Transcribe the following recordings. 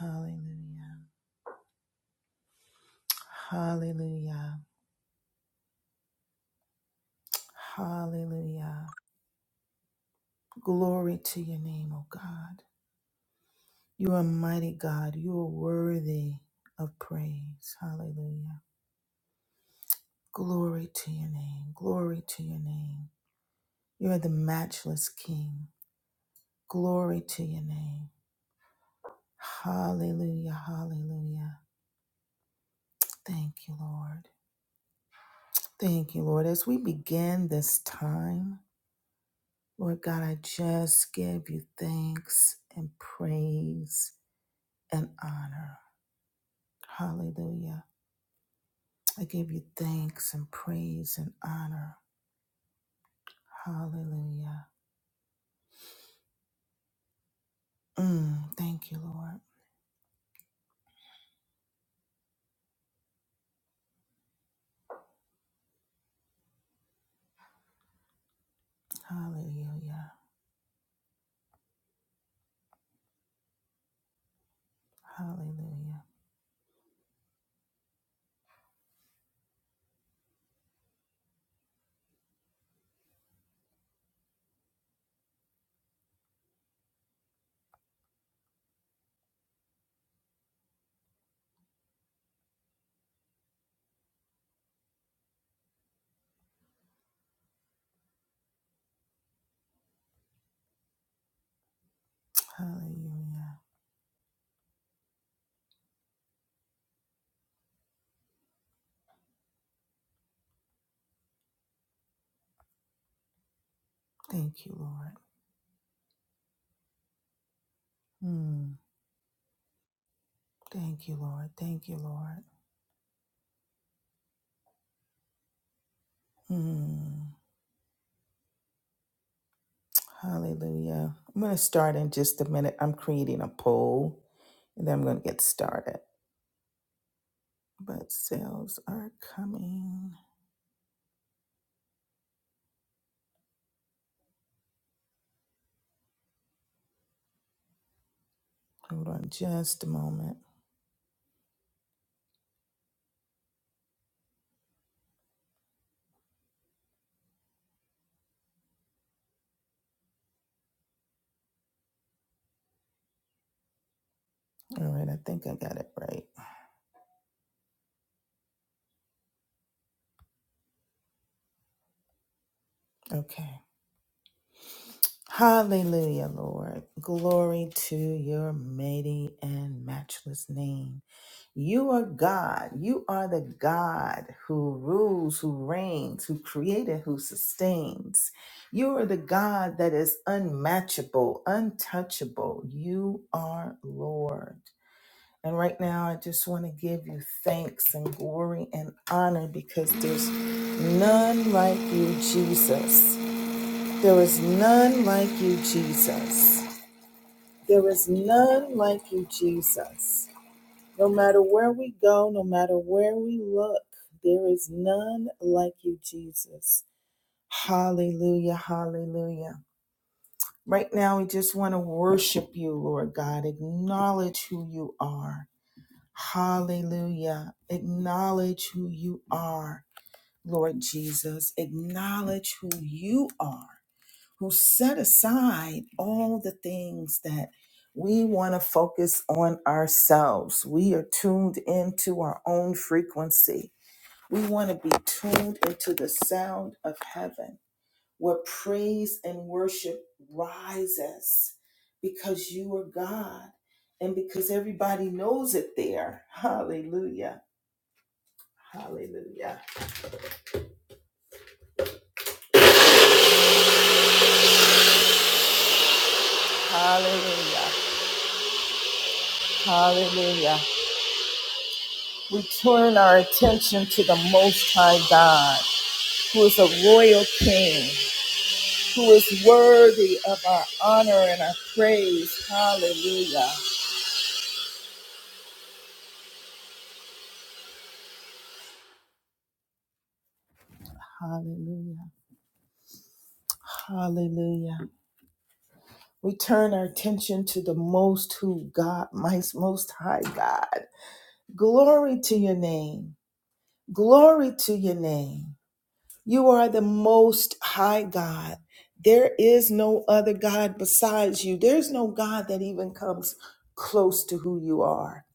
Hallelujah. Hallelujah. Hallelujah. Glory to your name, O God. You are mighty God. You are worthy of praise. Hallelujah. Glory to your name. Glory to your name. You are the matchless King. Glory to your name. Hallelujah. Hallelujah. Thank you, Lord. Thank you, Lord. As we begin this time, Lord God, I just give you thanks and praise and honor. Hallelujah. I give you thanks and praise and honor. Hallelujah. Mm, thank you, Lord. Hallelujah. Hallelujah. Hallelujah. Thank you, Lord. Mm, thank you, Lord. Thank you, Lord. Mm, hallelujah. I'm going to start in just a minute. I'm creating a poll and then I'm going to get started. but sales are coming. Hold on just a moment. All right, I think I got it right. Okay. Hallelujah, Lord. Glory to your mighty and matchless name. You are God. You are the God who rules, who reigns, who created, who sustains. You are the God that is unmatchable, untouchable. You are Lord. And right now, I just want to give you thanks and glory and honor because there's none like you, Jesus. There is none like you, Jesus. There is none like you, Jesus. No matter where we go, no matter where we look, there is none like you, Jesus. Hallelujah, hallelujah. Right now, we just want to worship you, Lord God. Acknowledge who you are. Hallelujah. Acknowledge who you are, Lord Jesus. Acknowledge who you are, who set aside all the things that we want to focus on ourselves. We are tuned into our own frequency. We want to be tuned into the sound of heaven where praise and worship rises because you are God and because everybody knows it there. Hallelujah. Hallelujah. Hallelujah. Hallelujah. We turn our attention to the Most High God, who is a royal king, who is worthy of our honor and our praise. Hallelujah. Hallelujah. Hallelujah. We turn our attention to the most who God, my most high God. Glory to your name. Glory to your name. You are the most high God. There is no other God besides you. There's no God that even comes close to who you are.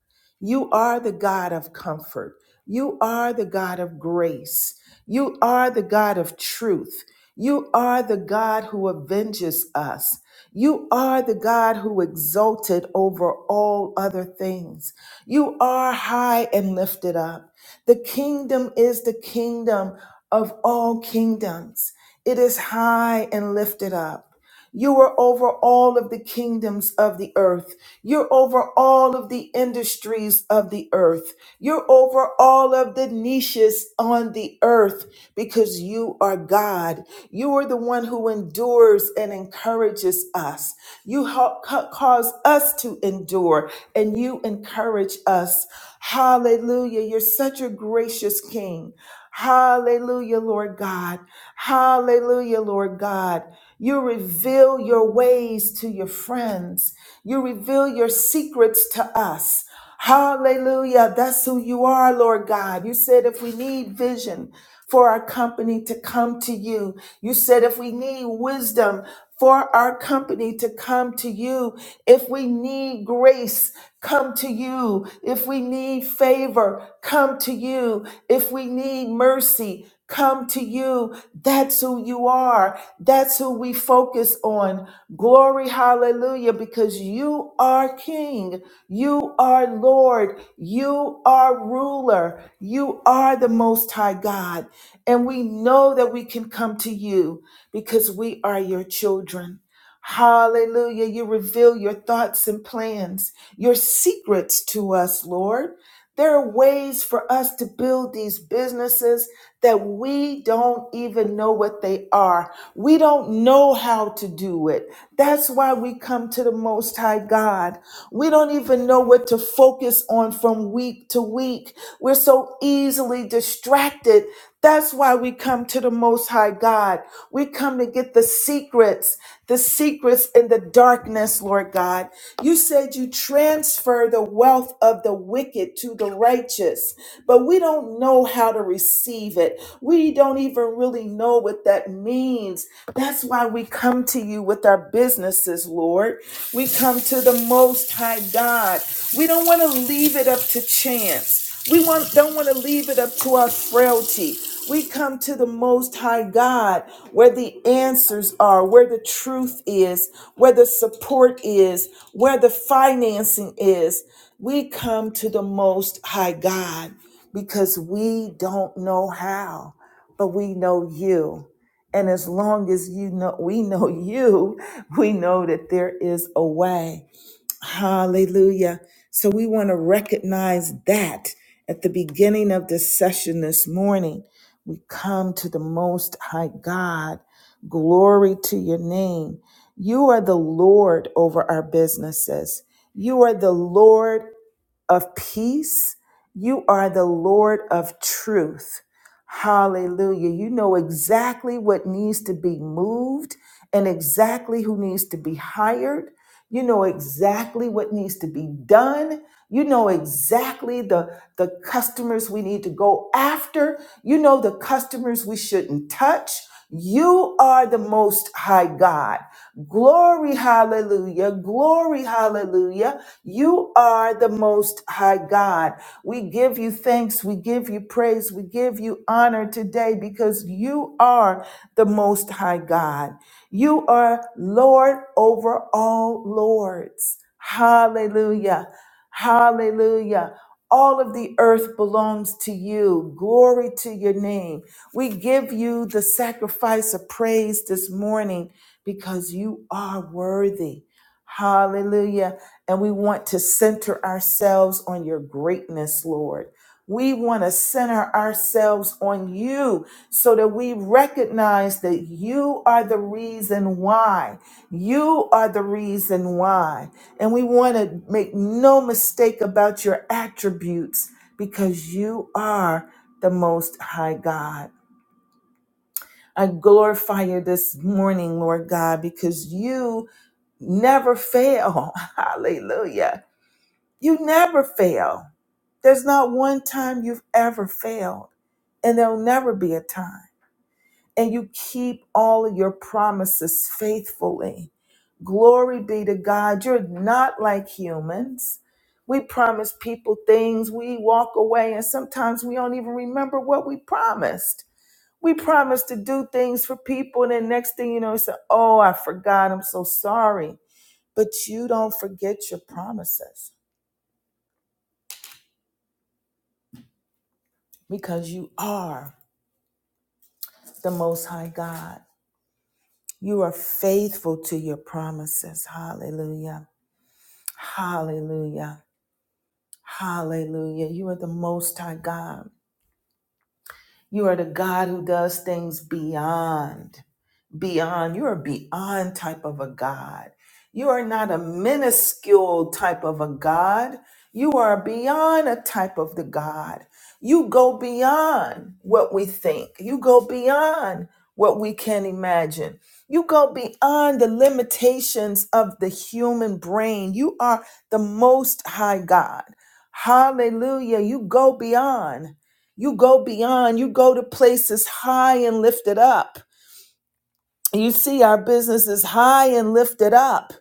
You are the God of comfort. You are the God of grace. You are the God of truth. You are the God who avenges us. You are the God who exalted over all other things. You are high and lifted up. The kingdom is the kingdom of all kingdoms. It is high and lifted up. You are over all of the kingdoms of the earth. You're over all of the industries of the earth. You're over all of the niches on the earth because you are God. You are the one who endures and encourages us. You help ca- cause us to endure and you encourage us. Hallelujah. You're such a gracious king. Hallelujah, Lord God. Hallelujah, Lord God. You reveal your ways to your friends. You reveal your secrets to us. Hallelujah. That's who you are, Lord God. You said if we need vision for our company to come to you, you said if we need wisdom for our company to come to you, if we need grace, come to you. If we need favor, come to you. If we need mercy, come to you. That's who you are. That's who we focus on. Glory, hallelujah, because you are King. You are Lord. You are ruler. You are the Most High God. And we know that we can come to you because we are your children. Hallelujah. You reveal your thoughts and plans, your secrets to us, Lord. There are ways for us to build these businesses that we don't even know what they are. We don't know how to do it. That's why we come to the Most High God. We don't even know what to focus on from week to week. We're so easily distracted. That's why we come to the Most High God. We come to get the secrets, the secrets in the darkness, Lord God. You said you transfer the wealth of the wicked to the righteous, but we don't know how to receive it. We don't even really know what that means. That's why that's why we come to you with our businesses, Lord. We come to the Most High God. We don't want to leave it up to chance. We want, don't want to leave it up to our frailty. We come to the Most High God where the answers are, where the truth is, where the support is, where the financing is. We come to the Most High God because we don't know how, but we know you. And as long as you know, we know you, we know that there is a way. Hallelujah. So we want to recognize that at the beginning of this session this morning, we come to the Most High God. Glory to your name. You are the Lord over our businesses. You are the Lord of peace. You are the Lord of truth. Hallelujah. You know exactly what needs to be moved and exactly who needs to be hired. You know exactly what needs to be done. You know exactly the, the customers we need to go after. You know the customers we shouldn't touch. You are the most high God. Glory, hallelujah. Glory, hallelujah. You are the most high God. We give you thanks. We give you praise. We give you honor today because you are the most high God. You are Lord over all lords. Hallelujah. Hallelujah. All of the earth belongs to you. Glory to your name. We give you the sacrifice of praise this morning because you are worthy. Hallelujah. And we want to center ourselves on your greatness, Lord. We want to center ourselves on you so that we recognize that you are the reason why. You are the reason why. And we want to make no mistake about your attributes because you are the most high God. I glorify you this morning, Lord God, because you never fail. Hallelujah. You never fail. There's not one time you've ever failed, and there'll never be a time and you keep all of your promises faithfully. Glory be to God. You're not like humans. We promise people things, we walk away, and sometimes we don't even remember what we promised. We promise to do things for people, and then next thing you know, you say, Oh, I forgot, I'm so sorry. But you don't forget your promises because you are the Most High God. You are faithful to your promises. Hallelujah. Hallelujah. Hallelujah. You are the most high God. You are the God who does things beyond beyond. You're a beyond type of a God. You are not a minuscule type of a God. You are beyond a type of the God. You go beyond what we think. You go beyond what we can imagine. You go beyond the limitations of the human brain. You are the most high God. Hallelujah. You go beyond. You go beyond. You go to places high and lifted up you see our businesses high and lifted up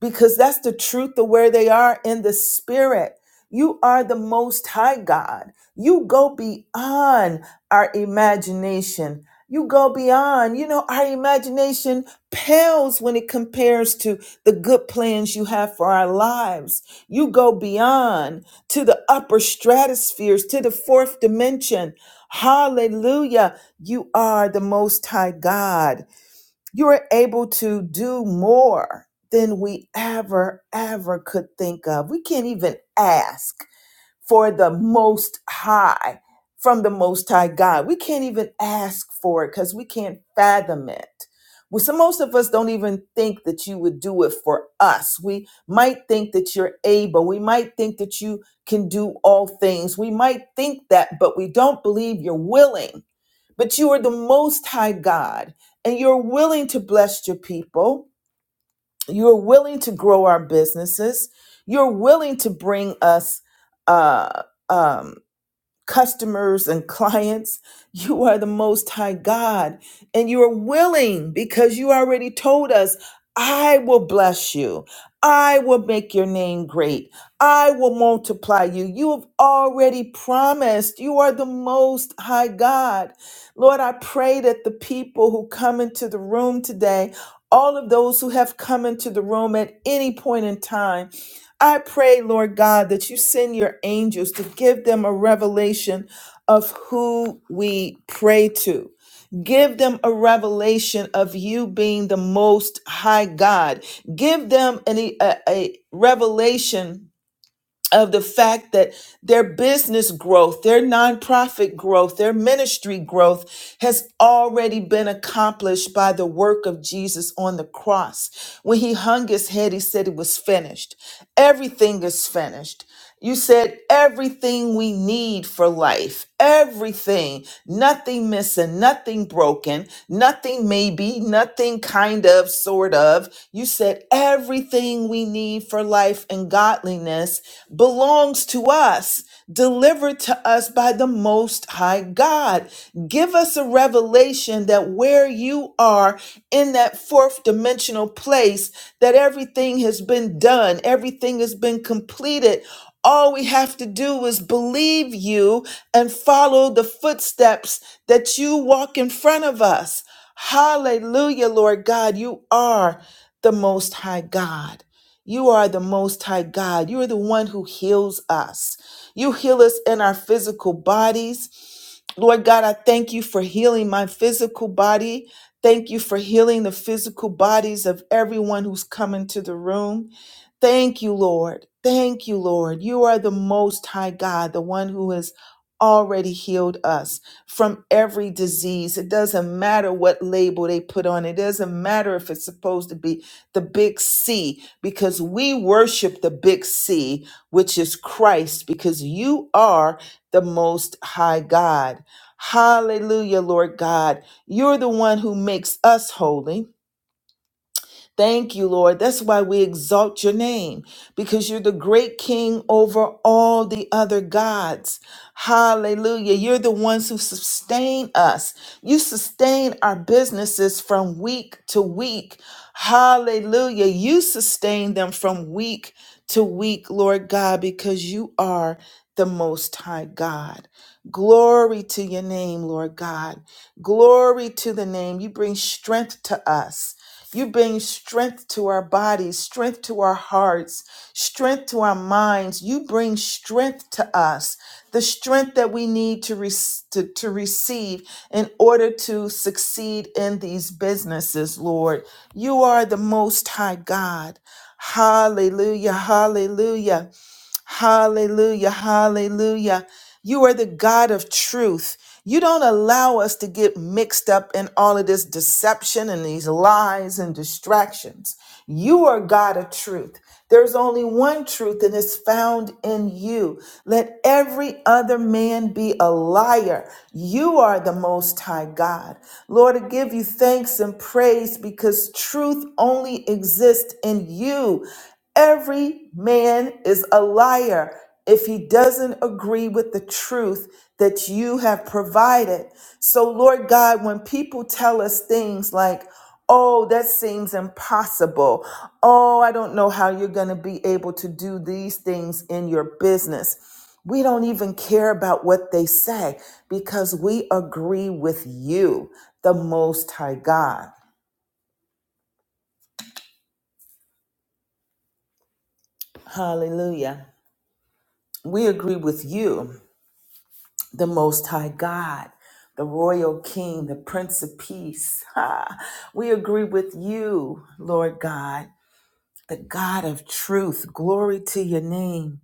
because that's the truth of where they are in the spirit. You are the most high God. You go beyond our imagination. You go beyond, you know, our imagination pales when it compares to the good plans you have for our lives. You go beyond to the upper stratospheres, to the fourth dimension. Hallelujah. You are the most high God you are able to do more than we ever, ever could think of. We can't even ask for the most high from the most high God. We can't even ask for it because we can't fathom it. Well, so most of us don't even think that you would do it for us. We might think that you're able. We might think that you can do all things. We might think that, but we don't believe you're willing but you are the most high God and you're willing to bless your people. You're willing to grow our businesses. You're willing to bring us uh, um, customers and clients. You are the Most High God, and you are willing because you already told us, I will bless you. I will make your name great. I will multiply you. You have already promised. You are the Most High God. Lord, I pray that the people who come into the room today, all of those who have come into the room at any point in time, I pray, Lord God, that you send your angels to give them a revelation of who we pray to. Give them a revelation of you being the most high God. Give them an, a, a revelation of the fact that their business growth, their nonprofit growth, their ministry growth has already been accomplished by the work of Jesus on the cross. When he hung his head, he said it was finished. Everything is finished. You said everything we need for life, everything, nothing missing, nothing broken, nothing maybe, nothing kind of, sort of. You said everything we need for life and godliness belongs to us, delivered to us by the Most High God. Give us a revelation that where you are in that fourth dimensional place, that everything has been done, everything has been completed all we have to do is believe you and follow the footsteps that you walk in front of us. Hallelujah, Lord God. You are the Most High God. You are the Most High God. You are the one who heals us. You heal us in our physical bodies. Lord God, I thank you for healing my physical body. Thank you for healing the physical bodies of everyone who's come into the room. Thank you, Lord. Thank you, Lord. You are the Most High God, the one who has already healed us from every disease. It doesn't matter what label they put on it, it doesn't matter if it's supposed to be the big C, because we worship the big C, which is Christ, because you are the Most High God. Hallelujah, Lord God. You're the one who makes us holy. Thank you, Lord. That's why we exalt your name because you're the great king over all the other gods. Hallelujah. You're the ones who sustain us. You sustain our businesses from week to week. Hallelujah. You sustain them from week to week, Lord God, because you are the most high God. Glory to your name, Lord God. Glory to the name. You bring strength to us. You bring strength to our bodies, strength to our hearts, strength to our minds. You bring strength to us, the strength that we need to, re- to, to receive in order to succeed in these businesses, Lord. You are the Most High God. Hallelujah, hallelujah. Hallelujah. Hallelujah. You are the God of truth. You don't allow us to get mixed up in all of this deception and these lies and distractions. You are God of truth. There's only one truth and it's found in you. Let every other man be a liar. You are the most high God. Lord, I give you thanks and praise because truth only exists in you. Every man is a liar if he doesn't agree with the truth that you have provided. So, Lord God, when people tell us things like, Oh, that seems impossible. Oh, I don't know how you're going to be able to do these things in your business. We don't even care about what they say because we agree with you, the Most High God. Hallelujah. We agree with you the Most High God, the Royal King, the Prince of Peace. Ha! We agree with you, Lord God, the God of truth. Glory to your name.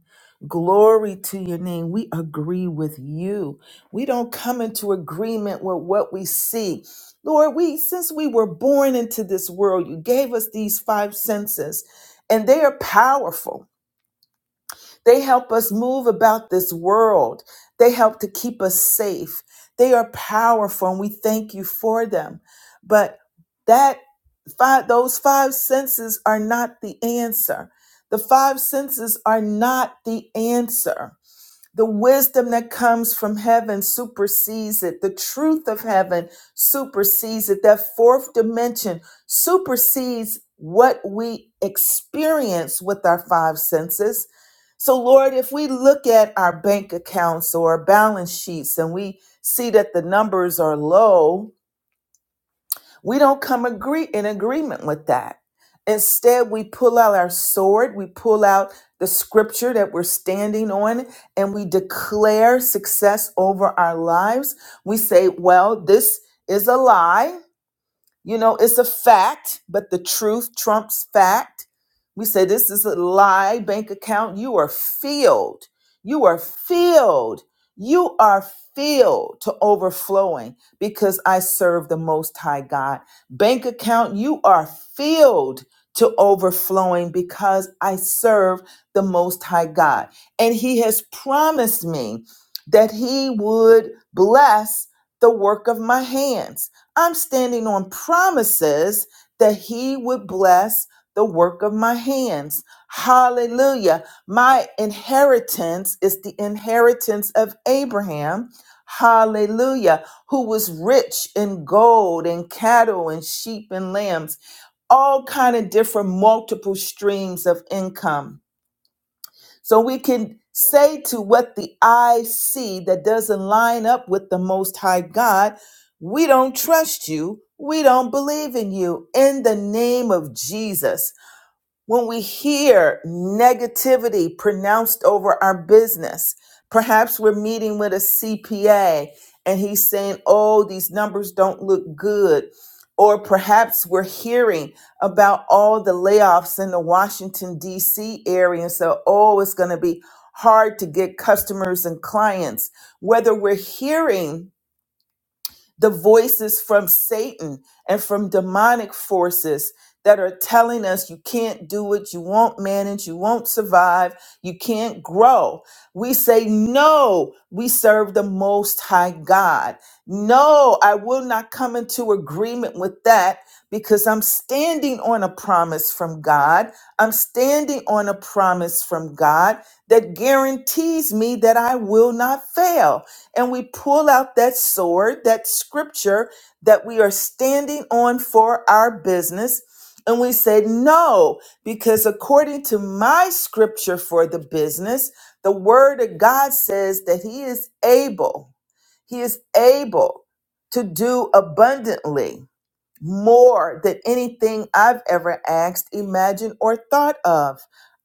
Glory to your name. We agree with you. We don't come into agreement with what we see. Lord, we since we were born into this world, you gave us these five senses, and they are powerful. They help us move about this world. They help to keep us safe. They are powerful and we thank you for them. But that five, those five senses are not the answer. The five senses are not the answer. The wisdom that comes from heaven supersedes it. The truth of heaven supersedes it. That fourth dimension supersedes what we experience with our five senses. So, Lord, if we look at our bank accounts or our balance sheets and we see that the numbers are low, we don't come agree in agreement with that. Instead, we pull out our sword, we pull out the scripture that we're standing on, and we declare success over our lives. We say, Well, this is a lie you know, it's a fact, but the truth trumps fact. We say this is a lie bank account. You are filled. You are filled. You are filled to overflowing because I serve the Most High God. Bank account, you are filled to overflowing because I serve the Most High God. And He has promised me that He would bless the work of my hands. I'm standing on promises that he would bless the work of my hands. Hallelujah. My inheritance is the inheritance of Abraham. Hallelujah. Who was rich in gold and cattle and sheep and lambs, all kind of different multiple streams of income. So we can say to what the eye see that doesn't line up with the Most High God, we don't trust you. We don't believe in you. In the name of Jesus when we hear negativity pronounced over our business, perhaps we're meeting with a CPA and he's saying, oh, these numbers don't look good. Or perhaps we're hearing about all the layoffs in the Washington, D.C. area. And so, oh, it's going to be hard to get customers and clients. Whether we're hearing the voices from Satan and from demonic forces that are telling us you can't do it, you won't manage, you won't survive, you can't grow. We say, No, we serve the Most High God. No, I will not come into agreement with that because I'm standing on a promise from God. I'm standing on a promise from God that guarantees me that I will not fail and we pull out that sword, that scripture that we are standing on for our business. And we say, no, because according to my scripture for the business, the word of God says that he is able, he is able to do abundantly more than anything I've ever asked, imagined, or thought of.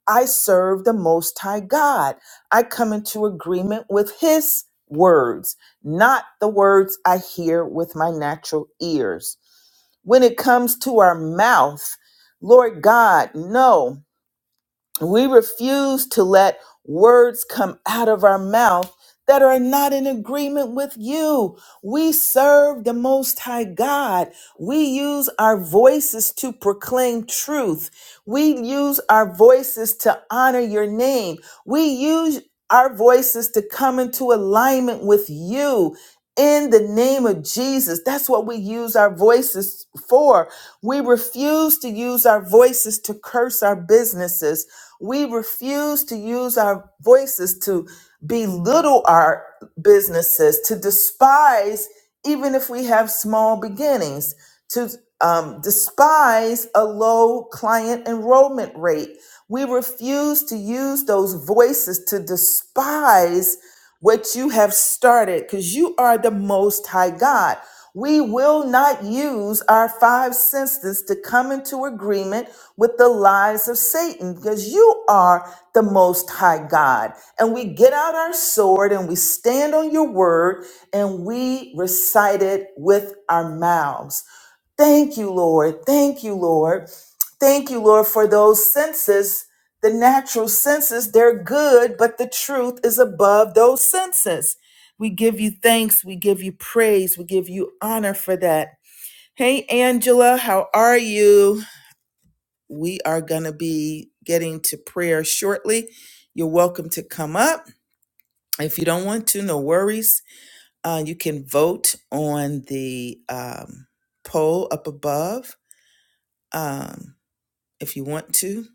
I serve the Most High God. I come into agreement with His words, not the words I hear with my natural ears. When it comes to our mouth, Lord God, no. We refuse to let words come out of our mouth that are not in agreement with you. We serve the Most High God. We use our voices to proclaim truth. We use our voices to honor your name. We use our voices to come into alignment with you. In the name of Jesus. That's what we use our voices for. We refuse to use our voices to curse our businesses. We refuse to use our voices to belittle our businesses, to despise, even if we have small beginnings, to um, despise a low client enrollment rate. We refuse to use those voices to despise what you have started because you are the most high God. We will not use our five senses to come into agreement with the lies of Satan because you are the most high God. And we get out our sword and we stand on your word and we recite it with our mouths. Thank you, Lord. Thank you, Lord. Thank you, Lord, for those senses, the natural senses. They're good, but the truth is above those senses. We give you thanks. We give you praise. We give you honor for that. Hey, Angela, how are you? We are going to be getting to prayer shortly. You're welcome to come up. If you don't want to, no worries. Uh, you can vote on the um, poll up above. Um, if you want to.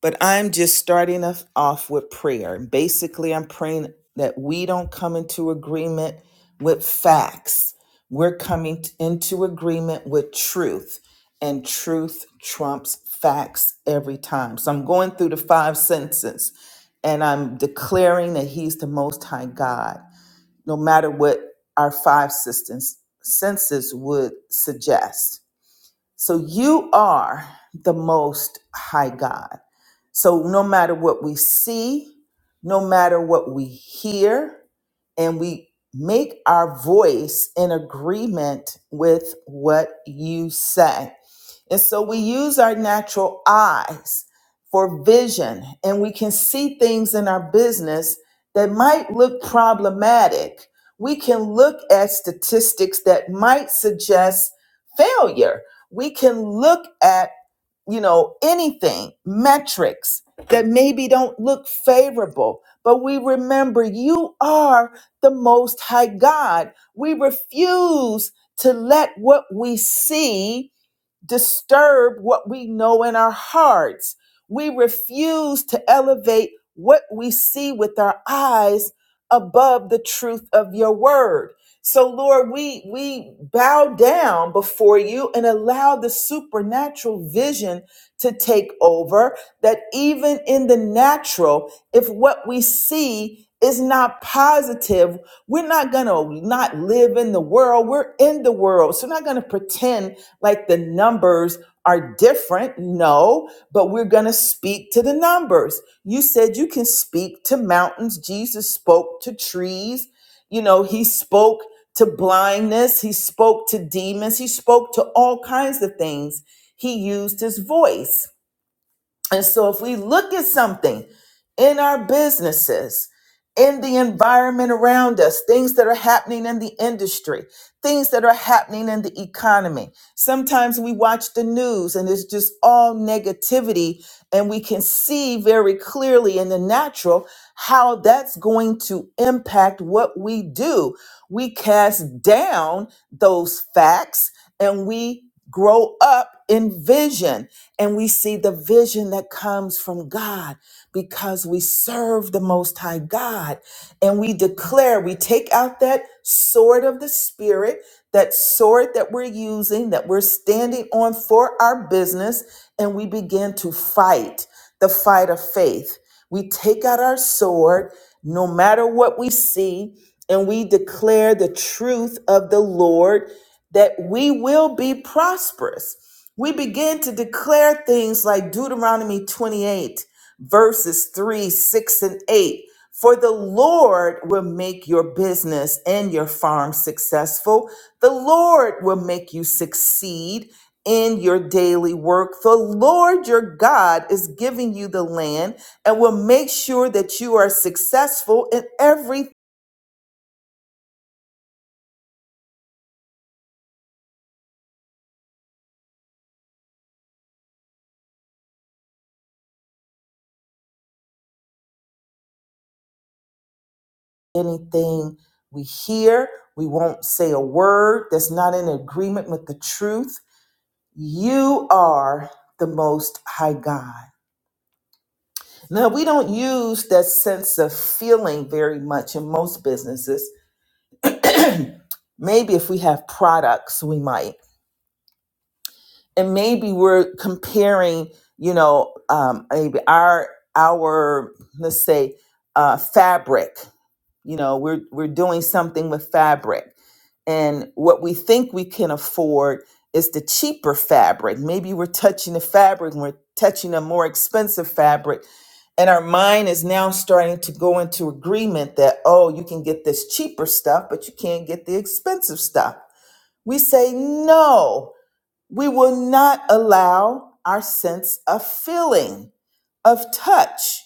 But I'm just starting us off with prayer. Basically, I'm praying that we don't come into agreement with facts. We're coming t- into agreement with truth, and truth trumps facts every time. So I'm going through the five senses and I'm declaring that He's the Most High God, no matter what our five systems, senses would suggest. So you are the most high God. So no matter what we see, no matter what we hear, and we make our voice in agreement with what you say. And so we use our natural eyes for vision and we can see things in our business that might look problematic. We can look at statistics that might suggest failure. We can look at, you know, anything, metrics that maybe don't look favorable. But we remember you are the most high God. We refuse to let what we see disturb what we know in our hearts. We refuse to elevate what we see with our eyes above the truth of your word. So Lord, we we bow down before you and allow the supernatural vision to take over that even in the natural if what we see is not positive, we're not going to not live in the world. We're in the world. So we're not going to pretend like the numbers are different. No, but we're going to speak to the numbers. You said you can speak to mountains. Jesus spoke to trees. You know, he spoke to blindness. He spoke to demons. He spoke to all kinds of things. He used his voice. And so, if we look at something in our businesses, in the environment around us, things that are happening in the industry, things that are happening in the economy, sometimes we watch the news and it's just all negativity, and we can see very clearly in the natural how that's going to impact what we do. We cast down those facts and we grow up in vision and we see the vision that comes from God because we serve the Most High God. And we declare, we take out that sword of the Spirit, that sword that we're using, that we're standing on for our business, and we begin to fight the fight of faith. We take out our sword, no matter what we see, and we declare the truth of the Lord that we will be prosperous we begin to declare things like Deuteronomy 28, verses 3, 6, and 8. For the Lord will make your business and your farm successful. The Lord will make you succeed in your daily work. The Lord your God is giving you the land and will make sure that you are successful in every anything we hear. We won't say a word that's not in agreement with the truth You are the Most High God. Now, we don't use that sense of feeling very much in most businesses. maybe if we have products, we might. And maybe we're comparing, you know, um, maybe our, our let's say, uh, fabric. You know, we're, we're doing something with fabric and what we think we can afford is the cheaper fabric. Maybe we're touching the fabric and we're touching a more expensive fabric, and our mind is now starting to go into agreement that, oh, you can get this cheaper stuff, but you can't get the expensive stuff. We say no. We will not allow our sense of feeling, of touch,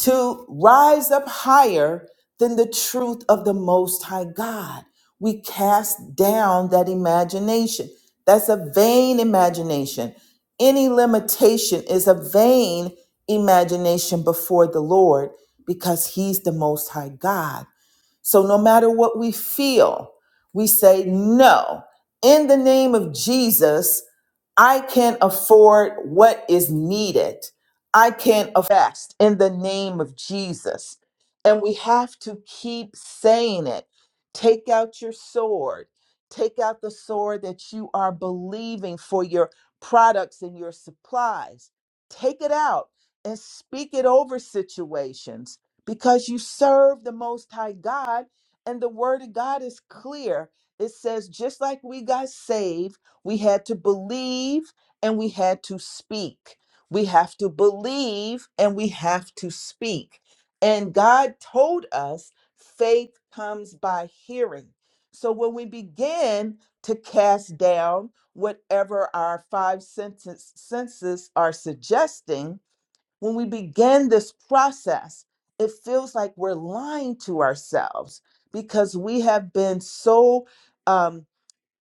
to rise up higher than the truth of the Most High God. We cast down that imagination. That's a vain imagination. Any limitation is a vain imagination before the Lord because He's the Most High God. So no matter what we feel, we say, no, in the name of Jesus, I can afford what is needed. I can affest in the name of Jesus. And we have to keep saying it. Take out your sword. Take out the sword that you are believing for your products and your supplies. Take it out and speak it over situations because you serve the Most High God, and the Word of God is clear. It says, just like we got saved, we had to believe and we had to speak. We have to believe and we have to speak. And God told us faith comes by hearing. So when we begin to cast down whatever our five senses, senses are suggesting, when we begin this process, it feels like we're lying to ourselves because we have been so um,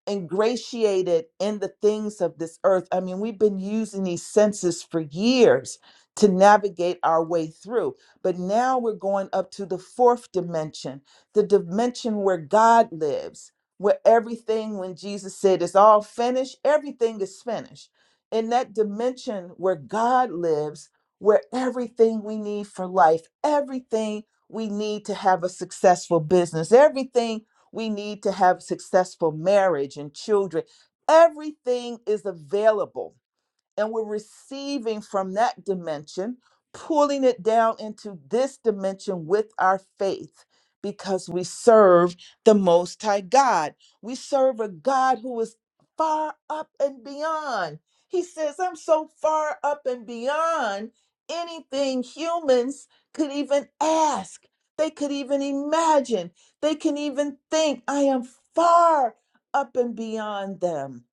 ingratiated in the things of this earth. I mean, we've been using these senses for years to navigate our way through, but now we're going up to the fourth dimension, the dimension where God lives, where everything, when Jesus said it's all finished, everything is finished. In that dimension where God lives, where everything we need for life, everything we need to have a successful business, everything we need to have successful marriage and children. Everything is available and we're receiving from that dimension, pulling it down into this dimension with our faith because we serve the Most High God. We serve a God who is far up and beyond. He says, I'm so far up and beyond anything humans could even ask. They could even imagine. They can even think, I am far up and beyond them.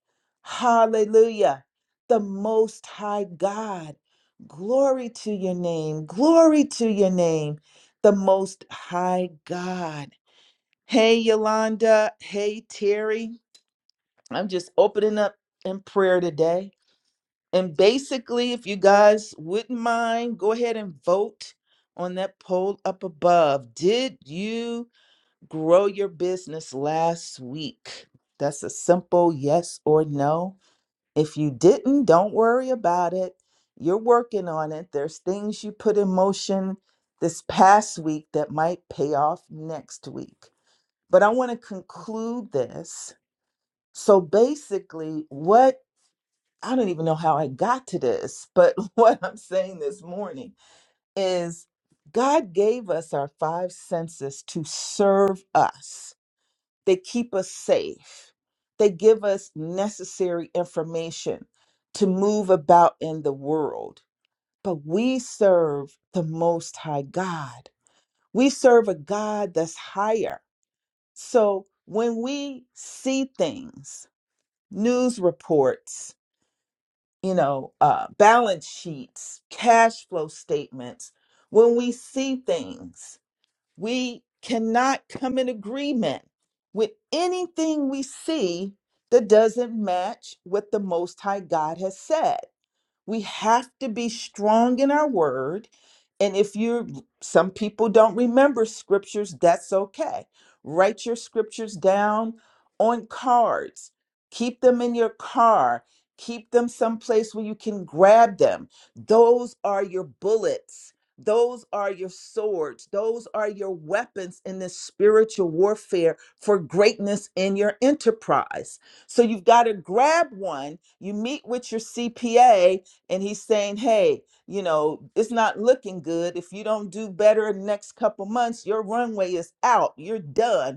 Hallelujah the Most High God. Glory to your name. Glory to your name, the Most High God. Hey, Yolanda. Hey, Terry. I'm just opening up in prayer today. And basically, if you guys wouldn't mind, go ahead and vote on that poll up above. Did you grow your business last week? That's a simple yes or no if you didn't, don't worry about it. You're working on it. There's things you put in motion this past week that might pay off next week. But I want to conclude this. So basically, what I don't even know how I got to this, but what I'm saying this morning is God gave us our five senses to serve us they keep us safe. They give us necessary information to move about in the world. But we serve the Most High God. We serve a God that's higher. So when we see things, news reports, you know, uh, balance sheets, cash flow statements, when we see things, we cannot come in agreement with anything we see that doesn't match what the Most High God has said. We have to be strong in our word. And if you're, some people don't remember scriptures, that's okay. Write your scriptures down on cards, keep them in your car, keep them someplace where you can grab them. Those are your bullets, those are your swords, those are your weapons in this spiritual warfare for greatness in your enterprise. So you've got to grab one. You meet with your CPA and he's saying hey you know it's not looking good if you don't do better in the next couple months your runway is out you're done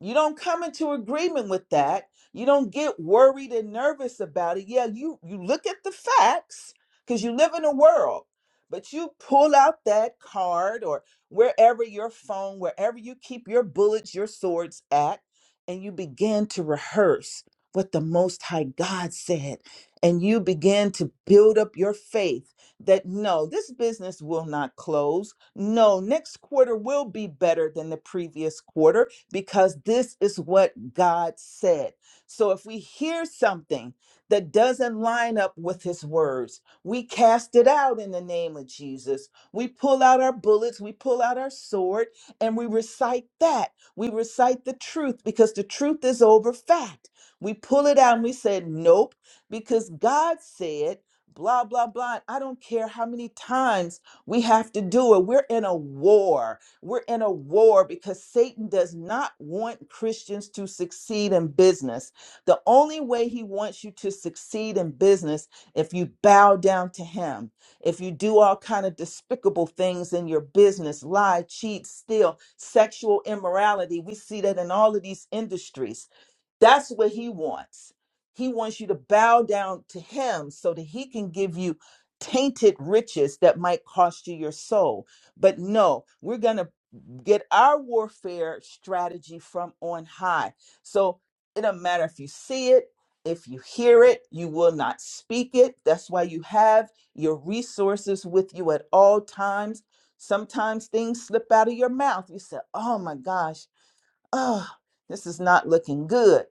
you don't come into agreement with that. You don't get worried and nervous about it. Yeah, you you look at the facts because you live in a world, but you pull out that card or wherever your phone, wherever you keep your bullets, your swords at, and you begin to rehearse what the Most High God said. And you begin to build up your faith that no, this business will not close. No, next quarter will be better than the previous quarter because this is what God said. So if we hear something that doesn't line up with his words, we cast it out in the name of Jesus. We pull out our bullets, we pull out our sword, and we recite that. We recite the truth because the truth is over fact. We pull it out and we say, nope, because God said, blah, blah, blah. I don't care how many times we have to do it. We're in a war we're in a war because Satan does not want Christians to succeed in business. The only way he wants you to succeed in business if you bow down to him. If you do all kind of despicable things in your business, lie, cheat, steal, sexual immorality. We see that in all of these industries. That's what he wants. He wants you to bow down to him so that he can give you tainted riches that might cost you your soul. But no, we're going to get our warfare strategy from on high. So it don't matter if you see it, if you hear it, you will not speak it. That's why you have your resources with you at all times. Sometimes things slip out of your mouth. You say, "Oh my gosh, oh, this is not looking good."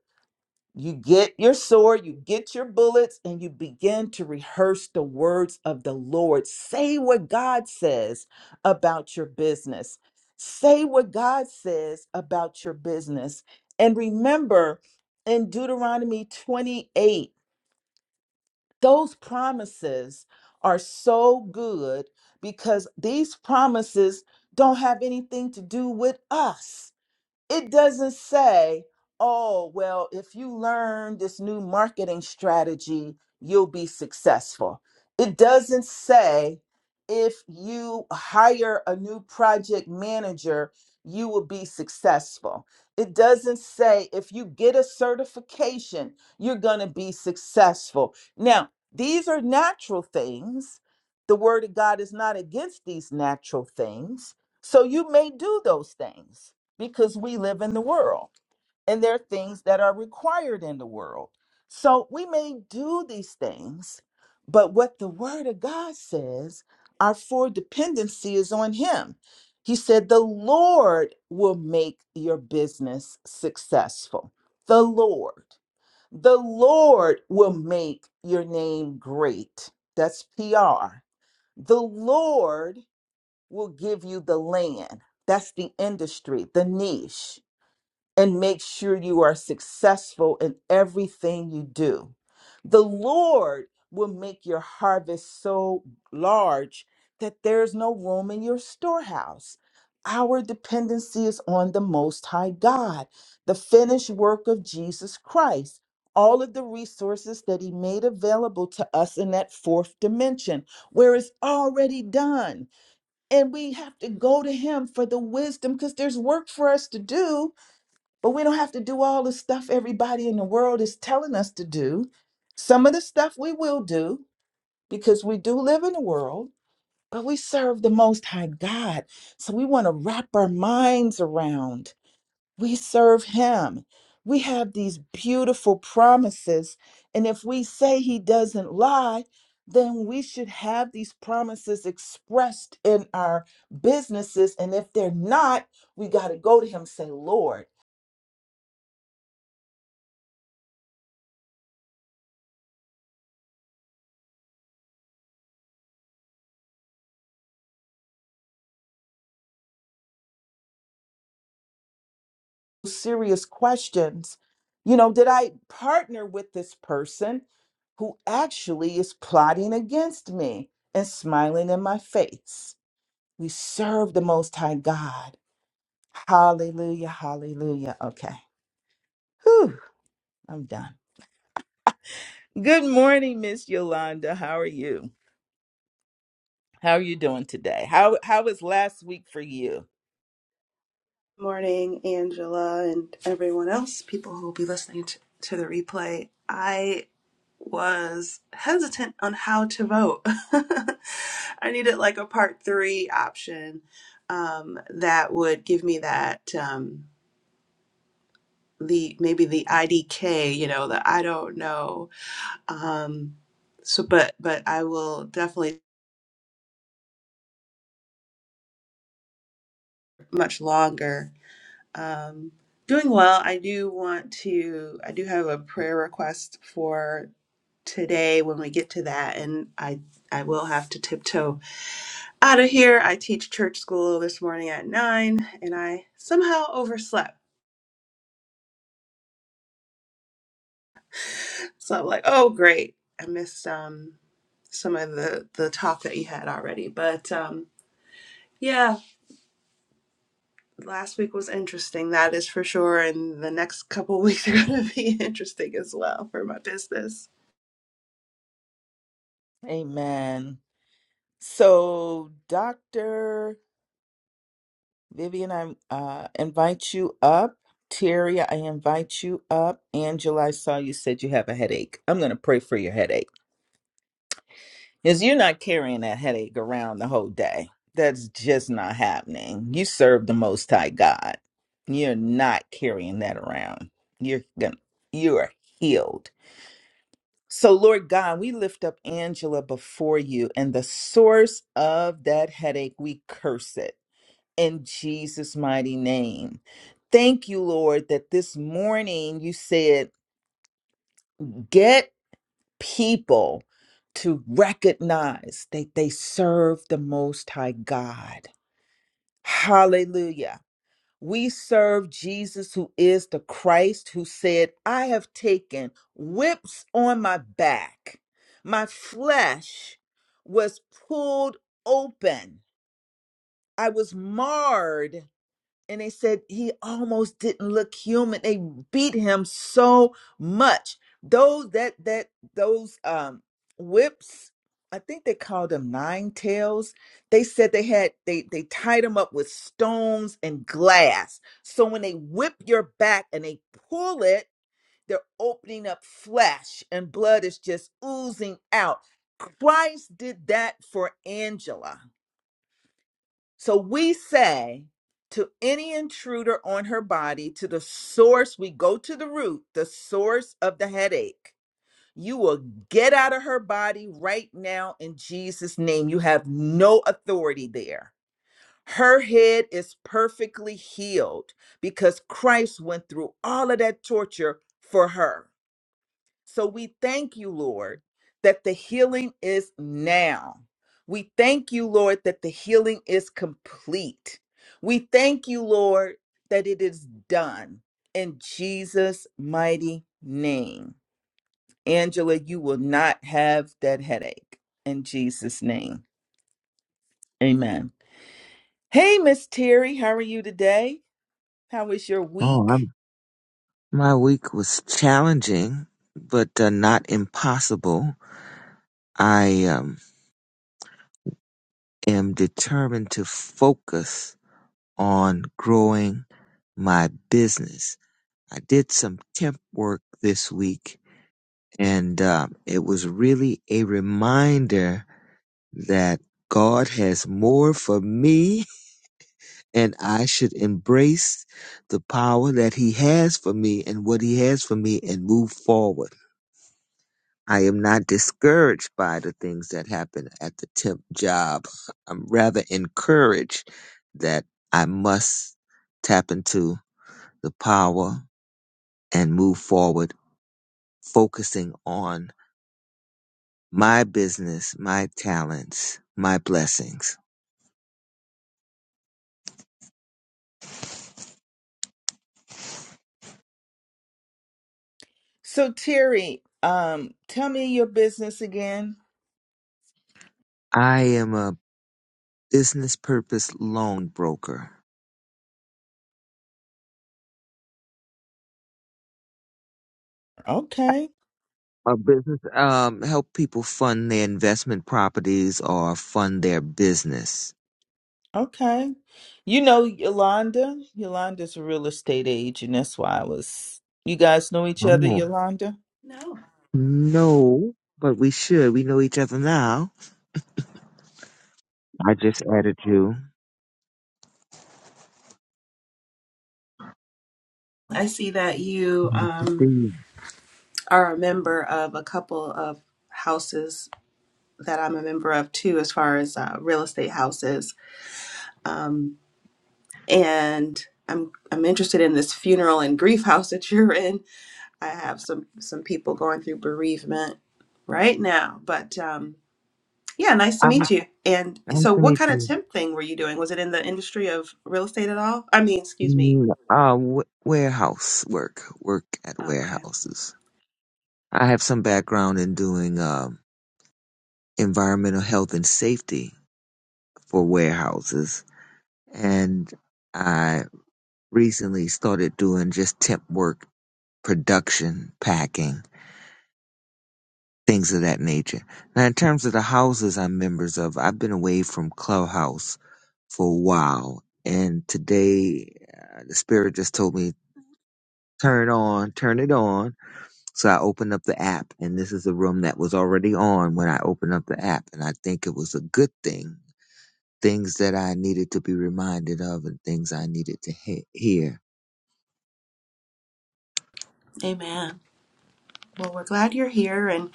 You get your sword, you get your bullets, and you begin to rehearse the words of the Lord. Say what God says about your business. Say what God says about your business. And remember in Deuteronomy 28, those promises are so good because these promises don't have anything to do with us it doesn't say, oh, well, if you learn this new marketing strategy, you'll be successful. It doesn't say, if you hire a new project manager, you will be successful. It doesn't say, if you get a certification, you're going to be successful. Now, these are natural things. The word of God is not against these natural things. So you may do those things because we live in the world and there are things that are required in the world. So we may do these things, but what the word of God says, our full dependency is on Him. He said, The Lord will make your business successful. The Lord. The Lord will make your name great. That's PR. The Lord will give you the land. That's the industry, the niche and make sure you are successful in everything you do. The Lord will make your harvest so large that there's no room in your storehouse. Our dependency is on the Most High God, the finished work of Jesus Christ. All of the resources that he made available to us in that fourth dimension, where it's already done. And we have to go to him for the wisdom because there's work for us to do but we don't have to do all the stuff everybody in the world is telling us to do. Some of the stuff we will do because we do live in the world, but we serve the Most High God. So we want to wrap our minds around. We serve Him. We have these beautiful promises. And if we say He doesn't lie, then we should have these promises expressed in our businesses. And if they're not, we got to go to Him, and say, Lord. serious questions. You know, did I partner with this person who actually is plotting against me and smiling in my face? We serve the Most High God. Hallelujah, hallelujah. Okay. Whew, I'm done. Good morning, Miss Yolanda. How are you? How are you doing today? How how was last week for you? morning, Angela, and everyone else, people who will be listening to, to the replay. I was hesitant on how to vote. I needed like a part three option um, that would give me that um, the maybe the IDK, you know, the I don't know. Um, so, but but I will definitely much longer. Um, doing well. I do want to. I do have a prayer request for today when we get to that and i i will have to tiptoe out of here i teach church school this morning at nine and i somehow overslept so i'm like oh great i missed um some of the the talk that you had already but um yeah last week was interesting that is for sure and the next couple of weeks are going to be interesting as well for my business Amen. So, Dr. Vivian, I uh, invite you up. Terry, I invite you up. Angela, I saw you said you have a headache. I'm going to pray for your headache because you're not carrying that headache around the whole day. That's just not happening. You serve the Most High God. You're not carrying that around. You're gonna, you are healed. So, Lord God, we lift up Angela before you, and the source of that headache, we curse it in Jesus' mighty name. Thank you, Lord, that this morning you said, get people to recognize that they serve the Most High God. Hallelujah. We serve Jesus, who is the Christ, who said, I have taken whips on my back. My flesh was pulled open, I was marred and they said he almost didn't look human they beat him so much those that that those um whips i think they called them nine tails they said they had they they tied him up with stones and glass so when they whip your back and they pull it they're opening up flesh and blood is just oozing out christ did that for angela so we say to any intruder on her body, to the source, we go to the root, the source of the headache. You will get out of her body right now in Jesus' name. You have no authority there. Her head is perfectly healed because Christ went through all of that torture for her. So we thank you, Lord, that the healing is now. We thank you, Lord, that the healing is complete. We thank you, Lord, that it is done in Jesus' mighty name. Angela, you will not have that headache in Jesus' name. Amen. Hey, Miss Terry, how are you today? How was your Oh, week? I'm, my week was challenging, but uh, not impossible. I um, am determined to focus on growing my business. I did some temp work this week, and uh, it was really a reminder that God has more for me, and I should embrace the power that He has for me and what He has for me and move forward. I am not discouraged by the things that happen at the temp job. I'm rather encouraged that I must tap into the power and move forward, focusing on my business, my talents, my blessings. So, Terry, um, tell me your business again. I am a business purpose loan broker. Okay. A business um help people fund their investment properties or fund their business. Okay. You know Yolanda? Yolanda's a real estate agent. That's why I was. You guys know each other, Yolanda? no No, but we should. We know each other now. I just added you. i see that you Nice to see um you. are a member of a couple of houses that I'm a member of too, as far as uh, real estate houses. Um, and I'm I'm interested in this funeral and grief house that you're in. I have some some people going through bereavement right now, but um, yeah, nice to I meet you. And nice so, to what meet kind of you. temp thing were you doing? Was it in the industry of real estate at all? I mean, excuse me. Mm, Uh, w- warehouse work, work at Okay, warehouses. I have some background in doing um, environmental health and safety for warehouses, and I recently started doing just temp work, production, packing. things of that nature. Now, in terms of the houses I'm members of, I've been away from Clubhouse for a while, and today uh, the spirit just told me turn on, turn it on. So I opened up the app, and this is a room that was already on when I opened up the app, and I think it was a good thing. Things that I needed to be reminded of, and things I needed to he- hear. amen. Well, we're glad you're here, and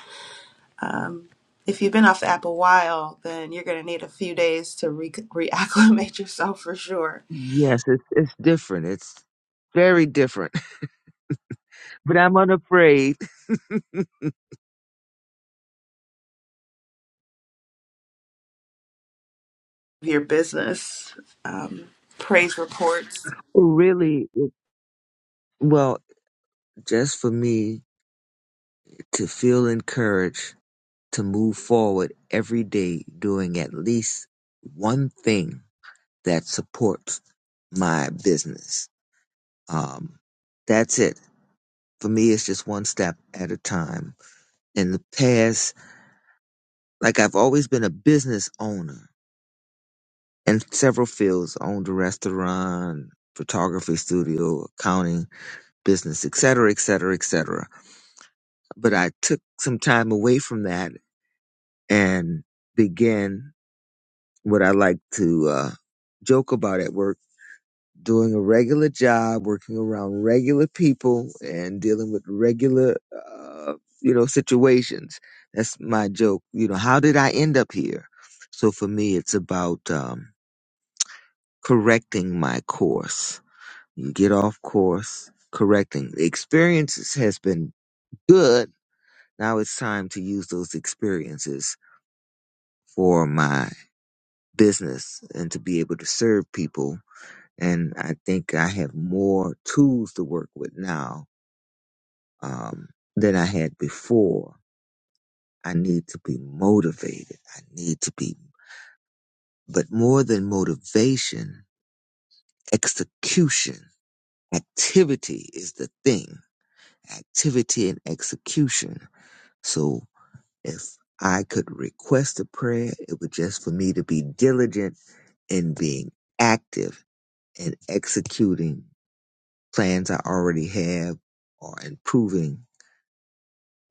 um, if you've been off the app a while, then you're going to need a few days to re- reacclimate yourself for sure. Yes, it's it's different. It's very different, but I'm unafraid. your business, um, praise reports. Really, well. Just for me to feel encouraged to move forward every day doing at least one thing that supports my business. Um, that's it. For me, it's just one step at a time. In the past, like I've always been a business owner in several fields, owned a restaurant, photography studio, accounting, business, et cetera, et cetera, et cetera. But I took some time away from that and began what I like to uh, joke about at work doing a regular job, working around regular people, and dealing with regular, uh, you know, situations. That's my joke. You know, how did I end up here? So for me, it's about um, correcting my course. You get off course, correcting. The experiences has been good. Now it's time to use those experiences for my business and to be able to serve people and I think I have more tools to work with now um, than I had before. I need to be motivated. I need to be, but more than motivation, execution, activity is the thing. Activity and execution. So if I could request a prayer, it would just for me to be diligent in being active and executing plans I already have or improving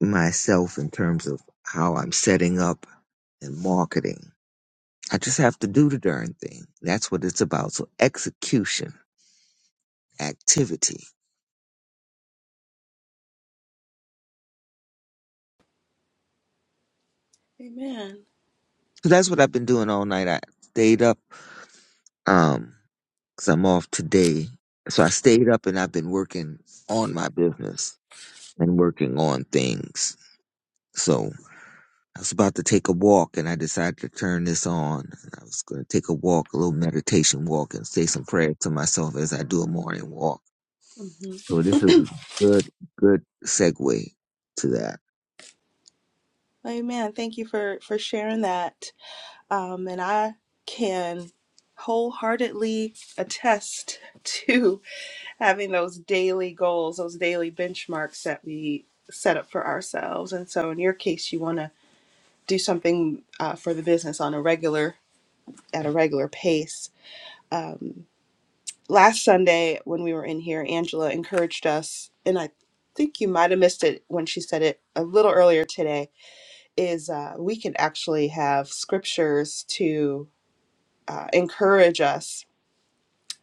myself in terms of how I'm setting up and marketing. I just have to do the darn thing. That's what it's about. So execution, activity. Amen. So that's what I've been doing all night. I stayed up, um, cause I'm off today. So I stayed up and I've been working on my business and working on things. So I was about to take a walk and I decided to turn this on. I was going to take a walk, a little meditation walk and say some prayers to myself as I do a morning walk hmm So this is a good, good segue to that. Amen. Thank you for for sharing that. Um, and I can wholeheartedly attest to having those daily goals, those daily benchmarks that we set up for ourselves. And so, in your case, you want to do something uh, for the business on a regular at a regular pace. Um, last Sunday when we were in here, Angela encouraged us, and I think you might have missed it when she said it a little earlier today, is uh, we can actually have scriptures to uh, encourage us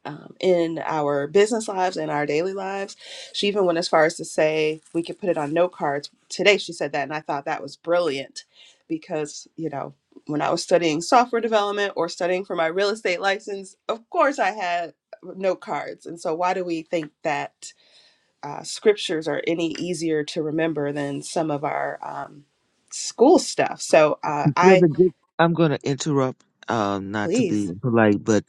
um, in our business lives and our daily lives. She even went as far as to say we could put it on note cards. Today she said that, and I thought that was brilliant because, you know, when I was studying software development or studying for my real estate license, of course I had note cards. And so, why do we think that uh, scriptures are any easier to remember than some of our um, school stuff? So, uh, Well, I the good- I'm going to interrupt, um, not to be please. polite, but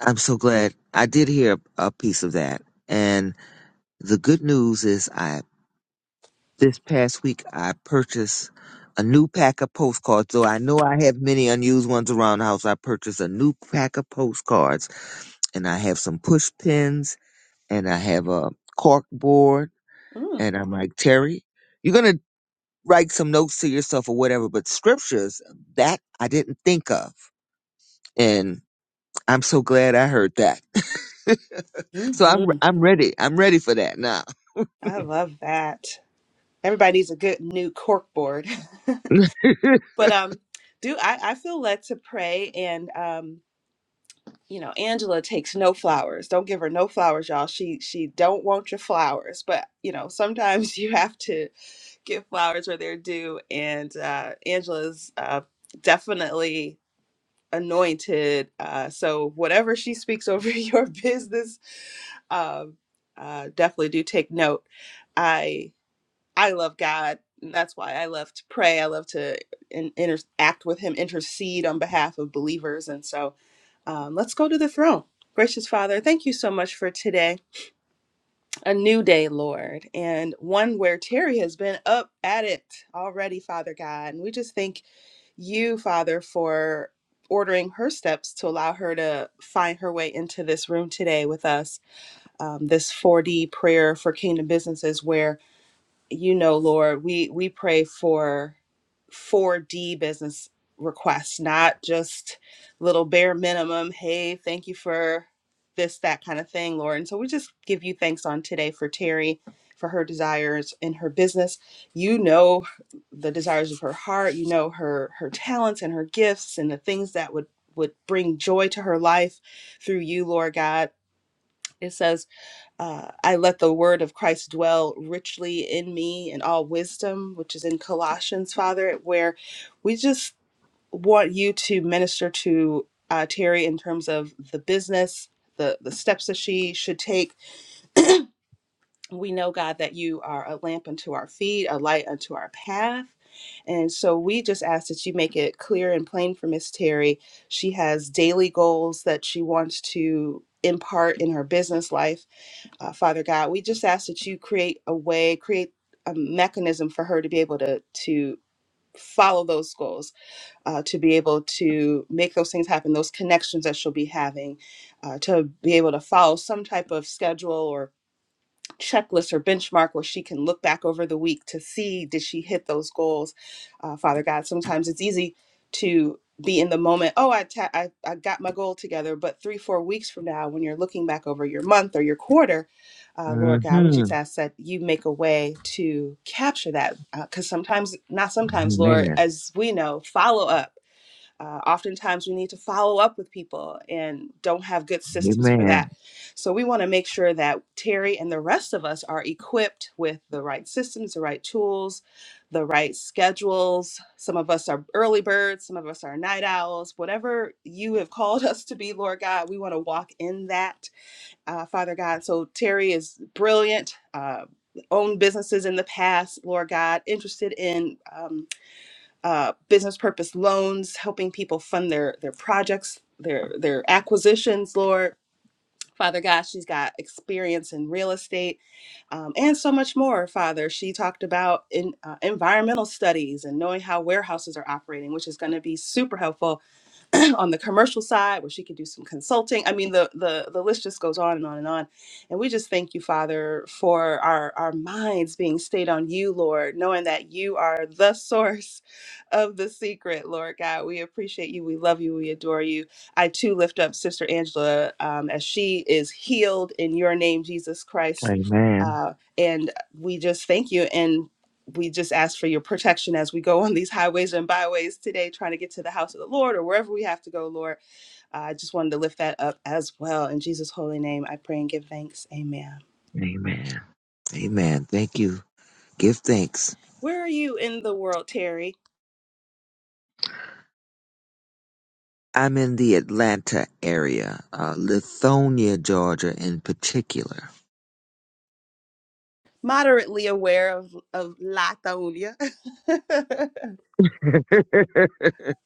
I'm so glad I did hear a piece of that. And the good news is I, this past week, I purchased a new pack of postcards. Though I know I have many unused ones around the house, I purchased a new pack of postcards and I have some push pins and I have a cork board Mm, and I'm like, Terry, you're going to write some notes to yourself or whatever, but scriptures that I didn't think of. And I'm so glad I heard that. so I'm mhm. I'm ready. I'm ready for that now. I love that. Everybody needs a good new cork board. hmm but um do I, I feel led to pray and um you know angela takes no flowers don't give her no flowers y'all she she don't want your flowers but you know sometimes you have to give flowers where they're due and uh angela's uh definitely anointed uh so whatever she speaks over your business um uh definitely do take note I. I love God. and That's why I love to pray. I love to in, interact with Him, intercede on behalf of believers. And so um, let's go to the throne. Gracious Father, thank you so much for today. A new day, Lord, and one where Terry has been up at it already, Father God. And we just thank you, Father, for ordering her steps to allow her to find her way into this room today with us. Um, this 4D prayer for kingdom businesses, where you know, Lord, we we pray for 4D business requests, not just little bare minimum, hey, thank you for this, that kind of thing, Lord. And so we just give you thanks on today for Terry, for her desires in her business. You know the desires of her heart, you know her her talents and her gifts and the things that would would bring joy to her life through you, Lord God. It says uh, I let the word of Christ dwell richly in me in all wisdom, which is in Colossians, Father, where we just want you to minister to uh, Terry in terms of the business, the, the steps that she should take. We know, God, that you are a lamp unto our feet, a light unto our path. And so we just ask that you make it clear and plain for Miss Terry. She has daily goals that she wants to impart in her business life uh, Father God. We just ask that you create a way, create a mechanism for her to be able to to follow those goals, uh, to be able to make those things happen, those connections that she'll be having, uh, to be able to follow some type of schedule checklist or benchmark where she can look back over the week to see did she hit those goals uh, father god sometimes it's easy to be in the moment oh I, ta- I i got my goal together but three four weeks from now when you're looking back over your month or your quarter uh, lord god we just Amen. ask that you make a way to capture that because sometimes not sometimes lord as we know follow up uh, oftentimes, we need to follow up with people and don't have good systems for Amen. that. So, we want to make sure that Terry and the rest of us are equipped with the right systems, the right tools, the right schedules. Some of us are early birds, some of us are night owls. Whatever you have called us to be, Lord God, we want to walk in that, uh, Father God. So, Terry is brilliant. Uh, owned businesses in the past, Lord God, interested in. Um, uh, business purpose loans, helping people fund their their projects, their their acquisitions, Lord. Father God, she's got experience in real estate um, and so much more. Father, she talked about in uh, environmental studies and knowing how warehouses are operating, which is going to be super helpful on the commercial side where she can do some consulting. I mean, the, the, the list just goes on and on and on. And we just thank you, Father, for our, our minds being stayed on you, Lord, knowing that you are the source of the secret, Lord God. We appreciate you. We love you. We adore you. I too lift up Sister Angela um, as she is healed in your name, Jesus Christ. Amen. Uh, and we just thank you. and we just ask for your protection as we go on these highways and byways today, trying to get to the house of the Lord or wherever we have to go, Lord. Uh, I just wanted to lift that up as well. In Jesus' holy name, I pray and give thanks. Amen. Amen. Amen. Thank you. Give thanks. Where are you in the world, Terry? I'm in the Atlanta area, uh, Lithonia, Georgia, in particular. Moderately aware of, of Latonia.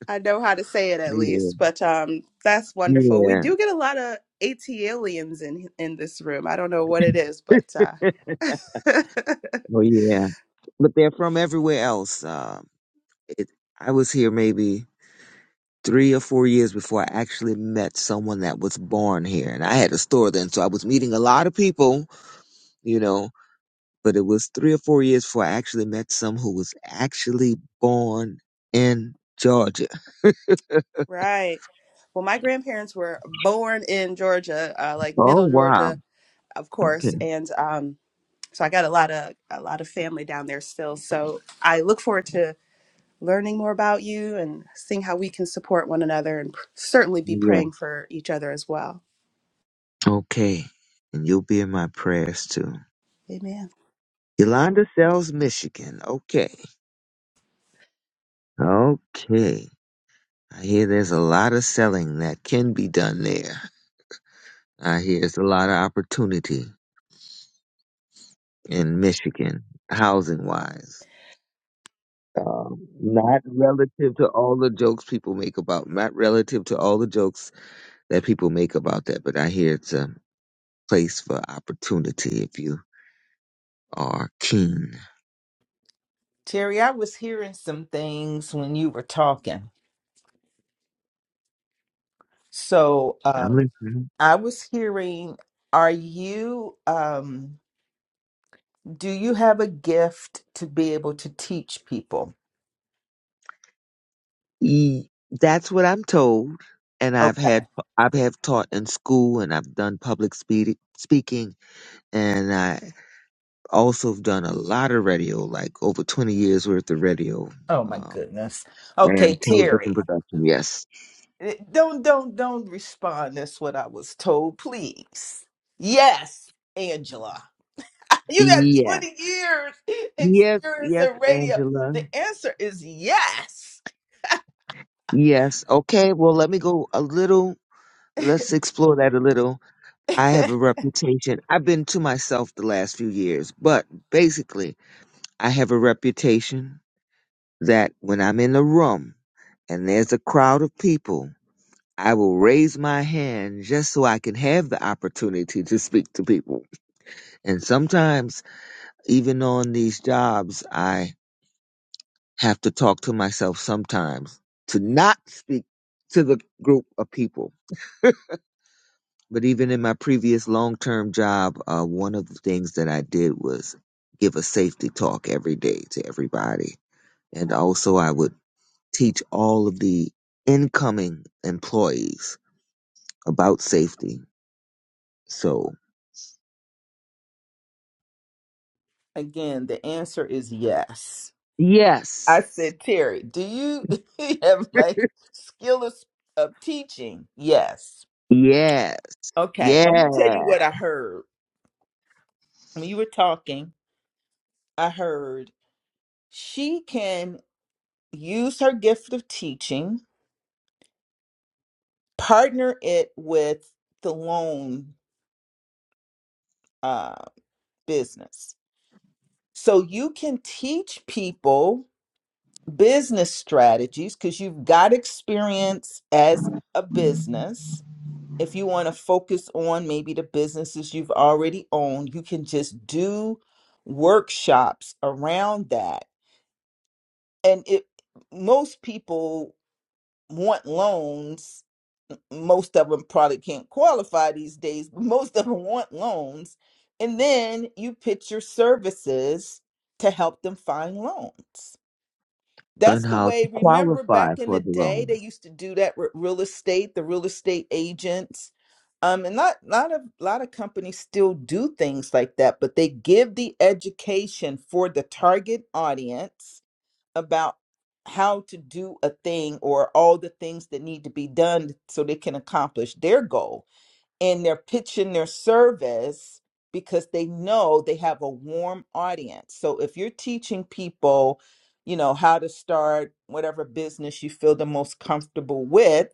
I know how to say it at Yeah. least, but um, that's wonderful. We Yeah. do get a lot of ATLians in in this room. I don't know what it is, but uh, Oh, yeah. But they're from everywhere else. Uh, it, I was here maybe three or four years before I actually met someone that was born here. And I had a store then, so I was meeting a lot of people, you know, but it was three or four years before I actually met some who was actually born in Georgia. Right. Well, my grandparents were born in Georgia, uh, like Oh, middle wow. Georgia, of course, Okay. and um, so I got a lot of a lot of family down there still. So I look forward to learning more about you and seeing how we can support one another, and pr- certainly be Yeah. praying for each other as well. Okay. And you'll be in my prayers too. Amen. Yolanda sells Michigan. Okay. Okay. I hear there's a lot of selling that can be done there. I hear there's a lot of opportunity in Michigan, housing wise. Um, not relative to all the jokes people make about, not relative to all the jokes that people make about that, but I hear it's a place for opportunity if you are keen. Terry, I was hearing some things when you were talking. So, I'm um, listening. I was hearing, are you, um, do you have a gift to be able to teach people? E- That's what I'm told, and I've Okay. had I've have taught in school, and I've done public speed, speaking, and I also have done a lot of radio, like over 20 years worth of radio Oh my um, goodness. Okay, and television Terry. production. Yes, Eh, Don't don't don't respond. That's what I was told, please. Yes, Angela. You got Yeah. 20 years Yes, experience yes, in radio. Angela. The answer is yes. Yes. Okay. Well, let me go a little. Let's explore that a little. I have a reputation. I've been to myself the last few years, but basically, I have a reputation that when I'm in a room and there's a crowd of people, I will raise my hand just so I can have the opportunity to speak to people. And sometimes, even on these jobs, I have to talk to myself sometimes to not speak to the group of people. But even in my previous long term job, uh, one of the things that I did was give a safety talk every day to everybody. And also, I would teach all of the incoming employees about safety. So, Again, the answer is yes. I yes, said, Terry, do you have like skill of, of teaching? Yes. yeah, Okay, let me tell you yeah, what I heard. When you were talking, I heard she can use her gift of teaching, partner it with the loan uh, business So you can teach people business strategies because you've got experience as a business. If you want to focus on maybe the businesses you've already owned, you can just do workshops around that. And it most people want loans. Most of them probably can't qualify these days, but most of them want loans. And then you pitch your services to help them find loans That's and the how to way. Remember qualify back in for the the day, they loans. used to do that with real estate, the real estate agents. Um, and not not a lot of companies still do things like that, but they give the education for the target audience about how to do a thing or all the things that need to be done so they can accomplish their goal and they're pitching their service because they know they have a warm audience. So if you're teaching people, you know, how to start whatever business you feel the most comfortable with,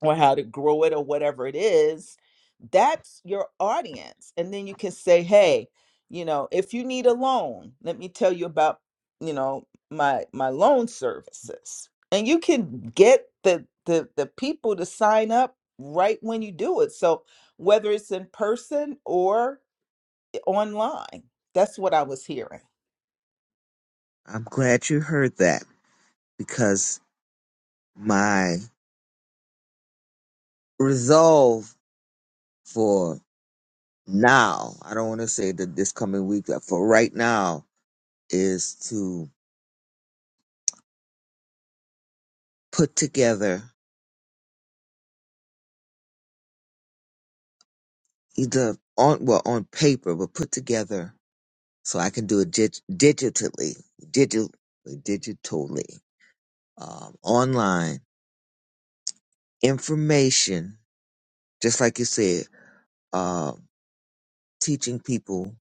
or how to grow it or whatever it is, that's your audience. And then you can say, hey, you know, if you need a loan, let me tell you about, you know, my my loan services. And you can get the the the people to sign up right when you do it. So whether it's in person or online, that's what I was hearing. I'm glad you heard that because my resolve for now. I don't want to say that this coming week, but for right now, is to put together either on well on paper, but put together so I can do it dig- digitally, digital, digitally, um, online information, just like you said, um, teaching people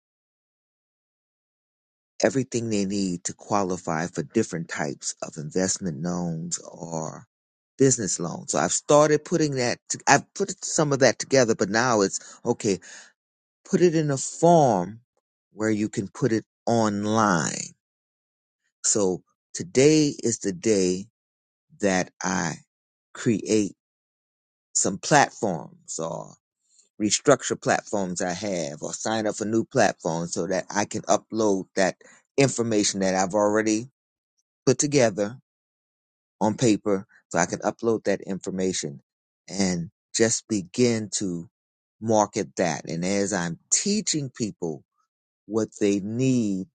everything they need to qualify for different types of investment loans or business loans. So I've started putting that, to, I've put some of that together, but now it's okay, put it in a form where you can put it online. So today is the day that I create some platforms or restructure platforms I have or sign up for new platforms so that I can upload that information that I've already put together on paper so I can upload that information and just begin to market that. And as I'm teaching people what they need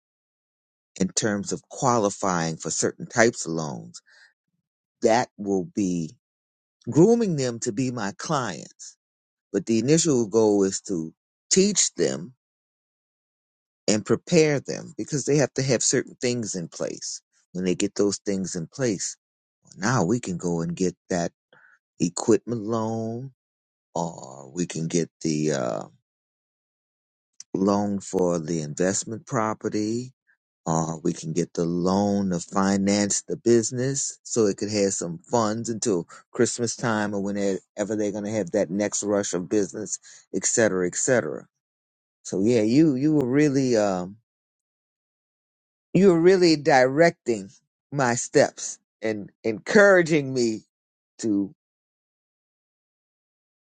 in terms of qualifying for certain types of loans, that will be grooming them to be my clients. But the initial goal is to teach them and prepare them because they have to have certain things in place. When they get those things in place, well, now we can go and get that equipment loan or we can get the uh, loan for the investment property, or we can get the loan to finance the business so it could have some funds until Christmas time or whenever they're going to have that next rush of business, et cetera, et cetera. So yeah, you you were really um, you were really directing my steps and encouraging me to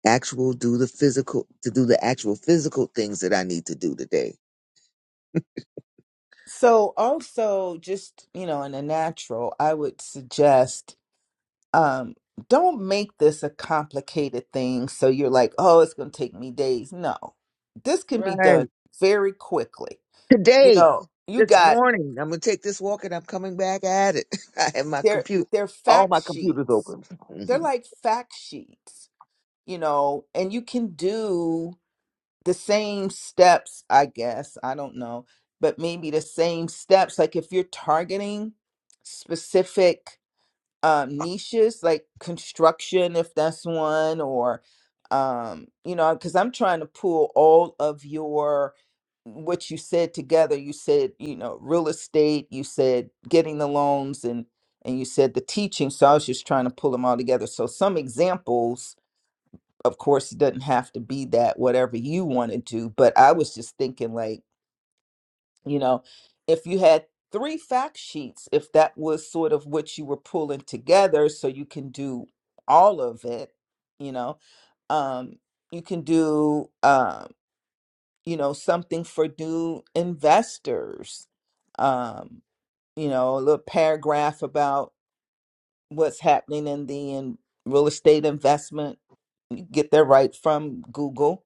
actual do the physical to do the actual physical things that I need to do today So also just, you know, in a natural, I would suggest um don't make this a complicated thing so you're like oh it's going to take me days no this can be done Right. very quickly you Today, know you this got morning, I'm gonna take this walk and I'm coming back at it. I have my their computer, their all fact my computers sheets open. they're hmm like fact sheets you know and you can do the same steps i guess i don't know but maybe the same steps like if you're targeting specific um, niches like construction, if that's one, or um, you know, because I'm trying to pull all of your what you said together. You said you know real estate. You said getting the loans and and you said the teaching. So I was just trying to pull them all together. So some examples, of course, it doesn't have to be that whatever you want to do, but I was just thinking like you know if you had three fact sheets if that was sort of what you were pulling together so you can do all of it you know um you can do um you know something for new investors um you know a little paragraph about what's happening in the in real estate investment you get that right from google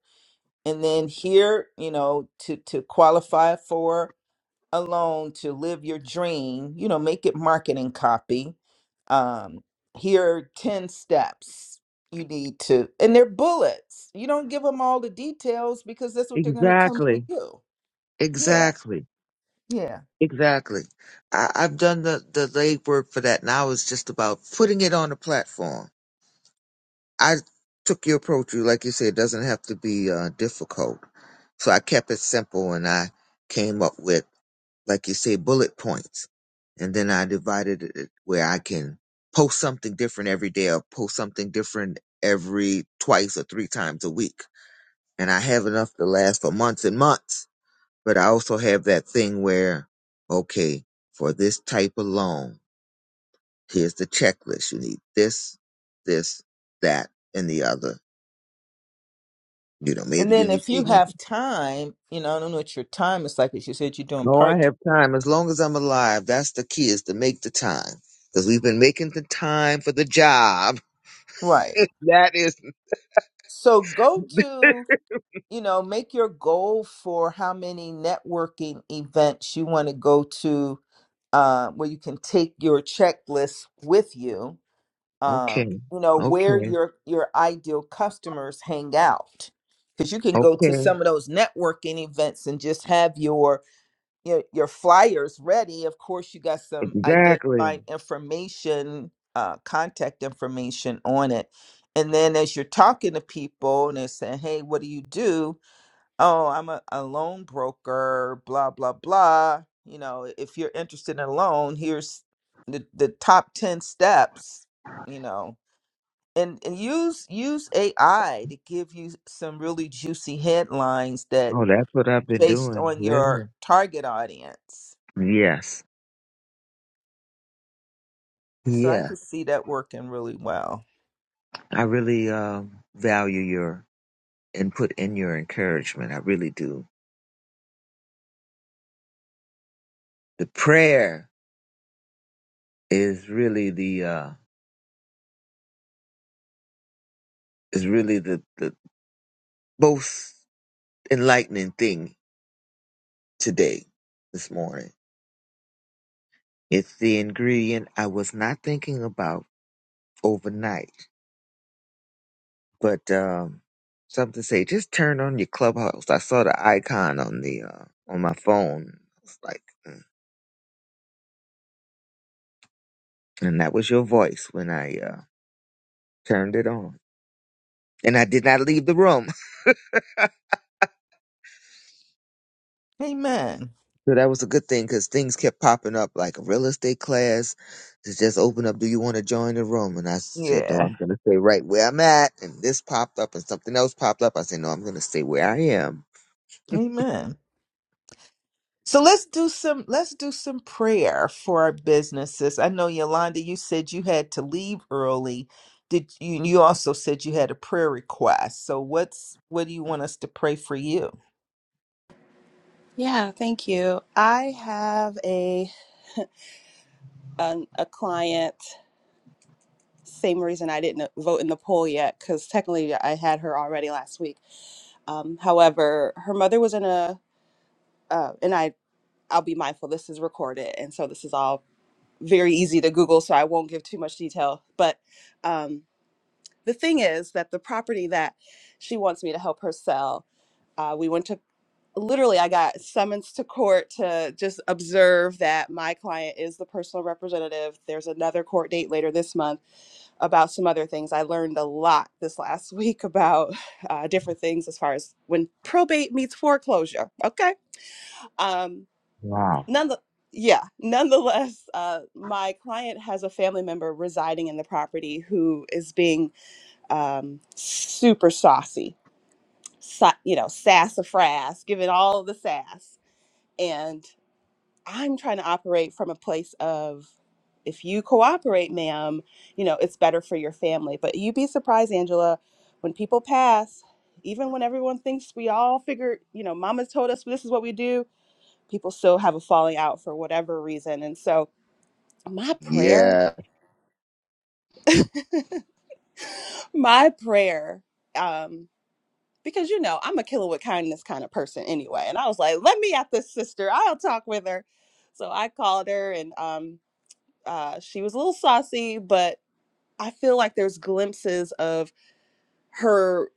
and then here you know to to qualify for alone to live your dream you know make it marketing copy um here are 10 steps you need to and they're bullets you don't give them all the details because that's what they're going to come to Exactly. you yeah Exactly. yeah Exactly. I, I've done the the legwork for that. Now it's just about putting it on the platform. I took your approach. You like you said, it doesn't have to be uh, difficult. So I kept it simple, and I came up with, like you say, bullet points, and then I divided it where I can post something different every day, or post something different every twice or three times a week. And I have enough to last for months and months. But I also have that thing where, okay, for this type of loan, here's the checklist. You need this, this, that, and the other You know, maybe and you then need if you food. money. have time you know i don't know what your time is like as you said you're doing No, I part-time have time. As long as I'm alive, that's the key is to make the time. Because we've been making the time for the job. right That is so go to you know, make your goal for how many networking events you want to go to uh, where you can take your checklist with you. okay, Um, you know where okay, your your ideal customers hang out, because you can go to okay. some of those networking events and just have your your, your flyers ready. Of course, you got some Exactly. identifying information, uh, contact information on it, and then as you're talking to people and they're saying, "Hey, what do you do?" oh, I'm a, a loan broker, blah, blah, blah. You know, if you're interested in a loan, here's the, the top 10 steps, you know, and, and use use AI to give you some really juicy headlines that Oh, that's what I've been based doing. on your Yeah. target audience. Yes. So I Yeah. could see that working really well. I really um, value your input and your encouragement. I really do. The prayer is really the uh is really the, the most enlightening thing today, this morning It's the ingredient I was not thinking about overnight, but um, something say just turn on your clubhouse. I saw the icon on the uh, on my phone. I was like, mm. and that was your voice when I uh, turned it on, and I did not leave the room. Amen. So that was a good thing because things kept popping up like a real estate class. It's just open up. Do you want to join the room? And I said, no, Yeah. I'm going to stay right where I'm at. And this popped up, and something else popped up. I said, no, I'm going to stay where I am. Amen. So let's do some let's do some prayer for our businesses. I know Yolanda, you said you had to leave early. Did you you also said you had a prayer request. So what's what do you want us to pray for you? Yeah, thank you. I have a an, a client. Same reason I didn't vote in the poll yet, because technically I had her already last week. Um, however, her mother was in a uh, and I I'll be mindful this is recorded, and so this is all very easy to Google, so I won't give too much detail. But um, the thing is that the property that she wants me to help her sell, uh, we went to literally I got summons to court to just observe that my client is the personal representative. There's another court date later this month about some other things. I learned a lot this last week about uh, different things as far as when probate meets foreclosure. Okay. Um, Wow. None the yeah, nonetheless, uh, my client has a family member residing in the property who is being um, super saucy, sa- you know, sassafras, giving all the sass. And I'm trying to operate from a place of, if you cooperate, ma'am, you know, it's better for your family. But you'd be surprised, Angela, when people pass, even when everyone thinks we all figured, you know, mama told us this is what we do, people still have a falling out for whatever reason. And so, my prayer Yeah. my prayer um because you know i'm a killer with kindness kind of person anyway and i was like let me at this sister i'll talk with her so i called her and um uh she was a little saucy but i feel like there's glimpses of her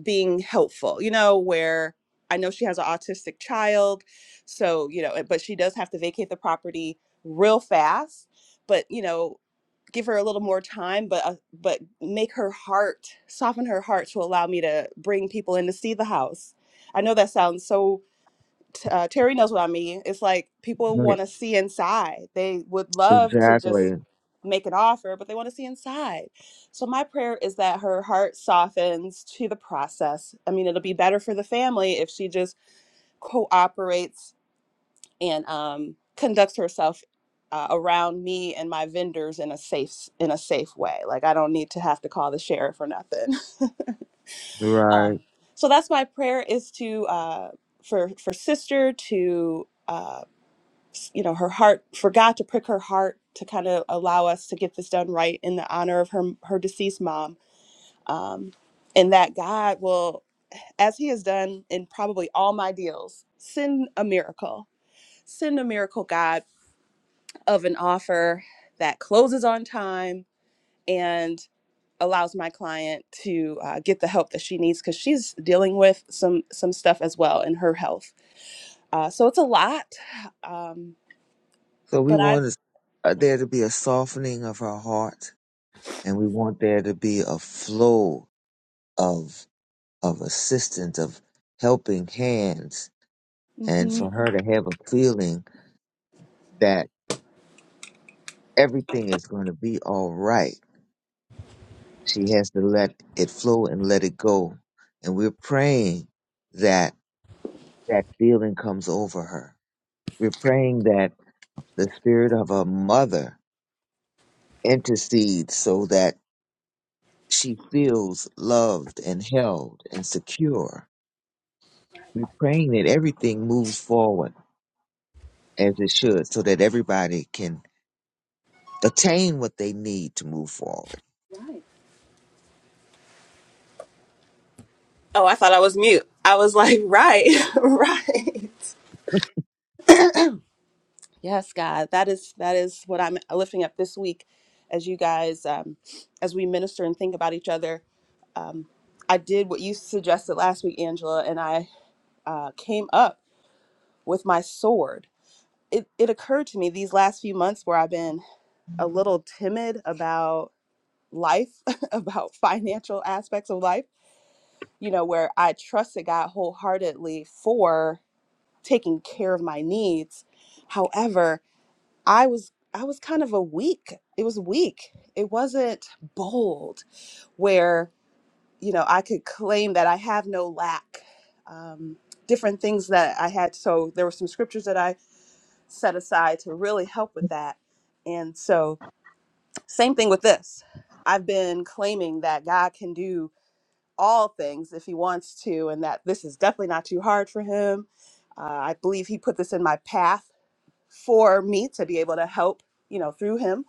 being helpful you know where i know she has an autistic child so you know but she does have to vacate the property real fast but you know give her a little more time, but uh, but make her heart soften her heart to allow me to bring people in to see the house. I know that sounds so. T- uh, Terry knows what I mean. It's like people Yeah, want to see inside. They would love to just Exactly. make an offer, but they want to see inside. So my prayer is that her heart softens to the process. I mean, it'll be better for the family if she just cooperates and um, conducts herself uh, around me and my vendors in a safe in a safe way. Like I don't need to have to call the sheriff or nothing. Right. Um, so that's my prayer is to uh, for for sister to uh, s- you know her heart for God to prick her heart to kind of allow us to get this done right in the honor of her her deceased mom, um, and that God will. As he has done in probably all my deals, send a miracle. Send a miracle, God, of an offer that closes on time and allows my client to uh, get the help that she needs because she's dealing with some some stuff as well in her health. Uh, so it's a lot, um, So we but I want us- uh, there to be a softening of her heart, and we want there to be a flow of of assistance, of helping hands, and mhm. for her to have a feeling that everything is going to be all right. She has to let it flow and let it go, and we're praying that that feeling comes over her. We're praying that the spirit of a mother intercedes so that She feels loved and held and secure. We're praying that everything moves forward as it should so that everybody can attain what they need to move forward. Oh, I thought I was mute. I was like, right, right. yes, God, that is that is what I'm lifting up this week as you guys um, as we minister and think about each other. Um, I did what you suggested last week, Angela, and I uh, came up. with my sword. It, it occurred to me these last few months where I've been a little timid about life, about financial aspects of life, you know, where I trusted God wholeheartedly for taking care of my needs. However, I was I was kind of a weak. It was weak. It wasn't bold where, you know, I could claim that I have no lack. Um, different things that I had. So there were some scriptures that I set aside to really help with that. And so, same thing with this. I've been claiming that God can do all things if He wants to, and that this is definitely not too hard for Him. Uh, I believe He put this in my path for me to be able to help, you know, through Him,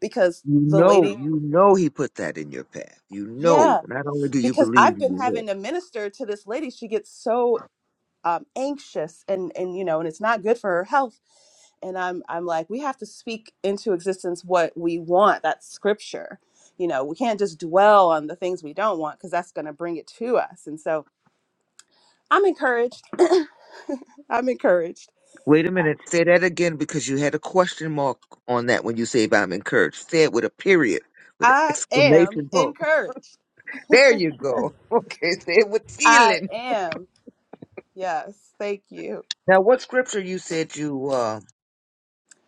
because You the know, lady, you know he put that in your path. You know. yeah, Not only do you because believe, I've been you having know. to minister to this lady. She gets so um, anxious, and and you know, and it's not good for her health and I'm I'm like we have to speak into existence what we want. That's scripture. You know, we can't just dwell on the things we don't want because that's going to bring it to us. And so I'm encouraged. I'm encouraged. Wait a minute, say that again because you had a question mark on that when you say if I'm encouraged. Say it with a period, with an I am exclamation point. encouraged. There you go. Okay, say it with I feeling. am. Yes. Thank you. Now what scripture you said you uh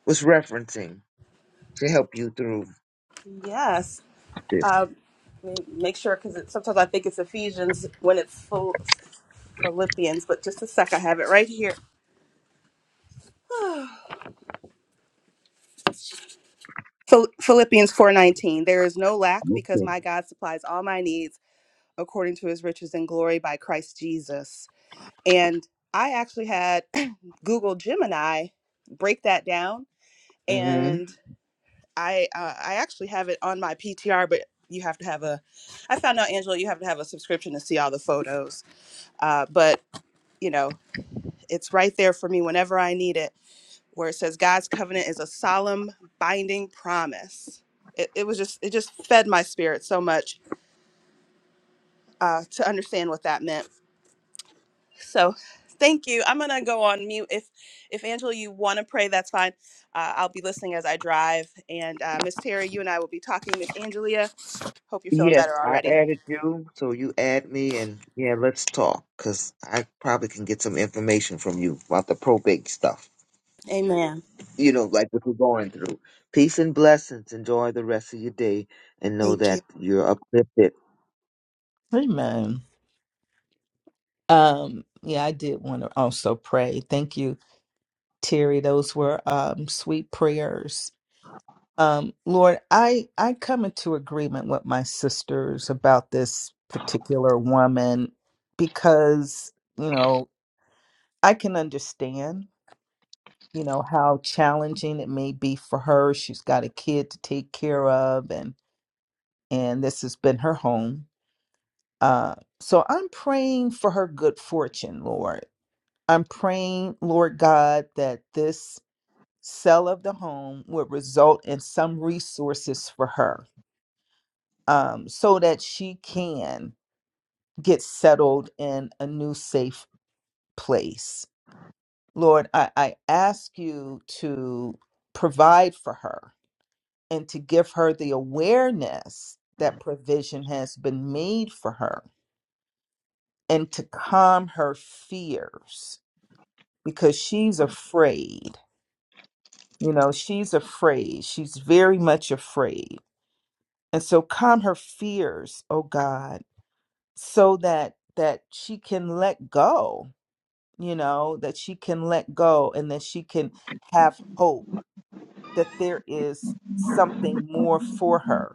was referencing to help you through Yes. this. Um, m- make sure because sometimes I think it's Ephesians when it's Phil- Philippians, but just a sec, I have it right here. Phil- Philippians 4:19 There is no lack because Okay. my God supplies all my needs according to his riches and glory by Christ Jesus. And I actually had Google Gemini break that down hmm and I uh, I actually have it on my PTR but you have to have a I found out Angela you have to have a subscription to see all the photos. Uh, but you know, it's right there for me whenever I need it where it says God's covenant is a solemn, binding promise. It, it was just it just fed my spirit so much uh, to understand what that meant. So thank you. I'm gonna go on mute. If if Angela, you want to pray, that's fine. Uh, I'll be listening as I drive. And uh, Miss Terry, you and I will be talking. Miss Angelia, hope you're feeling Yes, better I already. added you, so you add me, and yeah, let's talk because I probably can get some information from you about the probate stuff. Amen. You know, like what you're going through. Peace and blessings. Enjoy the rest of your day, and know Thank you. that you're uplifted. Amen. Um yeah, I did want to also pray. Thank you, Terry. Those were um sweet prayers. Um Lord, I I come into agreement with my sisters about this particular woman because, you know, I can understand, you know, how challenging it may be for her. She's got a kid to take care of and and this has been her home. Uh so I'm praying for her good fortune, Lord. I'm praying, Lord God, that this sale of the home would result in some resources for her um so that she can get settled in a new safe place. Lord, I, I ask you to provide for her and to give her the awareness that provision has been made for her and to calm her fears because she's afraid. You know, she's afraid. She's very much afraid. And so calm her fears, oh God, so that that she can let go, you know, that she can let go and that she can have hope that there is something more for her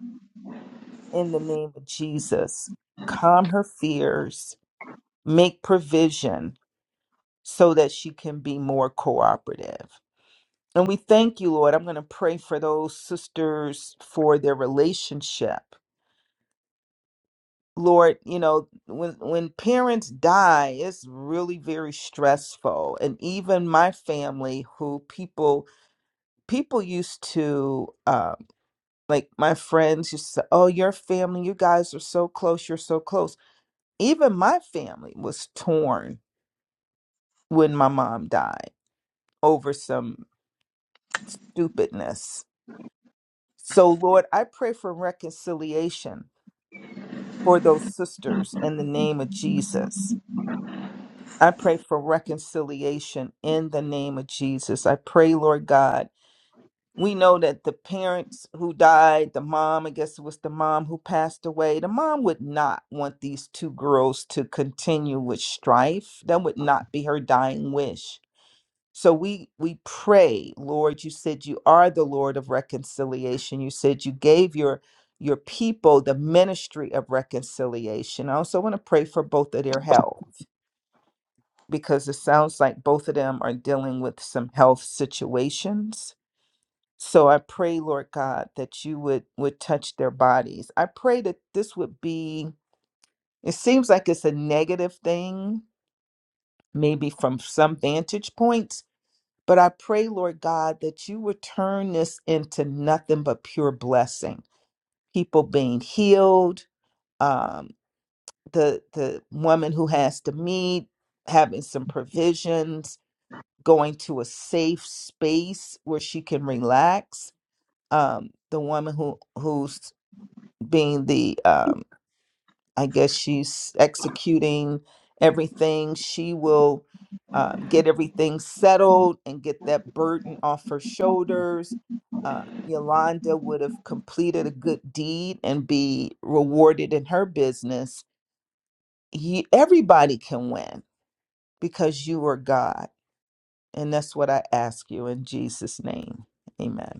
in the name of Jesus. Calm her fears, make provision so that she can be more cooperative. And we thank you, Lord. I'm going to pray for those sisters for their relationship. Lord, you know, when when parents die, it's really very stressful. And even my family who people people used to um like my friends used to say, "Oh, your family, you guys are so close, you're so close." even my family was torn when my mom died over some stupidness. So, Lord, I pray for reconciliation for those sisters in the name of Jesus. I pray for reconciliation in the name of Jesus. I pray, Lord God. We know that the parents who died, the mom, I guess it was the mom who passed away, the mom would not want these two girls to continue with strife. That would not be her dying wish So we we pray, Lord, you said you are the Lord of reconciliation. You said you gave your your people the ministry of reconciliation. I also want to pray for both of their health because it sounds like both of them are dealing with some health situations. So I pray, Lord God, that you would would touch their bodies. I pray that this would be it seems like it's a negative thing maybe from some vantage points But I pray, Lord God, that you would turn this into nothing but pure blessing. People being healed, um, the the woman who has to meet, having some provisions, going to a safe space where she can relax. Um, the woman who who's being the um, I guess she's executing everything. She will um, get everything settled and get that burden off her shoulders. Uh, Yolanda would have completed a good deed and be rewarded in her business. You, everybody can win because you are God. And that's what I ask you in Jesus' name. Amen.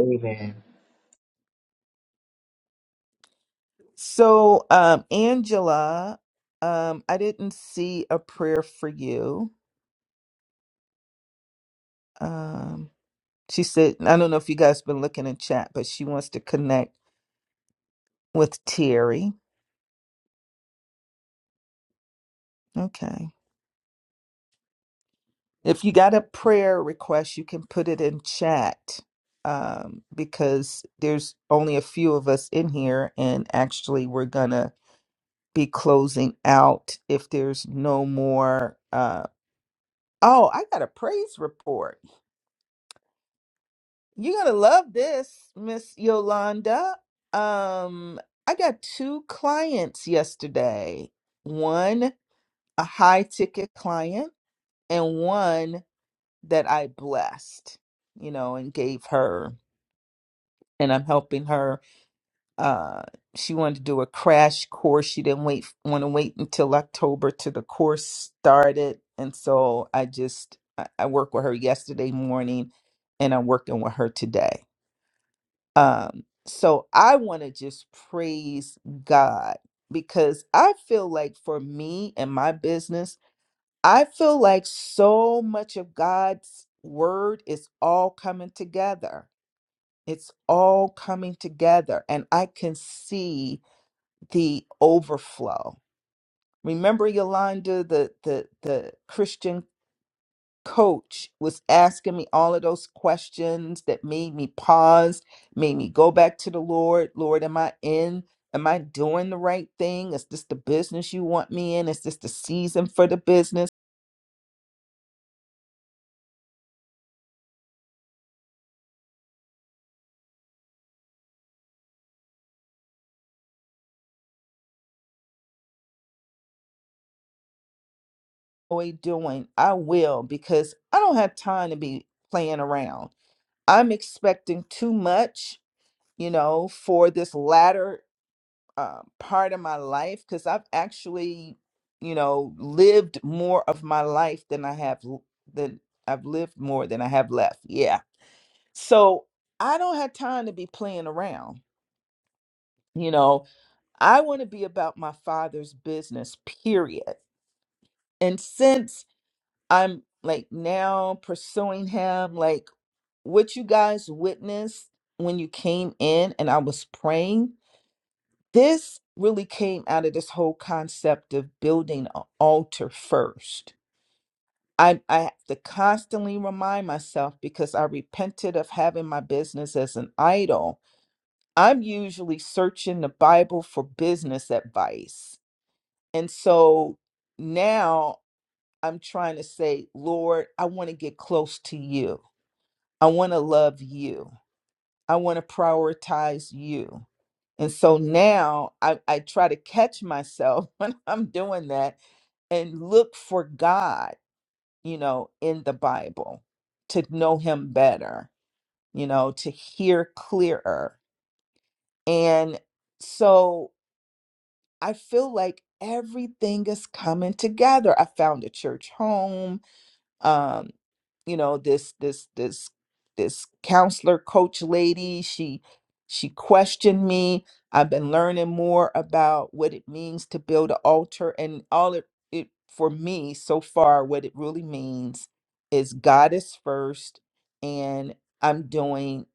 Amen. So, um, Angela, um, I didn't see a prayer for you. Um, She said, I don't know if you guys been looking in chat, but she wants to connect with Terry. Okay. If you got a prayer request, you can put it in chat um, because there's only a few of us in here. And actually, we're going to be closing out if there's no more. Uh, oh, I got a praise report. You're going to love this, Miss Yolanda. Um, I got two clients yesterday. One a high ticket client and one that I blessed, you know, and gave her. And I'm helping her. Uh, she wanted to do a crash course. She didn't wait, want to wait until October till the course started. And so I just, I, I worked with her yesterday morning and I'm working with her today. Um, so I want to just praise God because I feel like for me and my business, I feel like so much of God's word is all coming together. It's all coming together, and I can see the overflow. Remember, Yolanda, the the the Christian coach was asking me all of those questions that made me pause, made me go back to the Lord. Lord, am I in? Am I doing the right thing? Is this the business you want me in? Is this the season for the business? enjoy doing, I will because I don't have time to be playing around. I'm expecting too much, you know, for this latter uh, part of my life because I've actually, you know, lived more of my life than I have l- than I've lived more than I have left. Yeah. So I don't have time to be playing around. You know, I want to be about my father's business, period. And since I'm like now pursuing him. Like what you guys witnessed when you came in and I was praying, this really came out of this whole concept of building an altar first. I, I have to constantly remind myself because I repented of having my business as an idol. I'm usually searching the Bible for business advice. And so now I'm trying to say, Lord, I want to get close to you. I want to love you. I want to prioritize you. And so now I, I try to catch myself when I'm doing that and look for God, you know, in the Bible to know Him better, you know, to hear clearer. And so I feel like everything is coming together. I found a church home. um you know this this this this counselor coach lady she she questioned me i've been learning more about what it means to build an altar and all it, it for me so far what it really means is god is first and i'm doing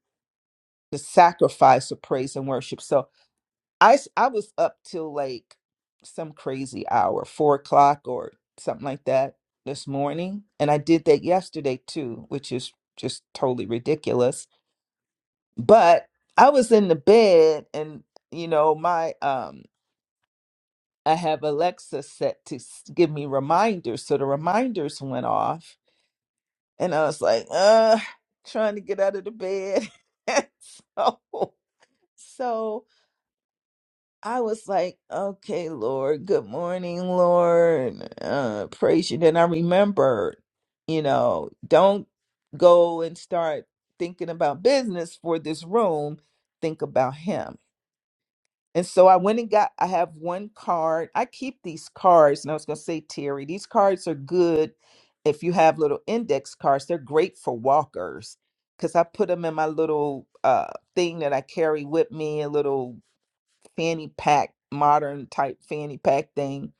the sacrifice of praise and worship So. I s- I was up till like some crazy hour, four o'clock or something like that this morning, and I did that yesterday too, which is just totally ridiculous. But I was in the bed, and you know my um I have Alexa set to s- give me reminders, so the reminders went off, and I was like, uh, trying to get out of the bed, so. So I was like, okay, Lord, good morning, Lord. Uh, praise you. Then I remembered, you know, don't go and start thinking about business for this room. Think about him. And so I went and got, I have one card. I keep these cards. And I was going to say, Terry, these cards are good if you have little index cards. They're great for walkers because I put them in my little uh, thing that I carry with me, a little fanny pack, modern type fanny pack thing.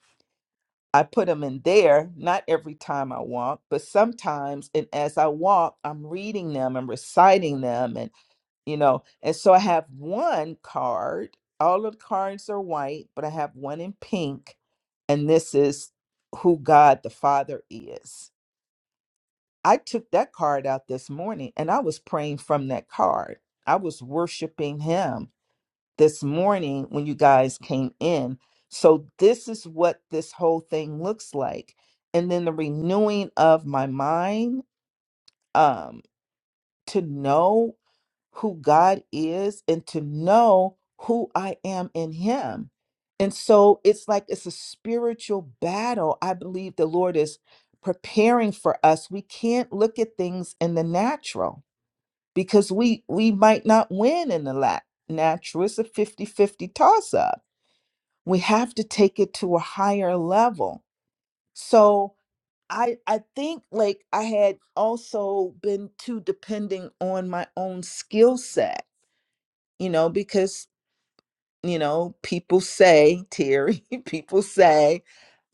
I put them in there, not every time I walk, but sometimes. And as I walk, I'm reading them and reciting them. And, you know, and so I have one card. All of the cards are white, but I have one in pink. And this is who God the Father is. I took that card out this morning and I was praying from that card. I was worshiping Him this morning when you guys came in. So, this is what this whole thing looks like. And then the renewing of my mind um, to know who God is and to know who I am in Him. And so, it's like it's a spiritual battle. I believe the Lord is preparing for us. We can't look at things in the natural because we we might not win in the lat- natural. It's a 5050 toss up we have to take it to a higher level so i i think like i had also been too depending on my own skill set you know because you know people say terry people say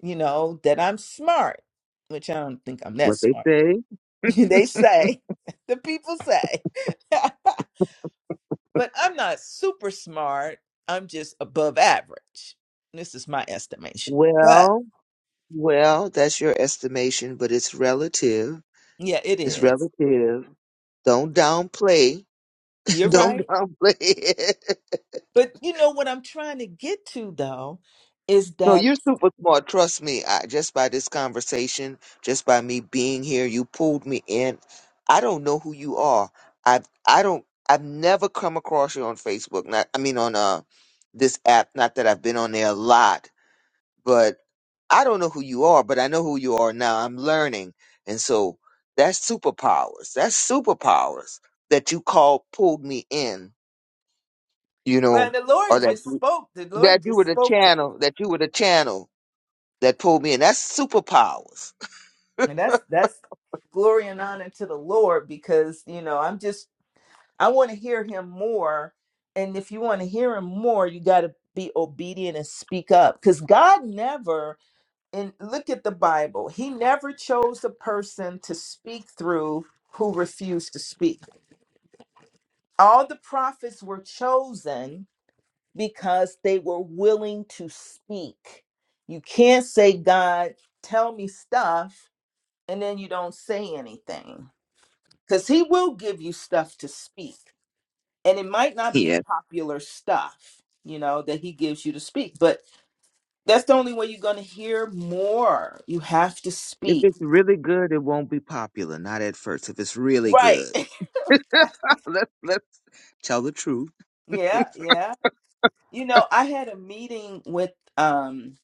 you know that i'm smart which i don't think i'm that What they smart say? they say the people say but i'm not super smart i'm just above average this is my estimation but Well, well, that's your estimation, but it's relative. yeah it It's is relative. Don't downplay. You're Don't right. downplay it. But you know what I'm trying to get to though is No, that you're super smart. Trust me. I, just by this conversation, just by me being here, you pulled me in. I don't know who you are. I've I don't I've never come across you on Facebook. Not I mean on uh this app. Not that I've been on there a lot, but I don't know who you are. But I know who you are now. I'm learning, and so that's superpowers. That's superpowers that you called pulled me in. You well know, the Lord or just that. spoke. The that Lord you were just the spoke to. channel, that you were the channel that pulled me in. That's superpowers. And that's that's glory and honor to the Lord because you know I'm just I want to hear him more. And if you want to hear him more, you gotta be obedient and speak up. Because God never and look at the Bible, he never chose a person to speak through who refused to speak. All the prophets were chosen because they were willing to speak. You can't say, God, tell me stuff, and then you don't say anything because He will give you stuff to speak. And it might not be Yeah. popular stuff, you know, that He gives you to speak, but that's the only way you're going to hear more. You have to If speak. it's really good, it won't be popular. Not at first. If it's really Right. good, let's let's tell the truth. yeah. Yeah. You know, I had a meeting with, um,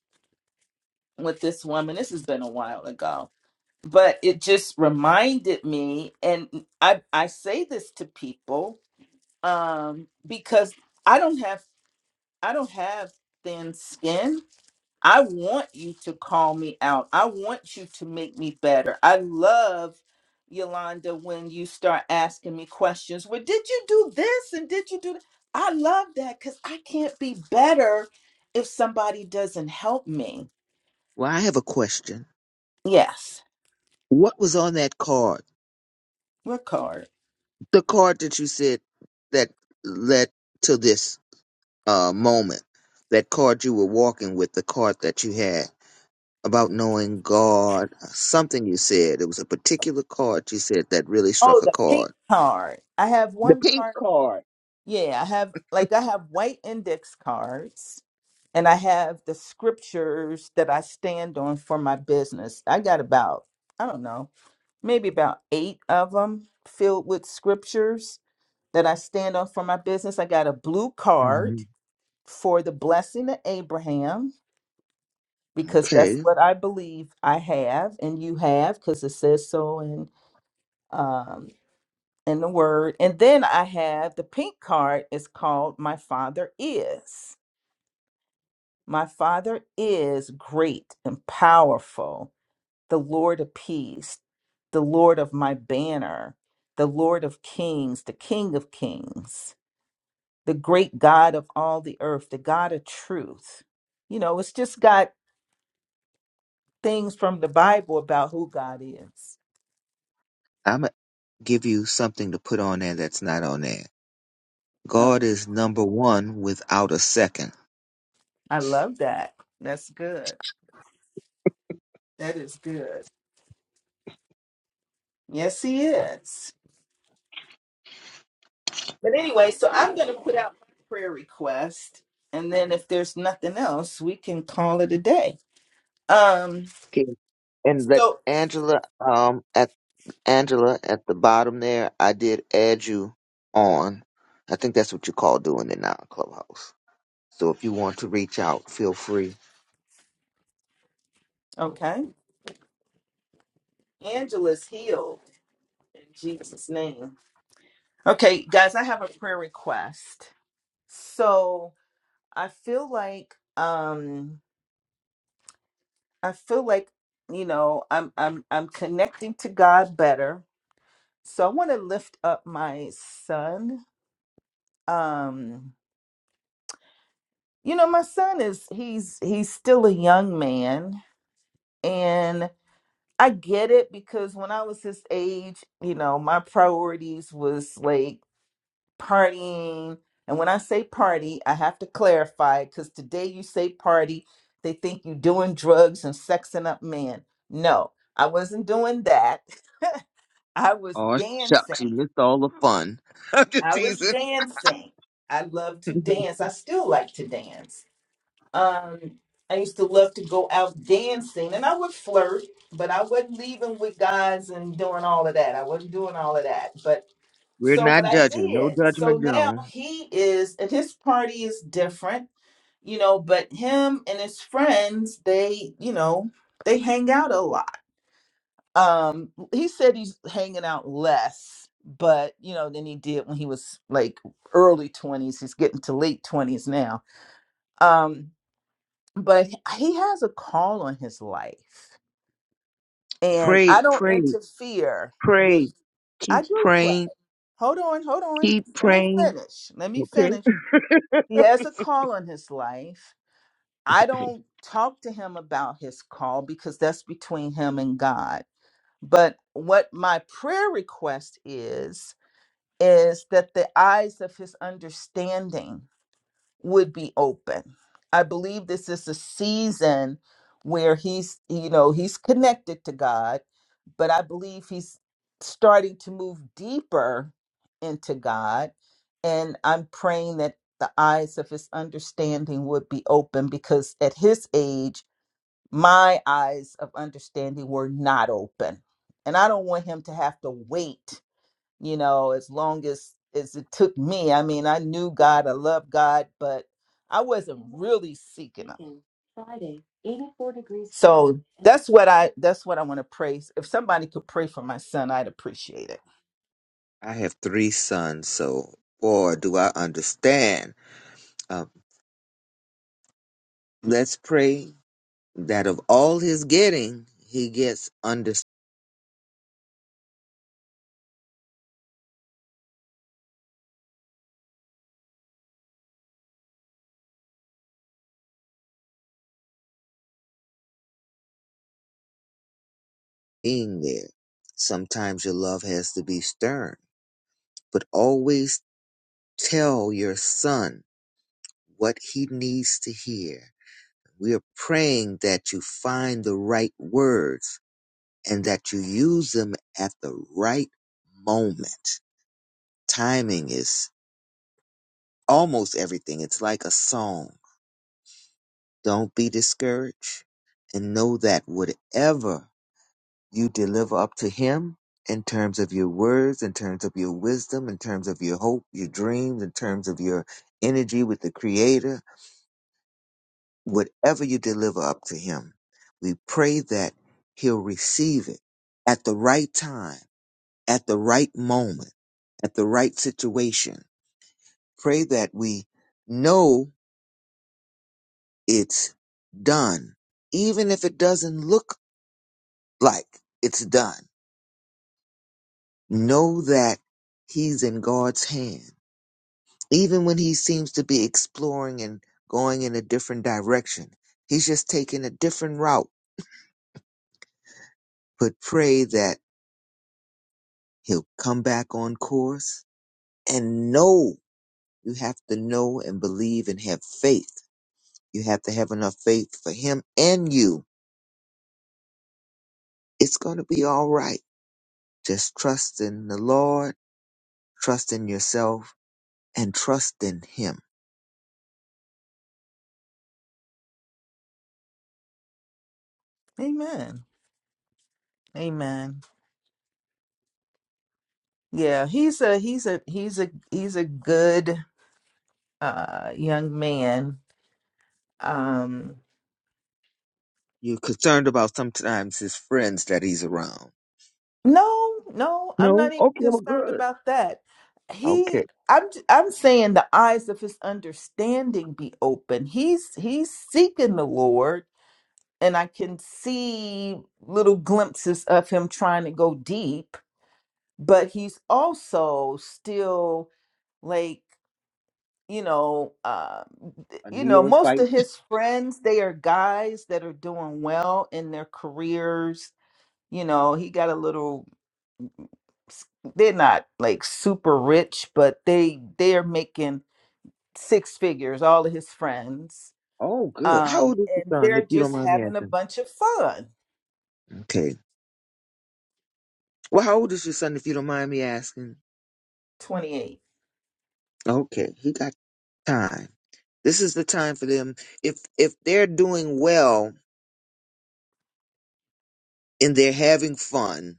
with this woman, this has been a while ago, but it just reminded me and i i say this to people um because i don't have i don't have thin skin i want you to call me out i want you to make me better i love yolanda when you start asking me questions well did you do this and did you do that i love that because i can't be better if somebody doesn't help me Well, I have a question. yes What was on that card? we're The card that you said that led to this. uh, moment, that card you were walking with, the card that you had about knowing God, something you said. It was a particular card you said that really struck Oh, a the pink chord. card. I have The one pink card. card. Yeah, I have like I have white index cards and I have the scriptures that I stand on for my business. I got about, I don't know, maybe about 8 of them filled with scriptures that I stand on for my business. I got a blue card Mhm. for the blessing of Abraham because that's Okay. what I believe I have and you have cuz it says so in um, in the word. And then I have the pink card is called My Father Is. My Father is great and powerful, the Lord of peace, the Lord of my banner, the Lord of kings, the King of kings, the great God of all the earth, the God of truth. You know, it's just got things from the Bible about who God is. I'm going to give you something to put on there that's not on there. Um, God is number one without a second. I love that. That's good. That is good. Yes, He is. But anyway, so I'm going to put out my prayer request, and then if there's nothing else, we can call it a day. Um. Okay. And that So Angela um at Angela at the bottom there, I did add you on. I think that's what you call doing it now, Clubhouse. So if you want to reach out, feel free. okay, Angela's healed in Jesus' name. Okay, guys, I have a prayer request. So I feel like um I feel like you know I'm I'm I'm connecting to God better. So I want to lift up my son. Um, you know, my son is he's he's still a young man and I get it because when I was his age, you know, my priorities was like partying. And when I say party, I have to clarify because today you say party, they think you doing drugs and sexing up men. No, I wasn't doing that. I was Oh shucks, you dancing. missed all the fun. I'm just I was teasing. dancing. I love to dance. I still like to dance Um, I used to love to go out dancing and I would flirt, but I wasn't leaving with guys and doing all of that. I wasn't doing all of that. But We're so what not I judging. No did. So judgment now zone. he is and his party is different, you know, but him and his friends, they, you know, they hang out a lot. Um he said he's hanging out less, but you know, than he did when he was like early 20s. He's getting to late 20s now. Um but he has a call on his life and Pray, i don't pray, interfere pray. with i Keep do pray praying. hold on hold on Keep let me praying. finish let me Okay. finish he has a call on his life i don't talk to him about his call because that's between him and god but what my prayer request is is that the eyes of his understanding would be open. I believe this is a season where he's, you know, he's connected to God, but I believe he's starting to move deeper into God. And I'm praying that the eyes of his understanding would be open because at his age, my eyes of understanding were not open. And I don't want him to have to wait you know, as long as as it took me. I mean, I knew God, I loved God, but I wasn't really seeking him. Friday, eighty four degrees. So that's what I that's what I want to pray. If somebody could pray for my son, I'd appreciate it. I have three sons, so boy, do I understand. Uh, let's pray that of all his getting, he gets understanding there. Sometimes your love has to be stern, but always tell your son what he needs to hear. We are praying that you find the right words and that you use them at the right moment. Timing is almost everything. It's like a song Don't be discouraged and know that whatever you deliver up to Him in terms of your words, in terms of your wisdom, in terms of your hope, your dreams, in terms of your energy with the Creator, whatever you deliver up to Him, we pray that He'll receive it at the right time, at the right moment, at the right situation. Pray that we know it's done, even if it doesn't look like it's done. Know that he's in God's hand. Even when he seems to be exploring and going in a different direction, he's just taking a different route. But pray that he'll come back on course and know you have to know and believe and have faith. You have to have enough faith for him and you. It's going to be all right. Just trust in the Lord, trust in yourself, and trust in him Amen. Amen. Yeah, he's a he's a he's a he's a good uh young man. Um You're concerned about sometimes his friends that he's around. no, no, I'm not No? even Okay, well, concerned good. about that. He Okay. I'm j- I'm saying the eyes of his understanding be open. He's he's seeking the Lord and I can see little glimpses of him trying to go deep, but he's also still like. you know, uh, A you know, most neophyte. of his friends they are guys that are doing well in their careers. You know, he got a little. s- They're not like super rich, but they they are making six figures. All of his friends, Oh, good. How um, old is your and son, they're if you don't just mind me having a asking? bunch of fun. Okay. Well, how old is your son, if you don't mind me asking? Twenty eight. Okay, he got time. This is the time for them. If if they're doing well and they're having fun,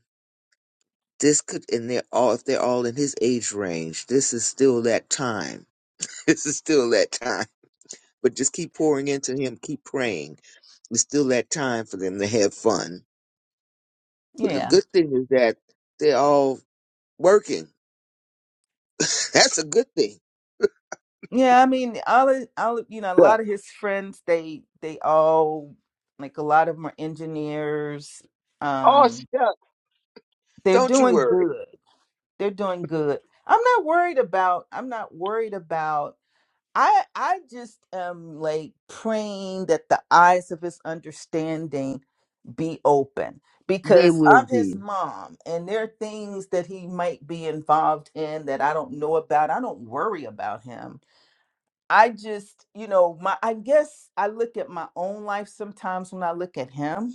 this could and they're all if they're all in his age range, this is still that time. This is still that time But just keep pouring into him, keep praying. It's still that time for them to have fun. But the Yeah. good thing is that they're all working. That's a good thing. Yeah, I mean, all of, all of, you know, a Yeah. lot of his friends, they they all like a lot of them are engineers. Oh Um, shucks. they're Don't you doing worry. good. They're doing good. I'm not worried about I'm not worried about I I just am like praying that the eyes of his understanding be open They because will I'm his be. mom and there are things that he might be involved in that I don't know about. I don't worry about him. I just, you know, my I guess I look at my own life sometimes when I look at him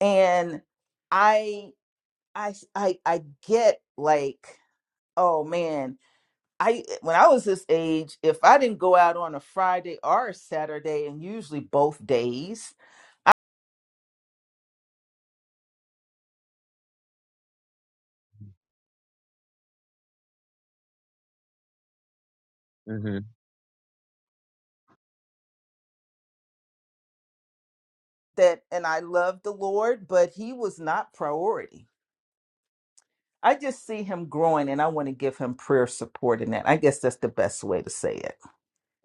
and I I I I get like, oh man, I when I was this age, if I didn't go out on a Friday or a Saturday, and usually both days, hmm that and I loved the Lord, but he was not priority. I just see him growing and I want to give him prayer support in that. I guess that's the best way to say it.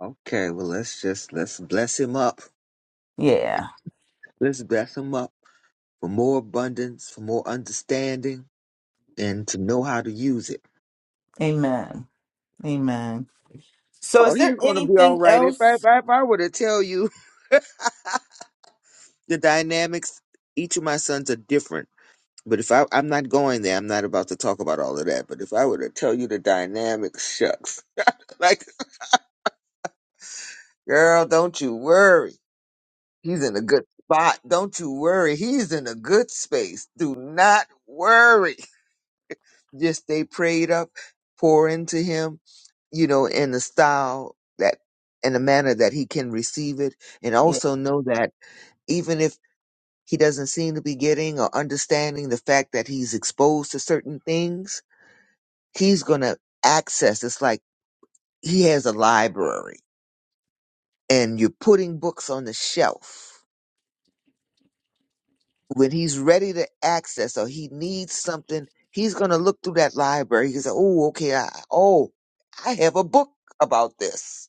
Okay, well let's just let's bless him up. Yeah. Let's bless him up for more abundance, for more understanding, and to know how to use it. Amen. Amen. So Oh, is he's there gonna be all anything right. If I else? if I, if I were to tell you the dynamics, each of my sons are different But if I, I'm not going there, I'm not about to talk about all of that. But if I were to tell you the dynamic, shucks. Like, girl, don't you worry. He's in a good spot. Don't you worry. He's in a good space. Do not worry. Just stay prayed up, pour into him, you know, in the style that, in a manner that he can receive it. And Yeah. also know that even if he doesn't seem to be getting or understanding the fact that he's exposed to certain things, he's going to access it's like he has a library and you're putting books on the shelf when he's ready to access or he needs something he's going to look through that library he can say oh okay I, oh i have a book about this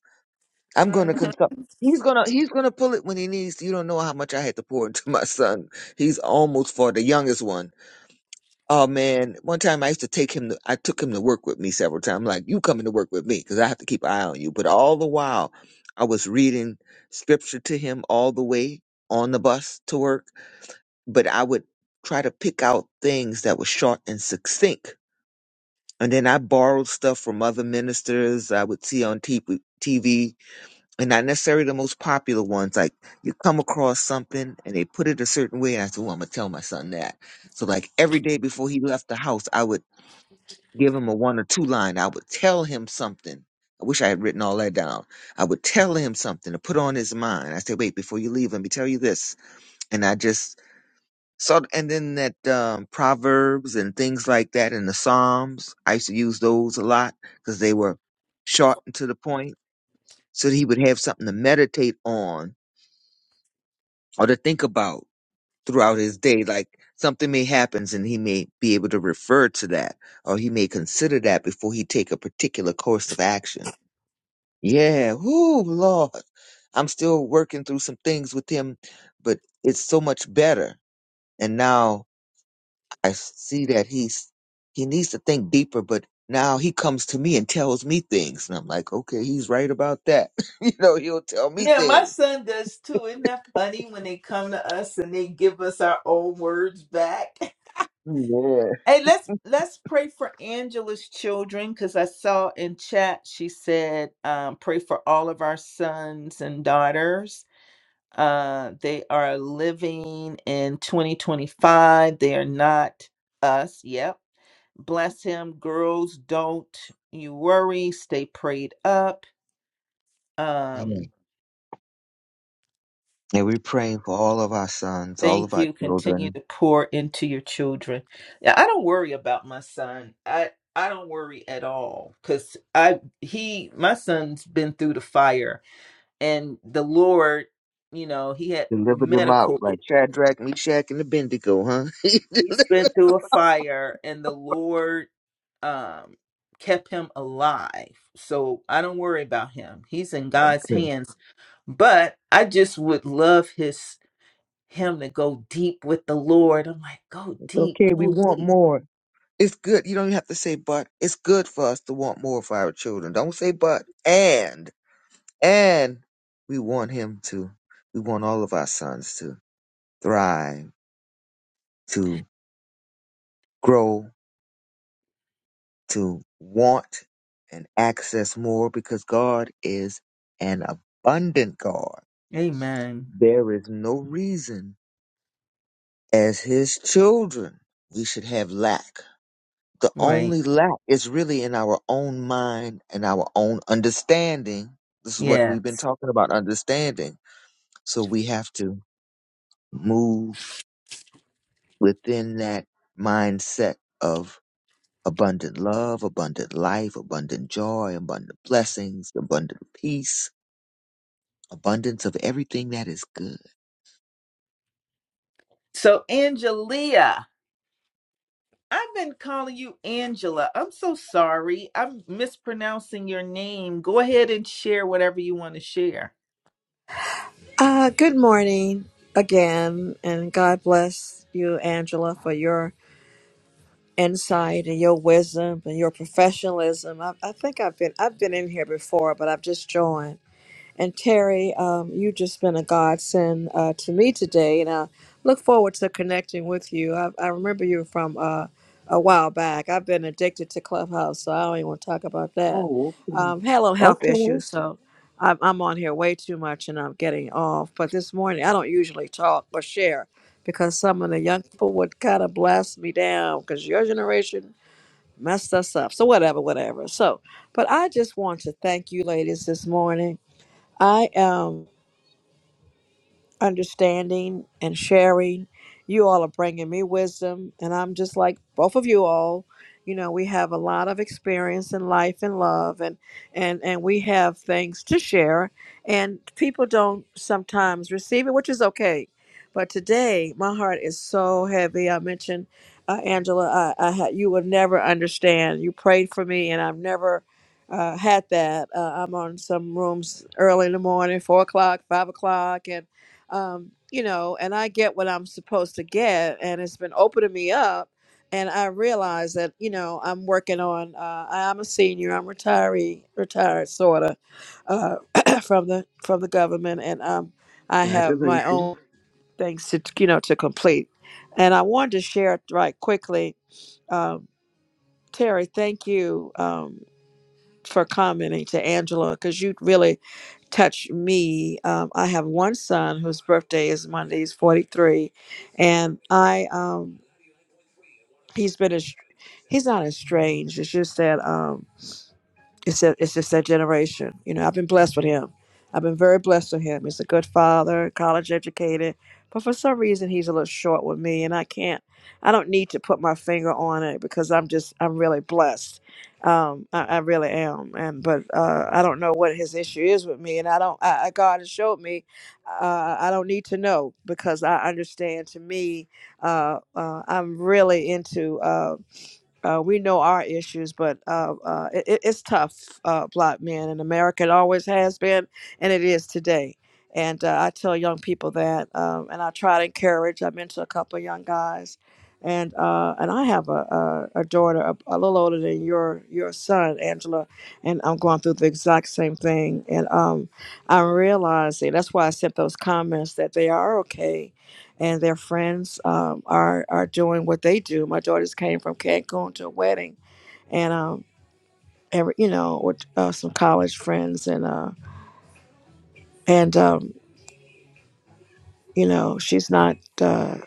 i'm going to Mm. consult he's going to he's going to pull it when he needs to. you don't know how much i had to pour into my son he's almost four the youngest one Oh man, one time I used to take him to, I took him to work with me several times. I'm like, you coming to work with me because I have to keep an eye on you. But all the while, I was reading scripture to him all the way on the bus to work. But I would try to pick out things that were short and succinct. And then I borrowed stuff from other ministers I would see on TV, and not necessarily the most popular ones. Like you come across something and they put it a certain way. And I said, oh, I'm going to tell my son that. So like every day before he left the house, I would give him a one or two line. I would tell him something. I wish I had written all that down. I would tell him something to put on his mind. I said, wait, before you leave, let me tell you this. And I just saw, and then that um, Proverbs and things like that and the Psalms, I used to use those a lot because they were short and to the point. So that he would have something to meditate on or to think about throughout his day. Like something may happens and he may be able to refer to that or he may consider that before he take a particular course of action Yeah, whoo, Lord. I'm still working through some things with him, but it's so much better. And now I see that he's he needs to think deeper, but now he comes to me and tells me things. And I'm like, okay, he's right about that. you know, he'll tell me Yeah, my things. son does too. Isn't that funny when they come to us and they give us our old words back? Yeah. Hey, let's let's pray for Angela's children because I saw in chat she said um, pray for all of our sons and daughters. Uh, they are living in 2025. They are not us. Yep. Bless him, girls. Don't you worry. Stay prayed up. yeah. Um, And we're praying for all of our sons, all of Thank our you. Continue children. to pour into your children. Yeah, I don't worry about my son. I I don't worry at all because I he my son's been through the fire and the Lord, you know, he had Deliver them out medical. like Shadrach, Meshach, and Abednego, huh? He's been through a fire and the Lord um kept him alive. So I don't worry about him. He's in God's okay, hands. But I just would love his him to go deep with the Lord. I'm like, go It's deep, okay. we go want deep. more. It's good. You don't even have to say but. It's good for us to want more for our children. Don't say but. And, and we want him to. We want all of our sons to thrive, to grow, to want and access more because God is an abundant God. Amen. There is no reason as his children we should have lack. the Right. only lack is really in our own mind and our own understanding. This is what Yeah. we've been talking about understanding. So we have to move within that mindset of abundant love, abundant life, abundant joy, abundant blessings, abundant peace, abundance of everything that is good. So, Angelia, I've been calling you Angela. I'm so sorry. I'm mispronouncing your name. Go ahead and share whatever you want to share. Uh, good morning again, and God bless you, Angela, for your insight and your wisdom and your professionalism. I, I think I've been I've been in here before, but I've just joined. And Terry, um, you've just been a godsend uh, to me today, and I look forward to connecting with you. I, I remember you from uh, a while back. I've been addicted to Clubhouse, so I don't even want to talk about that. Oh, okay. Um, had a little health Okay. issues, so I'm, I'm on here way too much, and I'm getting off. But this morning, I don't usually talk or share because some of the young people would kind of blast me down because your generation messed us up. So whatever, whatever. So, but I just want to thank you, ladies, this morning. I am understanding and sharing. You all are bringing me wisdom, and I'm just like both of you all. You know, we have a lot of experience in life and love, and and and we have things to share, and people don't sometimes receive it, which is okay. But today, my heart is so heavy. I mentioned, uh, Angela, I, I had you would never understand. You prayed for me, and I've never uh, had that. Uh, I'm on some rooms early in the morning, four o'clock, five o'clock, um, you know, and I get what I'm supposed to get, and it's been opening me up. And I realize that you know I'm working on. Uh, I- I'm a senior. I'm retiree, retired sort of uh, from the from the government, and um, I have my Congratulations. own things to you know to complete. And I wanted to share right quickly, um, Terry. Thank you. Um, for commenting to Angela because you really touched me. Um, I have one son whose birthday is Monday. He's 43, and I um, he's been a, he's not estranged. It's just that um, it's that it's just that generation. You know, I've been blessed with him. I've been very blessed with him. He's a good father, college educated, but for some reason he's a little short with me, and I can't. I don't need to put my finger on it because I'm just I'm really blessed. Um, I, I really am, and but uh, I don't know what his issue is with me, and I don't. I, I God has showed me. Uh, I don't need to know because I understand. To me, uh, uh, I'm really into. Uh, uh, we know our issues, but uh, uh, it, it- it's tough, uh, black men in America. It always has been, and it is today. And uh, I tell young people that, um, and I try to encourage. I've been to a couple of young guys, and uh, and I have a, a, a daughter a, a little older than your your son, Angela, and I'm going through the exact same thing. And um, I'm realizing that's why I sent those comments that they are okay and their friends um, are are doing what they do. My daughters came from Cancun to a wedding, and um, every you know with uh, some college friends, and uh, and um, you know she's not uh,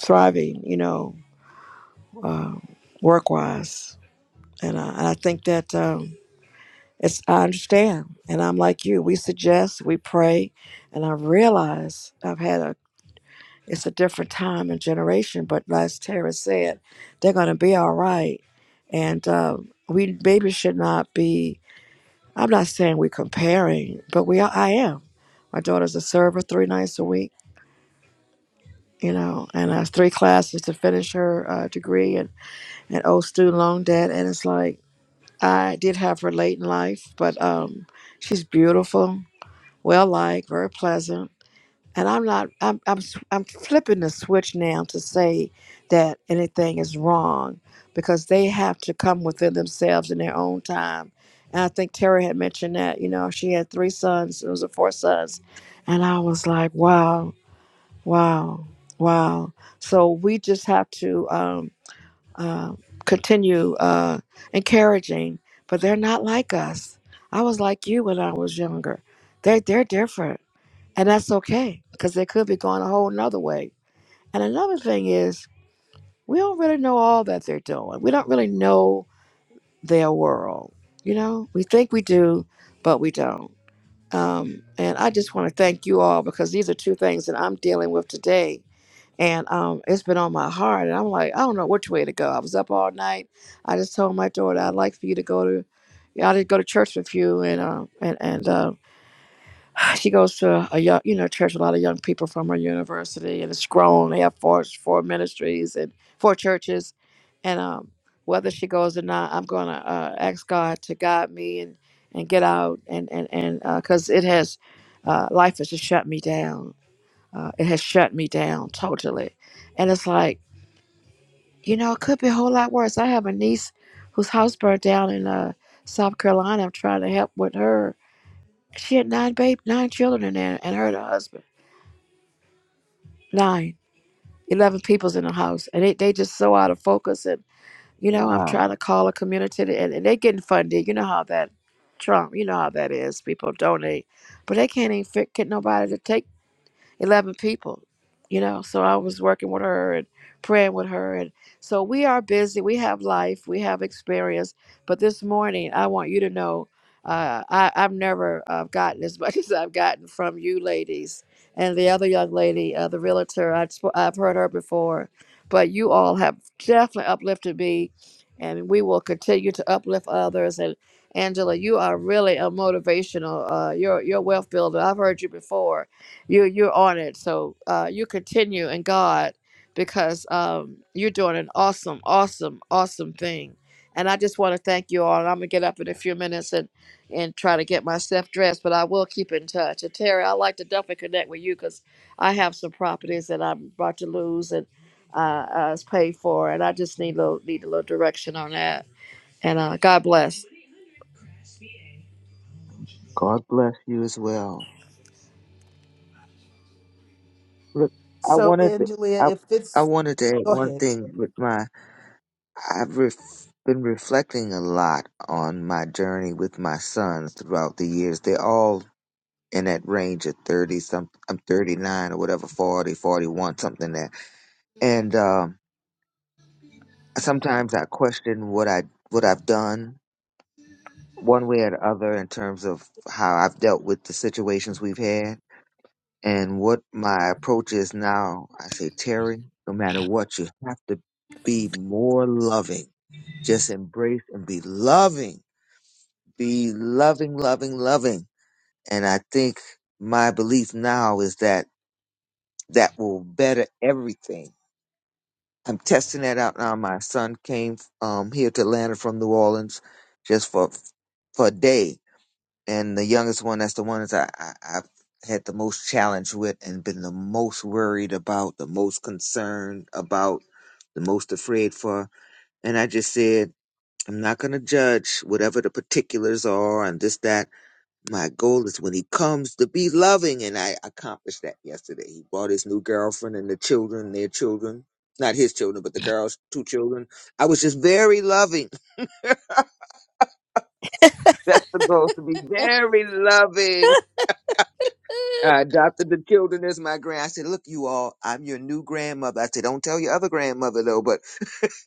thriving, you know, uh, work wise, and, uh, and I think that um, it's I understand, and I'm like you. We suggest, we pray, and I realize I've had a It's a different time and generation, but as Tara said, they're going to be all right. And uh, we maybe should not be, I'm not saying we're comparing, but we are, I am. My daughter's a server three nights a week, you know, and has three classes to finish her uh, degree and, and old student loan debt. And it's like, I did have her late in life, but um, she's beautiful, well liked, very pleasant and I'm not. I'm I'm s- I'm flipping the switch now to say that anything is wrong because they have to come within themselves in their own time. And I think Terry had mentioned that. You know, she had three sons. It was a four sons, and I was like, wow, wow, wow. So we just have to um, uh, continue uh, encouraging, but they're not like us. I was like you when I was younger. They they're different and that's okay because they could be going a whole nother way. And another thing is, we don't really know all that they're doing. We don't really know their world. You know, we think we do, but we don't. Um, and I just want to thank you all because these are two things that I'm dealing with today. And um, it's been on my heart. And I'm like, I don't know which way to go. I was up all night. I just told my daughter, I'd like for you to go to, yeah, I'd go to church with you and, uh, and, and, uh, she goes to a young, you know, church, a lot of young people from her university, and it's grown. They have four, four ministries and four churches. And um, whether she goes or not, I'm going to uh, ask God to guide me and, and get out. And, and, and, uh 'cause cause it has, uh, life has just shut me down. Uh, it has shut me down totally. And it's like, you know, it could be a whole lot worse. I have a niece whose house burned down in, uh, South Carolina. I'm trying to help with her. She had nine babe, nine children in there and her and her husband Nine, eleven people's in the house. And they, they just so out of focus. And, you know, I'm Wow. trying to call a community and, and they getting funded. You know how that Trump, you know how that is. People donate, but they can't even fit, get nobody to take. 11 people, you know. So I was working with her and praying with her. And so we are busy. We have life, we have experience. But this morning, I want you to know uh, I, I've never uh, gotten as much as I've gotten from you ladies. And the other young lady, uh, the realtor, I've, sp- I've heard her before. But you all have definitely uplifted me. And we will continue to uplift others. And Angela, you are really a motivational. Uh, you're, you're a wealth builder. I've heard you before you you're on it so uh you continue in god because um you're doing an awesome awesome awesome thing and i just want to thank you all and i'm gonna get up in a few minutes and and try to get myself dressed but i will keep in touch and terry i'd like to definitely connect with you because i have some properties that i'm about to lose and uh, uh it's paid for and i just need a little need a little direction on that and uh god bless God bless you as well. Look, I So, wanted to, Angelia, I, if I it's, wanted to add go one ahead. thing with my I've ref, been reflecting a lot on my journey with my sons throughout the years. They're all in that range of 30 some I'm 39 or whatever 40, 41, something there. And um sometimes I question what I what I've done one way or the other in terms of how I've dealt with the situations we've had and what my approach is now, I say, Terry, no matter what, you have to be more loving. Just embrace and be loving. Be loving, loving, loving. And I think my belief now is that that will better everything. I'm testing that out now. My son came um, here to Atlanta from New Orleans just for for a day and the youngest one that's the one that I, I I've had the most challenge with and been the most worried about, the most concerned about, the most afraid for. And I just said, I'm not gonna judge whatever the particulars are and this that. My goal is when he comes to be loving, and I accomplished that yesterday. He brought his new girlfriend and the children, their children, not his children, but the girls, two children. I was just very loving. That's the goal to be very loving I adopted the children as my grand. I said, look, you all, I'm your new grandmother. I said, don't tell your other grandmother though, but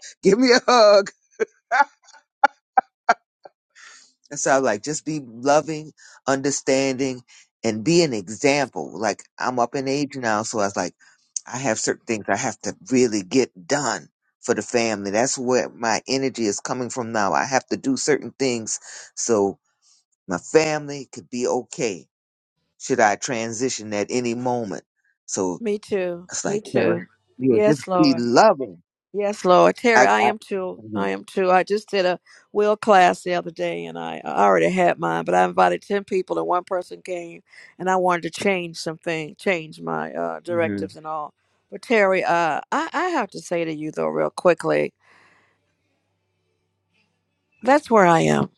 give me a hug. And so I was like, just be loving, understanding, and be an example. Like I'm up in age now, so I was like, I have certain things I have to really get done for the family. That's where my energy is coming from now. I have to do certain things so my family could be okay. Should I transition at any moment? So me too It's me like, Paris, too yeah, just yes be lord loving. Yes, Lord. Terry, I, I I am too. hmm I am too. I just did a will class the other day and I, I already had mine, but I invited 10 people and one person came and I wanted to change something, change my uh, directives and all. But Terry, uh, I, I have to say to you though, real quickly, that's where I am.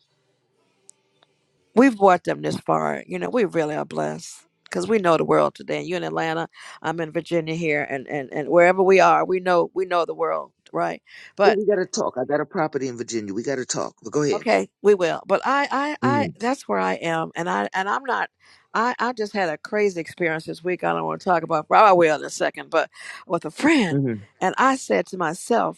We've brought them this far. You know, we really are blessed because we know the world today. And you in Atlanta, I'm in Virginia here and, and, and wherever we are, we know, we know the world, right? Oh, we gotta talk. I got a property in Virginia. We gotta talk. But go ahead. Okay, we will. But I, I, I, hmm that's where I am, and I, and I'm not. I, I just had a crazy experience this week. I don't want to talk about. Well, I will in a second. But with a friend, hmm and I said to myself,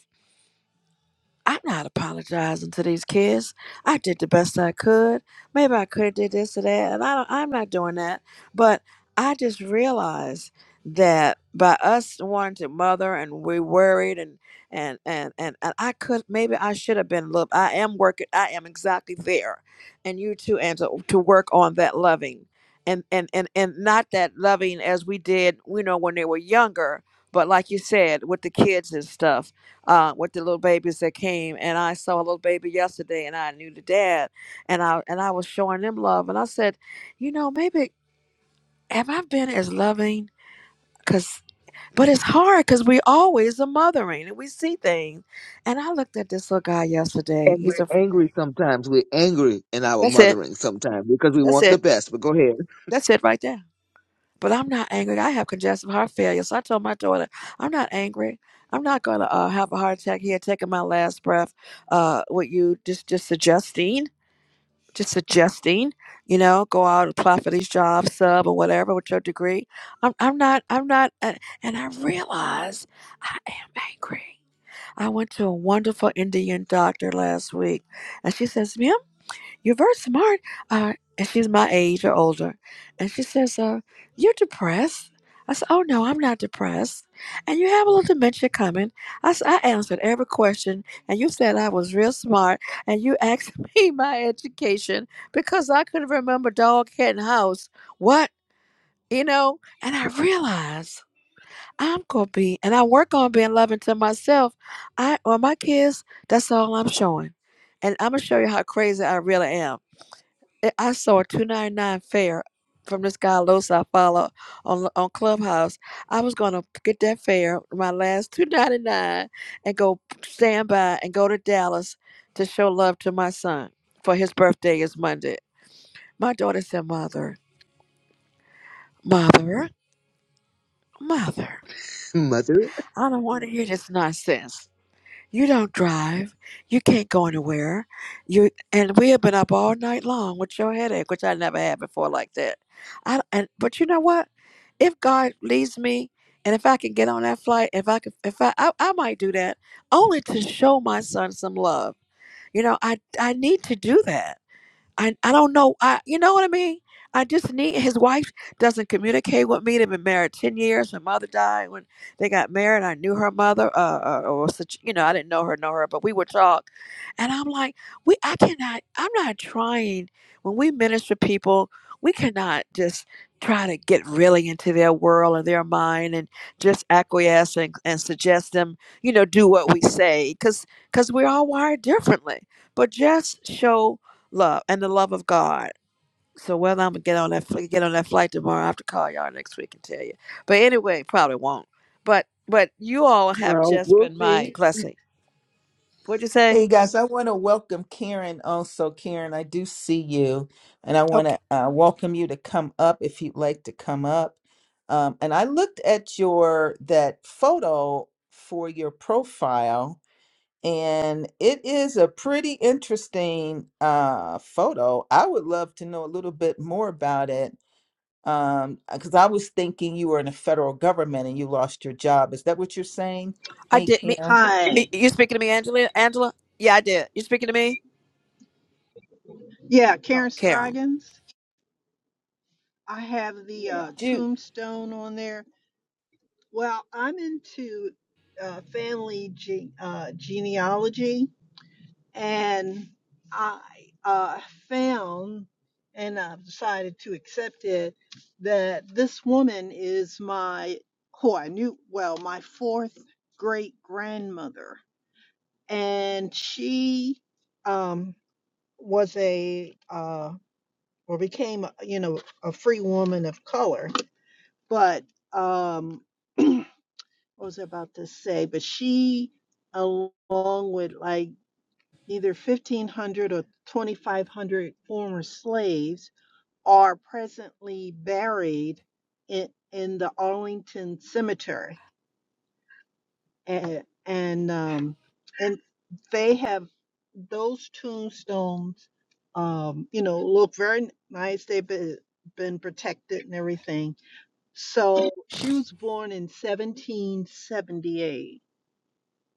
I'm not apologizing to these kids. I did the best I could. Maybe I could have did this or that, and I don't, I'm not doing that. But I just realized that by us wanting to mother and we worried and and and and, and I could maybe I should have been look. I am working. I am exactly there, and you too, Angela, to to work on that loving. And, and, and, and not that loving as we did, you know, when they were younger, but like you said, with the kids and stuff uh, with the little babies that came. And I saw a little baby yesterday, and I knew the dad, and I and I was showing them love. And I said, you know, maybe have I been as loving? Cause, but it's hard because we always are mothering and we see things. And I looked at this little guy yesterday. And He's we're a angry sometimes. We're angry in our that's it, mothering sometimes because we that's want the it, best. But go ahead, that's it right there. But I'm not angry. I have congestive heart failure, so I told my daughter, I'm not angry. I'm not gonna uh, have a heart attack here, taking my last breath. Uh, what you just just suggesting? just suggesting, you know, go out and apply for these jobs, sub or whatever with your degree. I'm, I'm not, I'm not, uh, and I realize I am angry. I went to a wonderful Indian doctor last week, and she says, "Ma'am, you're very smart. Uh, and she's my age or older. And she says, uh, you're depressed. I said, oh, no, I'm not depressed. And you have a little dementia coming. I s- I answered every question. And you said I was real smart. And you asked me my education because I couldn't remember dog, cat, and house. What? You know? And I realized I'm going to be, and I work on being loving to myself. I, or my kids, that's all I'm showing. And I'm going to show you how crazy I really am I I saw a 299 fare from this guy Los I follow on on Clubhouse. I was gonna get that fare, my last 299, and go stand by and go to Dallas to show love to my son for his birthday is Monday. My daughter said, "Mother, mother, mother, mother. I don't want to hear this nonsense." You don't drive. You can't go anywhere. You and we have been up all night long with your headache, which I never had before like that. I and but you know what? If God leads me, and if I can get on that flight, if I could, if I, I I might do that only to show my son some love. You know, I I need to do that I, I don't know. I you know what I mean? I just need his wife doesn't communicate with me. They've been married ten years. Her mother died when they got married. I knew her mother, uh, uh, or such you know, I didn't know her, know her, but we would talk. And I'm like, we I cannot I'm not trying when we minister people, we cannot just try to get really into their world and their mind and just acquiesce and, and suggest them, you know, do what we say. Cause cause we're all wired differently. But just show love and the love of God. So whether I'm gonna get on that fl- get on that flight tomorrow, I have to call y'all next week and tell you. But anyway, probably won't. But but you all have Well, just we'll been see. my blessing. What'd you say? Hey guys, I want to welcome Karen also. Karen, I do see you, and I want Okay. to uh, welcome you to come up if you'd like to come up. Um, and I looked at your that photo for your profile, and it is a pretty interesting uh, photo. I would love to know a little bit more about it um, because I was thinking you were in the federal government and you lost your job. Is that what you're saying? I Hey, did Karen. me. y- Hi. You speaking to me, Angela? Angela? Yeah, I did. You speaking to me, Yeah, Oh, Karen Karen? Scroggins. I have the uh, do you tombstone on there. Well, I'm into uh, family ge- uh, genealogy, and I uh, found and I've decided to accept it that this woman is my, who I knew well, my fourth great grandmother. And she um, was a uh, or became, uh, you know, a free woman of color. But um, what was I about to say? But she, along with like either 1,500 or 2,500 former slaves, are presently buried in, in the Arlington Cemetery. And, and, um, and they have those tombstones, um, you know, look very nice. They've been, been protected and everything So she was born in 1778.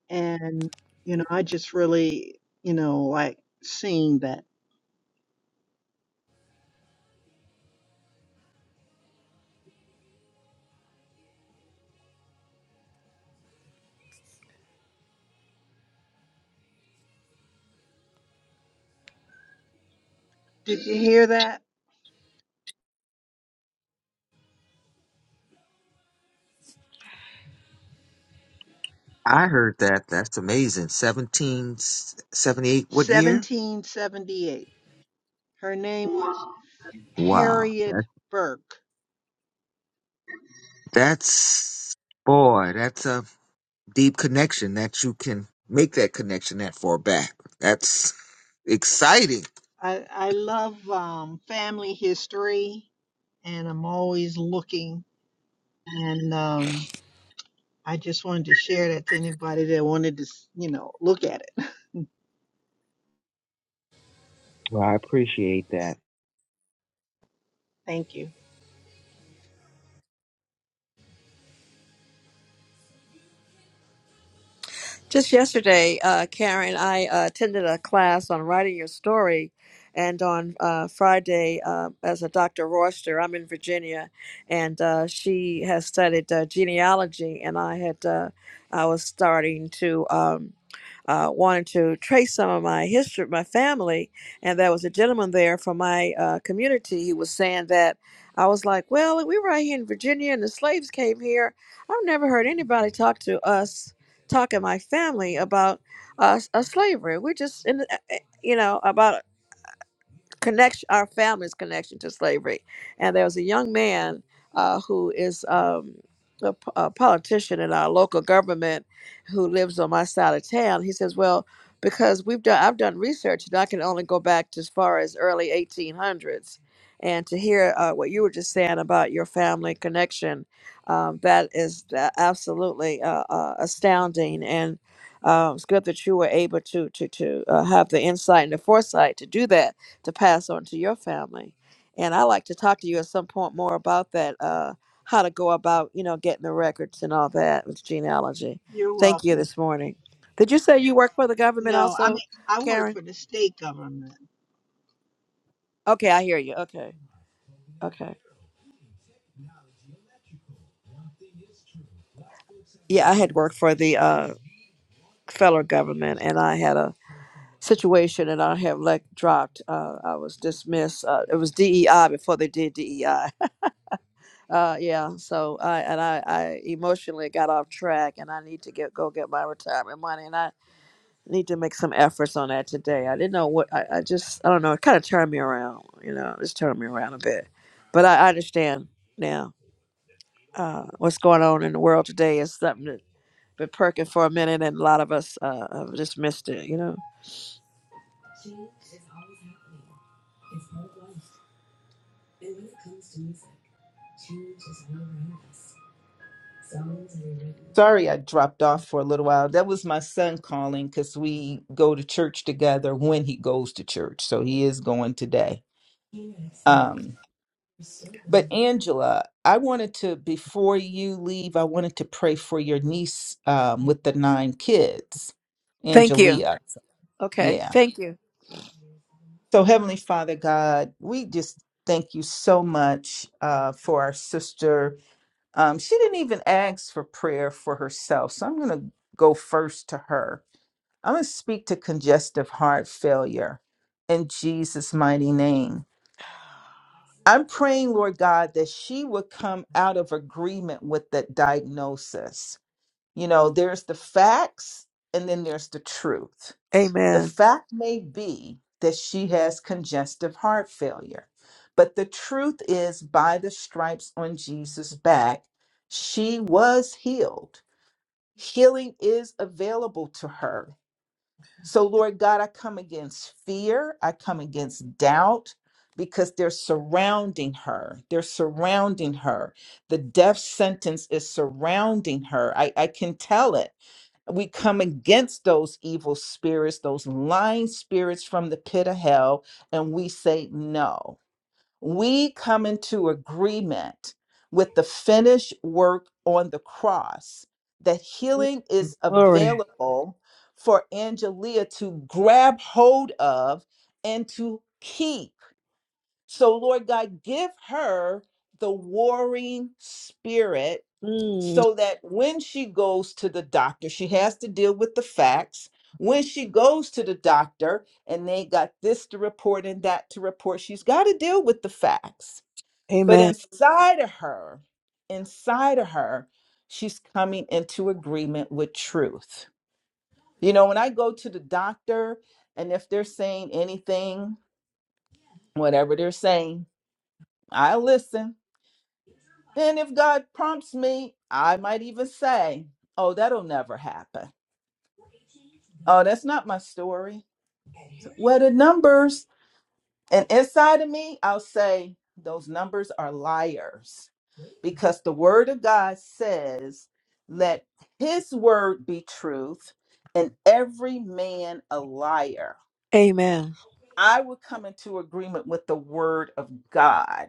And, you know, I just really, you know, like seeing that. Did you hear that? I heard that. That's amazing. 1778. What year? 1778. Her name was Wow. Harriet That, Burke. that's boy. That's a deep connection that you can make that connection that far back. That's. Exciting. I, I love um, family history and I'm always looking. And um, I just wanted to share that to anybody that wanted to, s- you know, look at it. Well, I appreciate that. Thank you. Just yesterday, uh, Karen, I uh, attended a class on writing your story. And on uh, Friday, uh, as a Dr. Royster, I'm in Virginia, and uh, she has studied uh, genealogy. And I had, uh, I was starting to um, uh, wanted to trace some of my history, my family, and there was a gentleman there from my uh, community. He was saying that I was like, "Well, we were right here in Virginia, and the slaves came here. I've never heard anybody talk to us talking to my family about uh, uh, slavery. We're just in, eh, eh, you know, about connection, our family's connection to slavery. And there was a young man uh, who is um, a, p- a politician in our local government who lives on my side of town. He says, "Well, because we've done, I've done research, and I can only go back to as far as early 1800s." And to hear uh, what you were just saying about your family connection, um, that is uh, absolutely uh, uh, astounding. And um, it's good that you were able to to to uh, have the insight and the foresight to do that to pass on to your family. And I like to talk to you at some point more about that, uh, how to go about, you know, getting the records and all that with genealogy. You're Thank you welcome. this morning. Did you say you work for the government No, I also, mean, I work Karen? for the state government. Okay, I hear you. Okay, okay. Yeah, I had worked for the uh, federal government, and I had a situation, and I have like dropped. Uh, I was dismissed. Uh, it was DEI before they did DEI, Uh, yeah. So I and I, I emotionally got off track, and I need to get go get my retirement money, and I need to make some efforts on that today. I didn't know what I, I just I don't know. It kind of turned me around, you know, it's turned me around a bit. But I, I understand now uh, what's going on in the world today is something that been perking for a minute, and a lot of us uh, have just missed it, you know. Sorry, I dropped off for a little while. That was my son calling because we go to church together when he goes to church. So he is going today. Um, but Angela, I wanted to, before you leave, I wanted to pray for your niece um, with the nine kids, Thank you. Angelia. Okay. Yeah. Thank you. So, Heavenly Father God, we just thank you so much uh, for our sister. Um, she didn't even ask for prayer for herself. So I'm going to go first to her. I'm going to speak to congestive heart failure in Jesus' mighty name. I'm praying, Lord God, that she would come out of agreement with that diagnosis. You know, there's the facts and then there's the truth. The Amen. fact may be that she has congestive heart failure, but the truth is, by the stripes on Jesus' back, she was healed. Healing is available to her so, Lord God, I come against fear. I come against doubt because they're surrounding her. They're surrounding her. The death sentence is surrounding her. I, I can tell it. We come against those evil spirits, those lying spirits from the pit of hell, and we say no we come into agreement with the finished work on the cross that healing is Glory. available for Angelia to grab hold of and to keep. So, Lord God, give her the warring spirit Mm, so that when she goes to the doctor, she has to deal with the facts. When she goes to the doctor and they got this to report and that to report, she's got to deal with the facts but amen. inside of her, inside of her, she's coming into agreement with truth. You know, when I go to the doctor and if they're saying anything, whatever they're saying, I listen. And if God prompts me, I might even say, Oh, that'll never happen. Oh, that's not my story. What are the numbers? And inside of me, I'll say those numbers are liars because the word of God says, let his word be truth and every man a liar. Amen. I would come into agreement with the word of God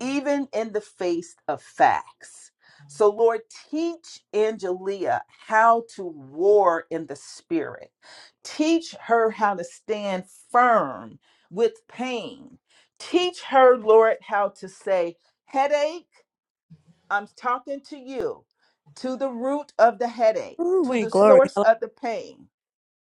even in the face of facts. So, Lord, teach Angelia how to war in the spirit. Teach her how to stand firm with pain. Teach her, Lord, how to say, Headache, I'm talking to you, to the root of the headache, Ooh, to we the glory. source of the pain.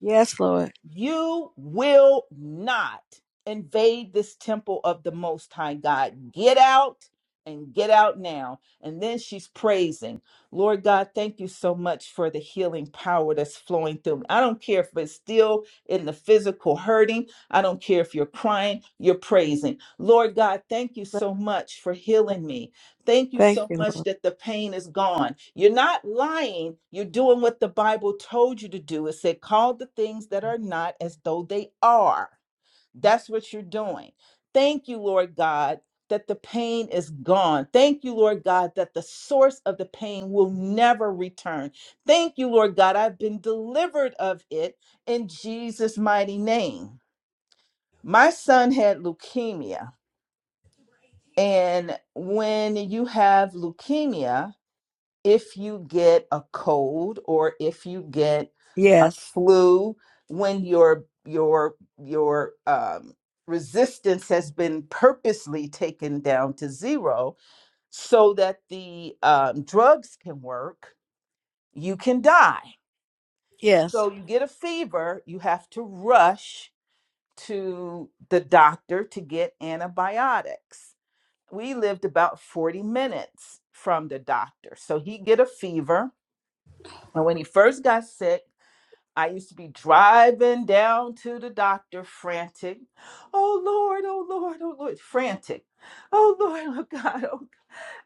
Yes, Lord. You will not invade this temple of the Most High God. Get out and get out now. And then she's praising. Lord God, thank you so much for the healing power that's flowing through me. I don't care if it's still in the physical hurting. I don't care if you're crying, you're praising. Lord God, thank you so much for healing me. Thank you Thank so you, much Lord. that the pain is gone. You're not lying. You're doing what the Bible told you to do. It said, call the things that are not as though they are. That's what you're doing. Thank you, Lord God, that the pain is gone. Thank you, Lord God, that the source of the pain will never return. Thank you, Lord God, I've been delivered of it in Jesus' mighty name. My son had leukemia. And when you have leukemia, if you get a cold or if you get a Yes, flu when your your your um, resistance has been purposely taken down to zero so that the um, drugs can work you can die yes, so you get a fever you have to rush to the doctor to get antibiotics we lived about 40 minutes from the doctor so he get a fever And when he first got sick, I used to be driving down to the doctor frantic. Oh Lord, oh Lord, oh Lord, frantic. Oh Lord, oh God, oh,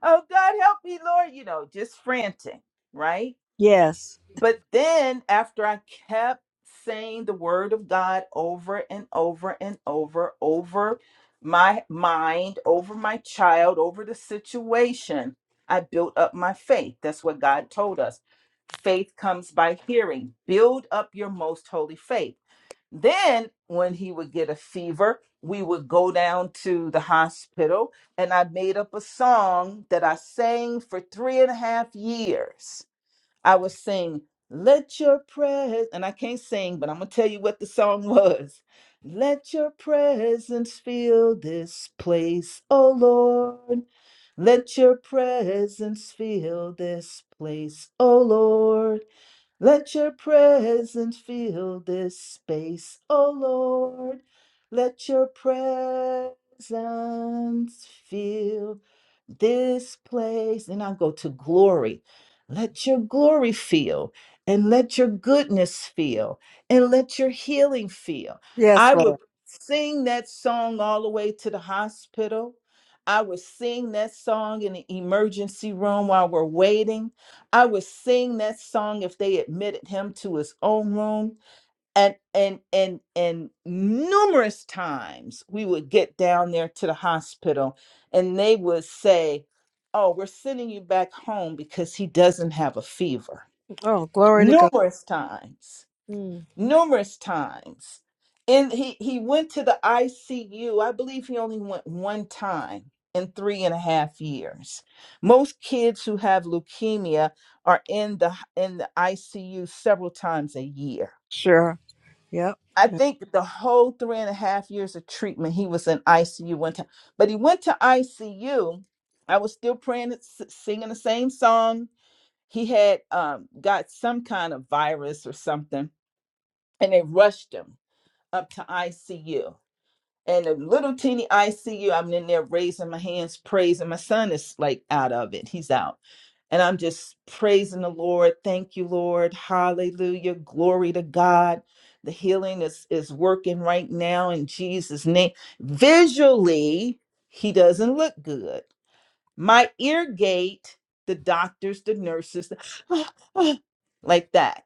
oh God, help me, Lord. You know, just frantic, right? yes, But then after I kept saying the word of God over and over and over, over my mind, over my child, over the situation, I built up my faith. That's what God told us. Faith comes by hearing. Build up your most holy faith. Then, when he would get a fever, we would go down to the hospital, and I made up a song that I sang for three and a half years I would sing, Let your presence, and I can't sing, but I'm going to tell you what the song was. Let your presence fill this place, O Lord. Let your presence fill this place, O Lord. Let your presence fill this space, O Lord. Let your presence fill this place. And I'll go to glory. Let your glory feel, and let your goodness feel, and let your healing feel. I yes, would Lord. sing that song all the way to the hospital. I would sing that song in the emergency room while we're waiting. I would sing that song if they admitted him to his own room. And and and and numerous times we would get down there to the hospital and they would say, Oh, we're sending you back home because he doesn't have a fever. Oh, glory to God. Numerous times Mm, numerous times. And he, he went to the ICU. I believe he only went one time in three and a half years. Most kids who have leukemia are in the in the ICU several times a year. sure. Yep. I think the whole three and a half years of treatment, he was in ICU one time. But he went to ICU. I was still praying, and s- singing the same song. He had um, got some kind of virus or something, and they rushed him up to ICU. And a little teeny ICU, I'm in there raising my hands, praising. My son is like out of it. He's out. And I'm just praising the Lord. Thank you, Lord. Hallelujah. Glory to God. The healing is, is working right now in Jesus' name. Visually, he doesn't look good. My ear gate, the doctors, the nurses, the like that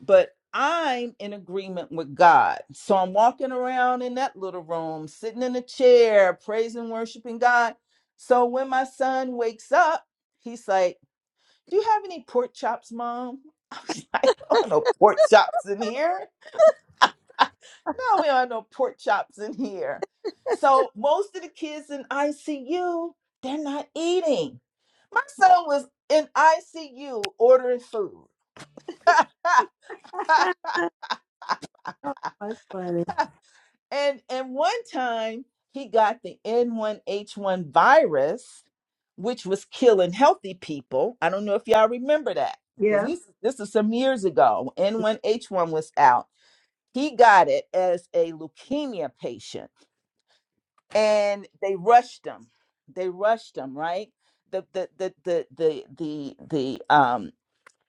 but I'm in agreement with God. So I'm walking around in that little room, sitting in a chair, praising, worshiping God. So when my son wakes up, he's like, Do you have any pork chops, mom? I don't have no pork chops in here. no, we don't have no pork chops in here. So most of the kids in ICU, they're not eating. My son was in ICU ordering food. Ah, That's funny. And and one time he got the N1H1 virus, which was killing healthy people. I don't know if y'all remember that because Yes. this this is some years ago. N1H1 was out. He got it as a leukemia patient, and they rushed him. They rushed him, right? The the the the the the the um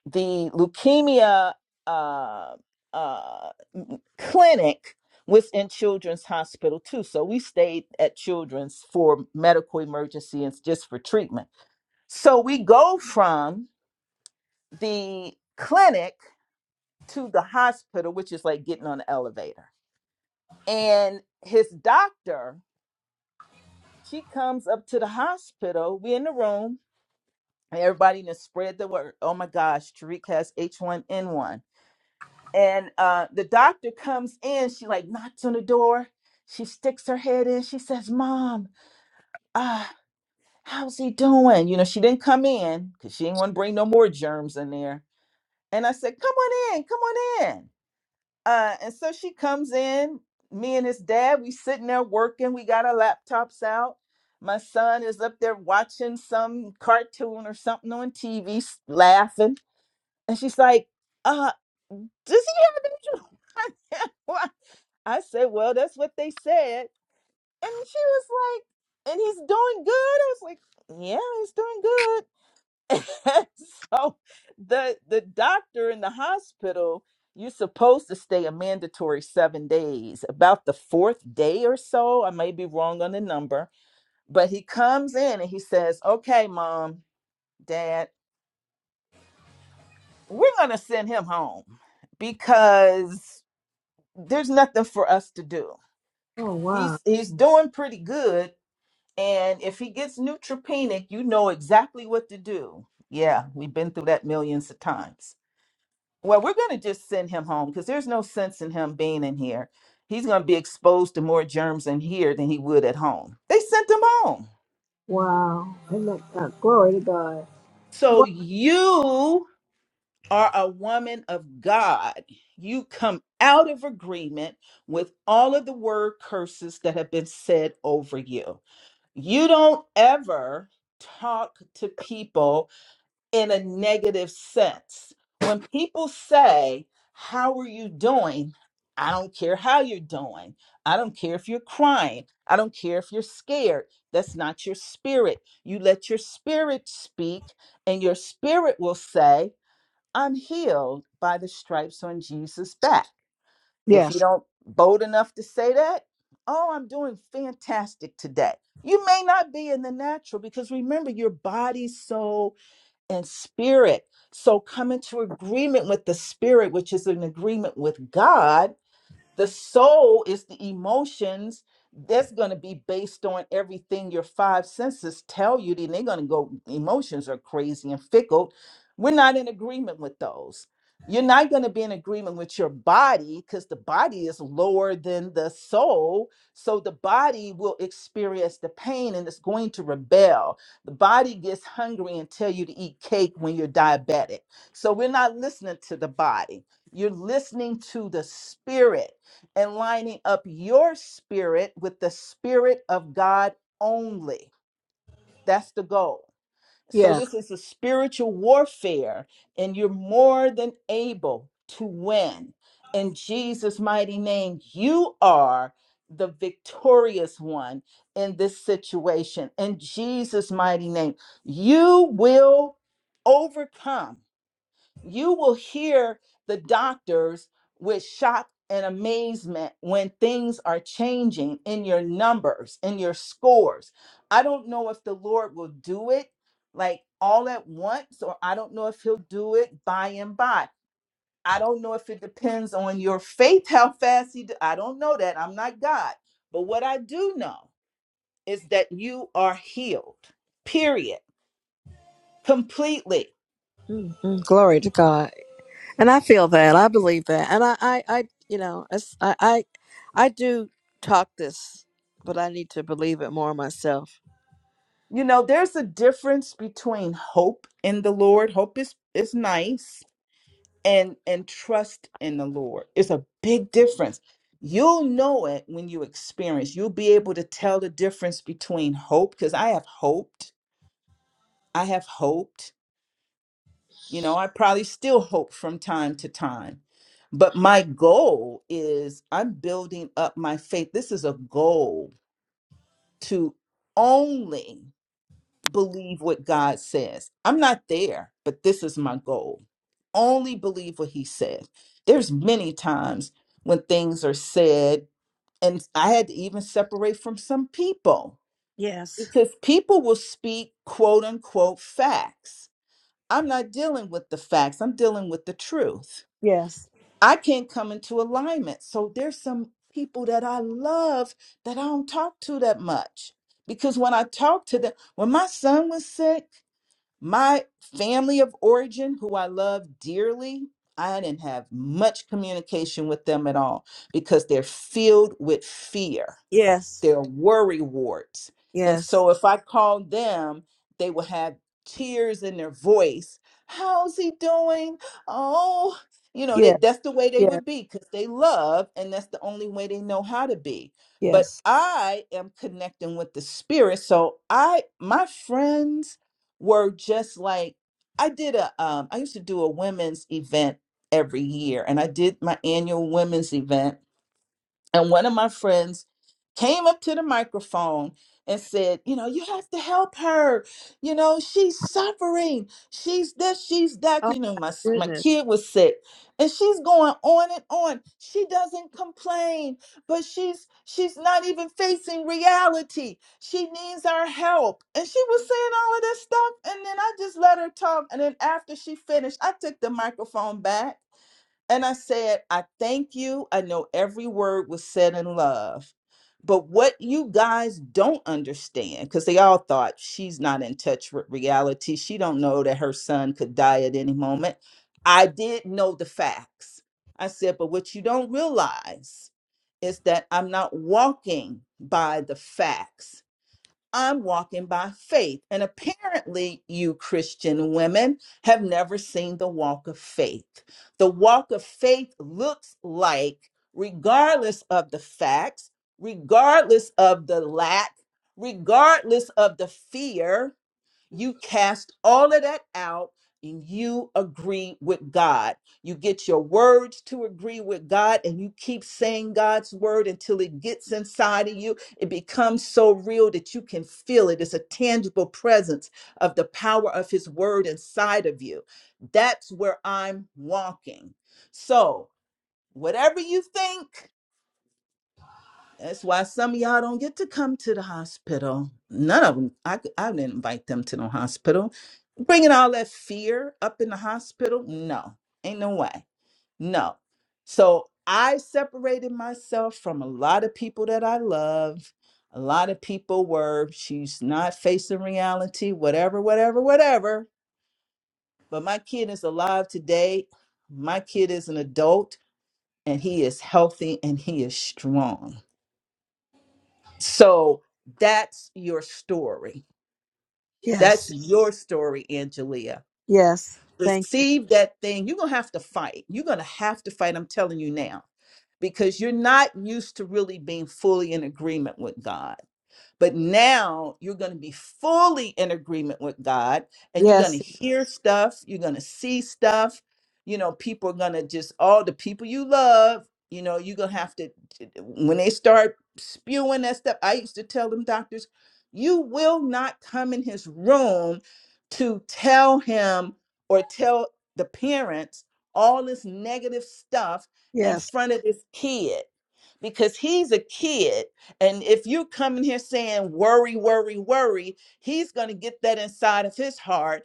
the leukemia uh, uh, clinic was in Children's Hospital too. So we stayed at Children's for medical emergency and just for treatment. So we go from the clinic to the hospital, which is like getting on the elevator. And his doctor, she comes up to the hospital. We in the room. And everybody done spread the word. Oh my gosh, Tariq has H1N1. and uh the doctor comes in she like knocks on the door she sticks her head in she says mom uh how's he doing you know she didn't come in because she didn't want to bring no more germs in there and i said come on in come on in uh and so she comes in me and his dad we sitting there working we got our laptops out my son is up there watching some cartoon or something on tv laughing and she's like uh does he have any germs? I said, Well, that's what they said. And she was like, And he's doing good. I was like, Yeah, he's doing good. And so the the doctor in the hospital, you're supposed to stay a mandatory seven days. About the fourth day or so, I may be wrong on the number, but he comes in and he says, Okay, mom, dad, we're gonna send him home because there's nothing for us to do. Oh, wow. He's he's doing pretty good And if he gets neutropenic, you know exactly what to do. Yeah, we've been through that millions of times. Well, we're going to just send him home because there's no sense in him being in here. He's going to be exposed to more germs in here than he would at home. They sent him home. Wow. Amen. Uh, glory to God. So Wow. you are a woman of God. You come out of agreement with all of the word curses that have been said over you. You don't ever talk to people in a negative sense. When people say, How are you doing? I don't care how you're doing. I don't care if you're crying. I don't care if you're scared. That's not your spirit. You let your spirit speak, and your spirit will say, I'm healed by the stripes on Jesus' back. If you Yes, don't bold enough to say that, oh, I'm doing fantastic today. You may not be in the natural because remember your body, soul, and spirit. So come into agreement with the spirit, which is an agreement with God the soul is the emotions that's going to be based on everything your five senses tell you. Then they're going to go, emotions are crazy and fickle. We're not in agreement with those. You're not going to be in agreement with your body because the body is lower than the soul. So the body will experience the pain and it's going to rebel. The body gets hungry and tell you to eat cake when you're diabetic. So we're not listening to the body you're listening to the spirit and lining up your spirit with the spirit of God only. That's the goal. So, yes. this is a spiritual warfare, and you're more than able to win. In Jesus' mighty name, you are the victorious one in this situation. In Jesus' mighty name, you will overcome you will hear the doctors with shock and amazement when things are changing in your numbers, in your scores. I don't know if the Lord will do it like all at once, or I don't know if He'll do it by and by. I don't know if it depends on your faith, how fast He. Do. I don't know that. I'm not God. But what I do know is that you are healed, period, completely mm mm. Glory to God. And I feel that. I believe that. And I, I, I you know, it's- I, I, I do talk this, but I need to believe it more myself. You know, there's a difference between hope in the Lord. Hope is is nice and and trust in the Lord. It's a big difference. You'll know it when you experience. You'll be able to tell the difference between hope because I have hoped. I have hoped. You know, I probably still hope from time to time. But my goal is I'm building up my faith. This is a goal to only believe what God says. I'm not there, but this is my goal. Only believe what he says. There's many times when things are said and I had to even separate from some people Yes, because people will speak quote unquote facts. I'm not dealing with the facts. I'm dealing with the truth. yes, I can't come into alignment. So there's some people that I love that I don't talk to that much because when I talk to them, when my son was sick, my family of origin, who I love dearly, I didn't have much communication with them at all because they're filled with fear yes, they're worry warts. And yes, so if I called them, they would have tears in their voice. How's he doing? Oh, you know, yes, that that's the way they yes, would be because they love and that's the only way they know how to be. But Yes. I am connecting with the spirit. So I my friends were just like I did a um I used to do a women's event every year and I did my annual women's event and one of my friends came up to the microphone and said, You know, you have to help her. You know, she's suffering. She's this, she's that. Oh You know, my my, s- my goodness. kid was sick. And she's going on and on. She doesn't complain, but she's she's not even facing reality. She needs our help. And she was saying all of this stuff. And then I just let her talk. And then after she finished, I took the microphone back and I said, I thank you. I know every word was said in love. But what you guys don't understand, because they all thought she's not in touch with reality. She don't know that her son could die at any moment. I did know the facts. I said, but what you don't realize is that I'm not walking by the facts. I'm walking by faith. And apparently, you Christian women have never seen the walk of faith. The walk of faith looks like, regardless of the facts, regardless of the lack, regardless of the fear, you cast all of that out and you agree with God. You get your words to agree with God and you keep saying God's word until it gets inside of you. It becomes so real that you can feel it. It's a tangible presence of the power of his word inside of you. That's where I'm walking. So, whatever you think, that's why some of y'all don't get to come to the hospital. None of them. I I c- I didn't invite them to no hospital. Bringing all that fear up in the hospital? No, ain't no way. No. So I separated myself from a lot of people that I love. A lot of people were, she's not facing reality, whatever, whatever, whatever. But my kid is alive today. My kid is an adult and he is healthy and he is strong So that's your story. That's Yes. your story, Angelia. Yes. Thank Receive that thing. You're going to have to fight. You're going to have to fight. I'm telling you now, because you're not used to really being fully in agreement with God. But now you're going to be fully in agreement with God and you. you're going to Yes. hear stuff, you're going to see stuff. You know, people are going to just, all the people you love, you know, you're going to have to, when they start spewing that stuff, I used to tell them doctors, you will not come in his room to tell him or tell the parents all this negative stuff in Yes. front of this kid because he's a kid and if you come in here saying worry, worry, worry, he's going to get that inside of his heart.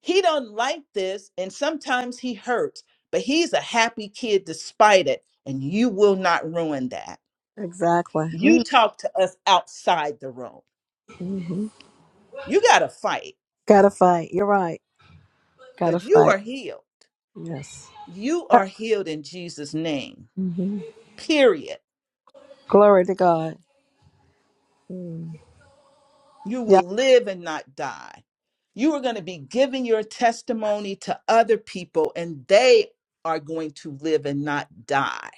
He don't like this, and sometimes he hurts, but he's a happy kid despite it, and you will not ruin that. Exactly. You Mm, talk to us outside the room. Mm-hmm. You got to fight Gotta fight. You're right. Gotta because you fight. are healed. Yes. You are healed in Jesus' name. hmm Period. Glory to God. Mm. You Yeah. will live and not die. You are going to be giving your testimony to other people, and they are going to live and not die.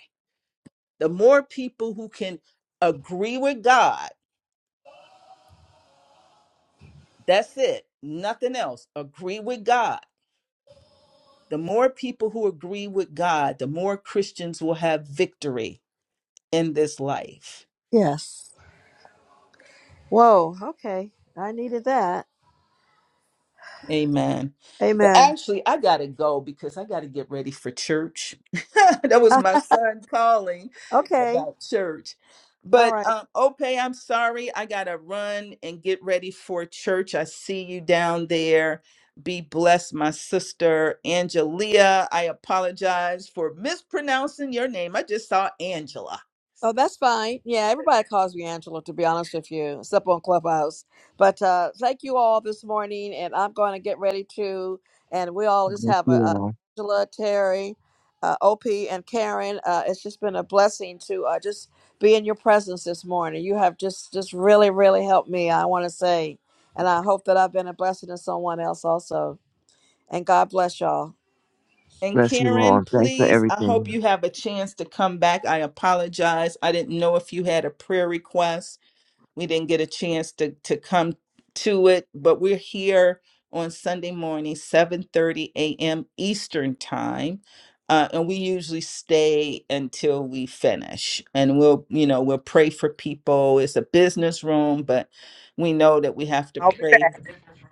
The more people who can agree with God, that's it, nothing else, agree with God. The more people who agree with God, the more Christians will have victory in this life. Yes. Whoa. Okay. I needed that. Amen. But Amen. actually, I got to go because I got to get ready for church. that was my son calling okay. about church. All But right. um, okay, I'm sorry. I got to run and get ready for church. I see you down there. Be blessed, my sister Angelia. I apologize for mispronouncing your name. I just saw Angela. Oh, that's fine. Yeah, everybody calls me Angela, to be honest with you, except on Clubhouse. But uh, thank you all this morning, and I'm going to get ready to, and we all just Bless have a, you uh all. Angela, Terry, uh, OP, and Karen. Uh, it's just been a blessing to uh, just be in your presence this morning. You have just just really, really helped me. I want to say, and I hope that I've been a blessing to someone else also. And God bless y'all. And Bless you all. Karen, and Thanks for please, I hope everything. you have a chance to come back. I apologize. I didn't know if you had a prayer request. We didn't get a chance to to come to it, but we're here on Sunday morning, 7:30 a.m. Eastern time. Uh, and we usually stay until we finish and we'll you know we'll pray for people it's a business room but we know that we have to I'll be pray back.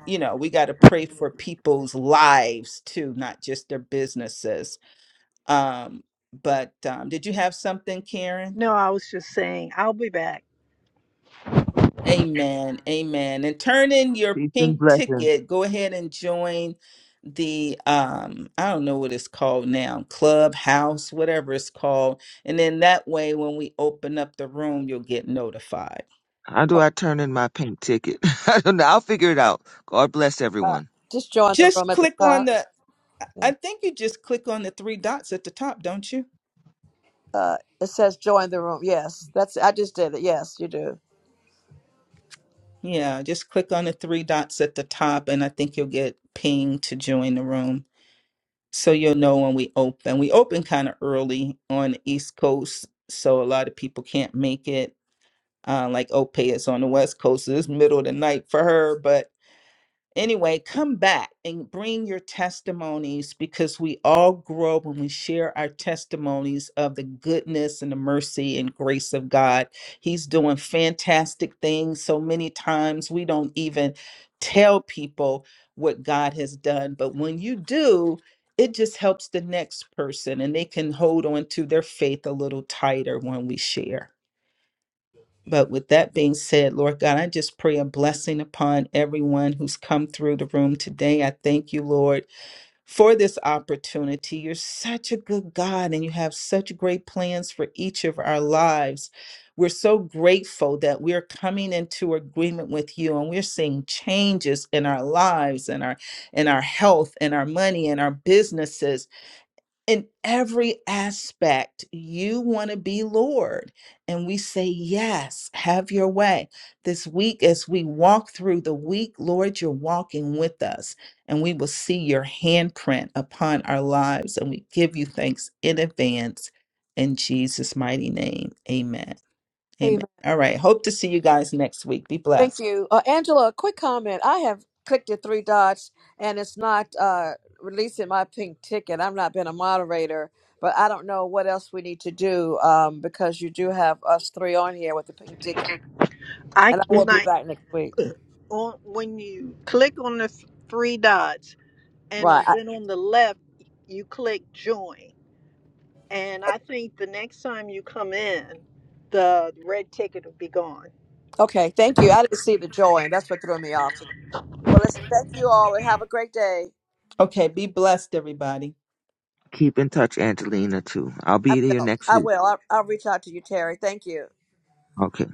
you know we got to pray for people's lives too not just their businesses um, but um, did you have something, Karen? No, I was just saying I'll be back. Amen. Amen. And turn in your Peace and pink blessings. ticket. Go ahead and join the um I don't know what it's called now, clubhouse, whatever it's called. And then that way when we open up the room, you'll get notified. How do Oh, I turn in my pink ticket? I don't know. I'll figure it out. God bless uh, everyone. just join the Just room at the click on top. the I Yeah. I think you just click on the three dots at the top, don't you? Uh, it says join the room. Yes, that's. I just did it. Yes, you do. Yeah, just click on the three dots at the top and I think you'll get pinged to join the room. so you'll know when we open. We open kind of early on the East Coast, so a lot of people can't make it. Uh, like Ope is on the West Coast, so it's middle of the night for her, but Anyway, come back and bring your testimonies because we all grow when we share our testimonies of the goodness and the mercy and grace of God. He's doing fantastic things. So many times we don't even tell people what God has done, but when you do, it just helps the next person and they can hold on to their faith a little tighter when we share. But with that being said, Lord God, I just pray a blessing upon everyone who's come through the room today. I thank you, Lord, for this opportunity. You're such a good God and you have such great plans for each of our lives. We're so grateful that we're coming into agreement with you and we're seeing changes in our lives and our in our health and our money and our businesses in every aspect you want to be lord and we say yes have your way this week as we walk through the week lord you're walking with us and we will see your handprint upon our lives and we give you thanks in advance in jesus mighty name amen amen Amen. all right hope to see you guys next week be Thank blessed you, uh, Angela. A quick comment. I have clicked the three dots, and it's not uh, releasing my pink ticket. I've not been a moderator, but I don't know what else we need to do um, because you do have us three on here with the pink ticket, I and I will when be I back next week. on when you click on the th- three dots and Right. on- I, then on the left you click join. And I think the next time you come in, the red ticket will be gone. okay. Thank you. I didn't see the join. That's what threw me off today. Well, listen. Thank you all, and have a great day. okay be blessed everybody Keep in touch, Angelina, too. I'll I be here will. next I week. will. I'll, I'll reach out to you, Terry. Thank you. Okay.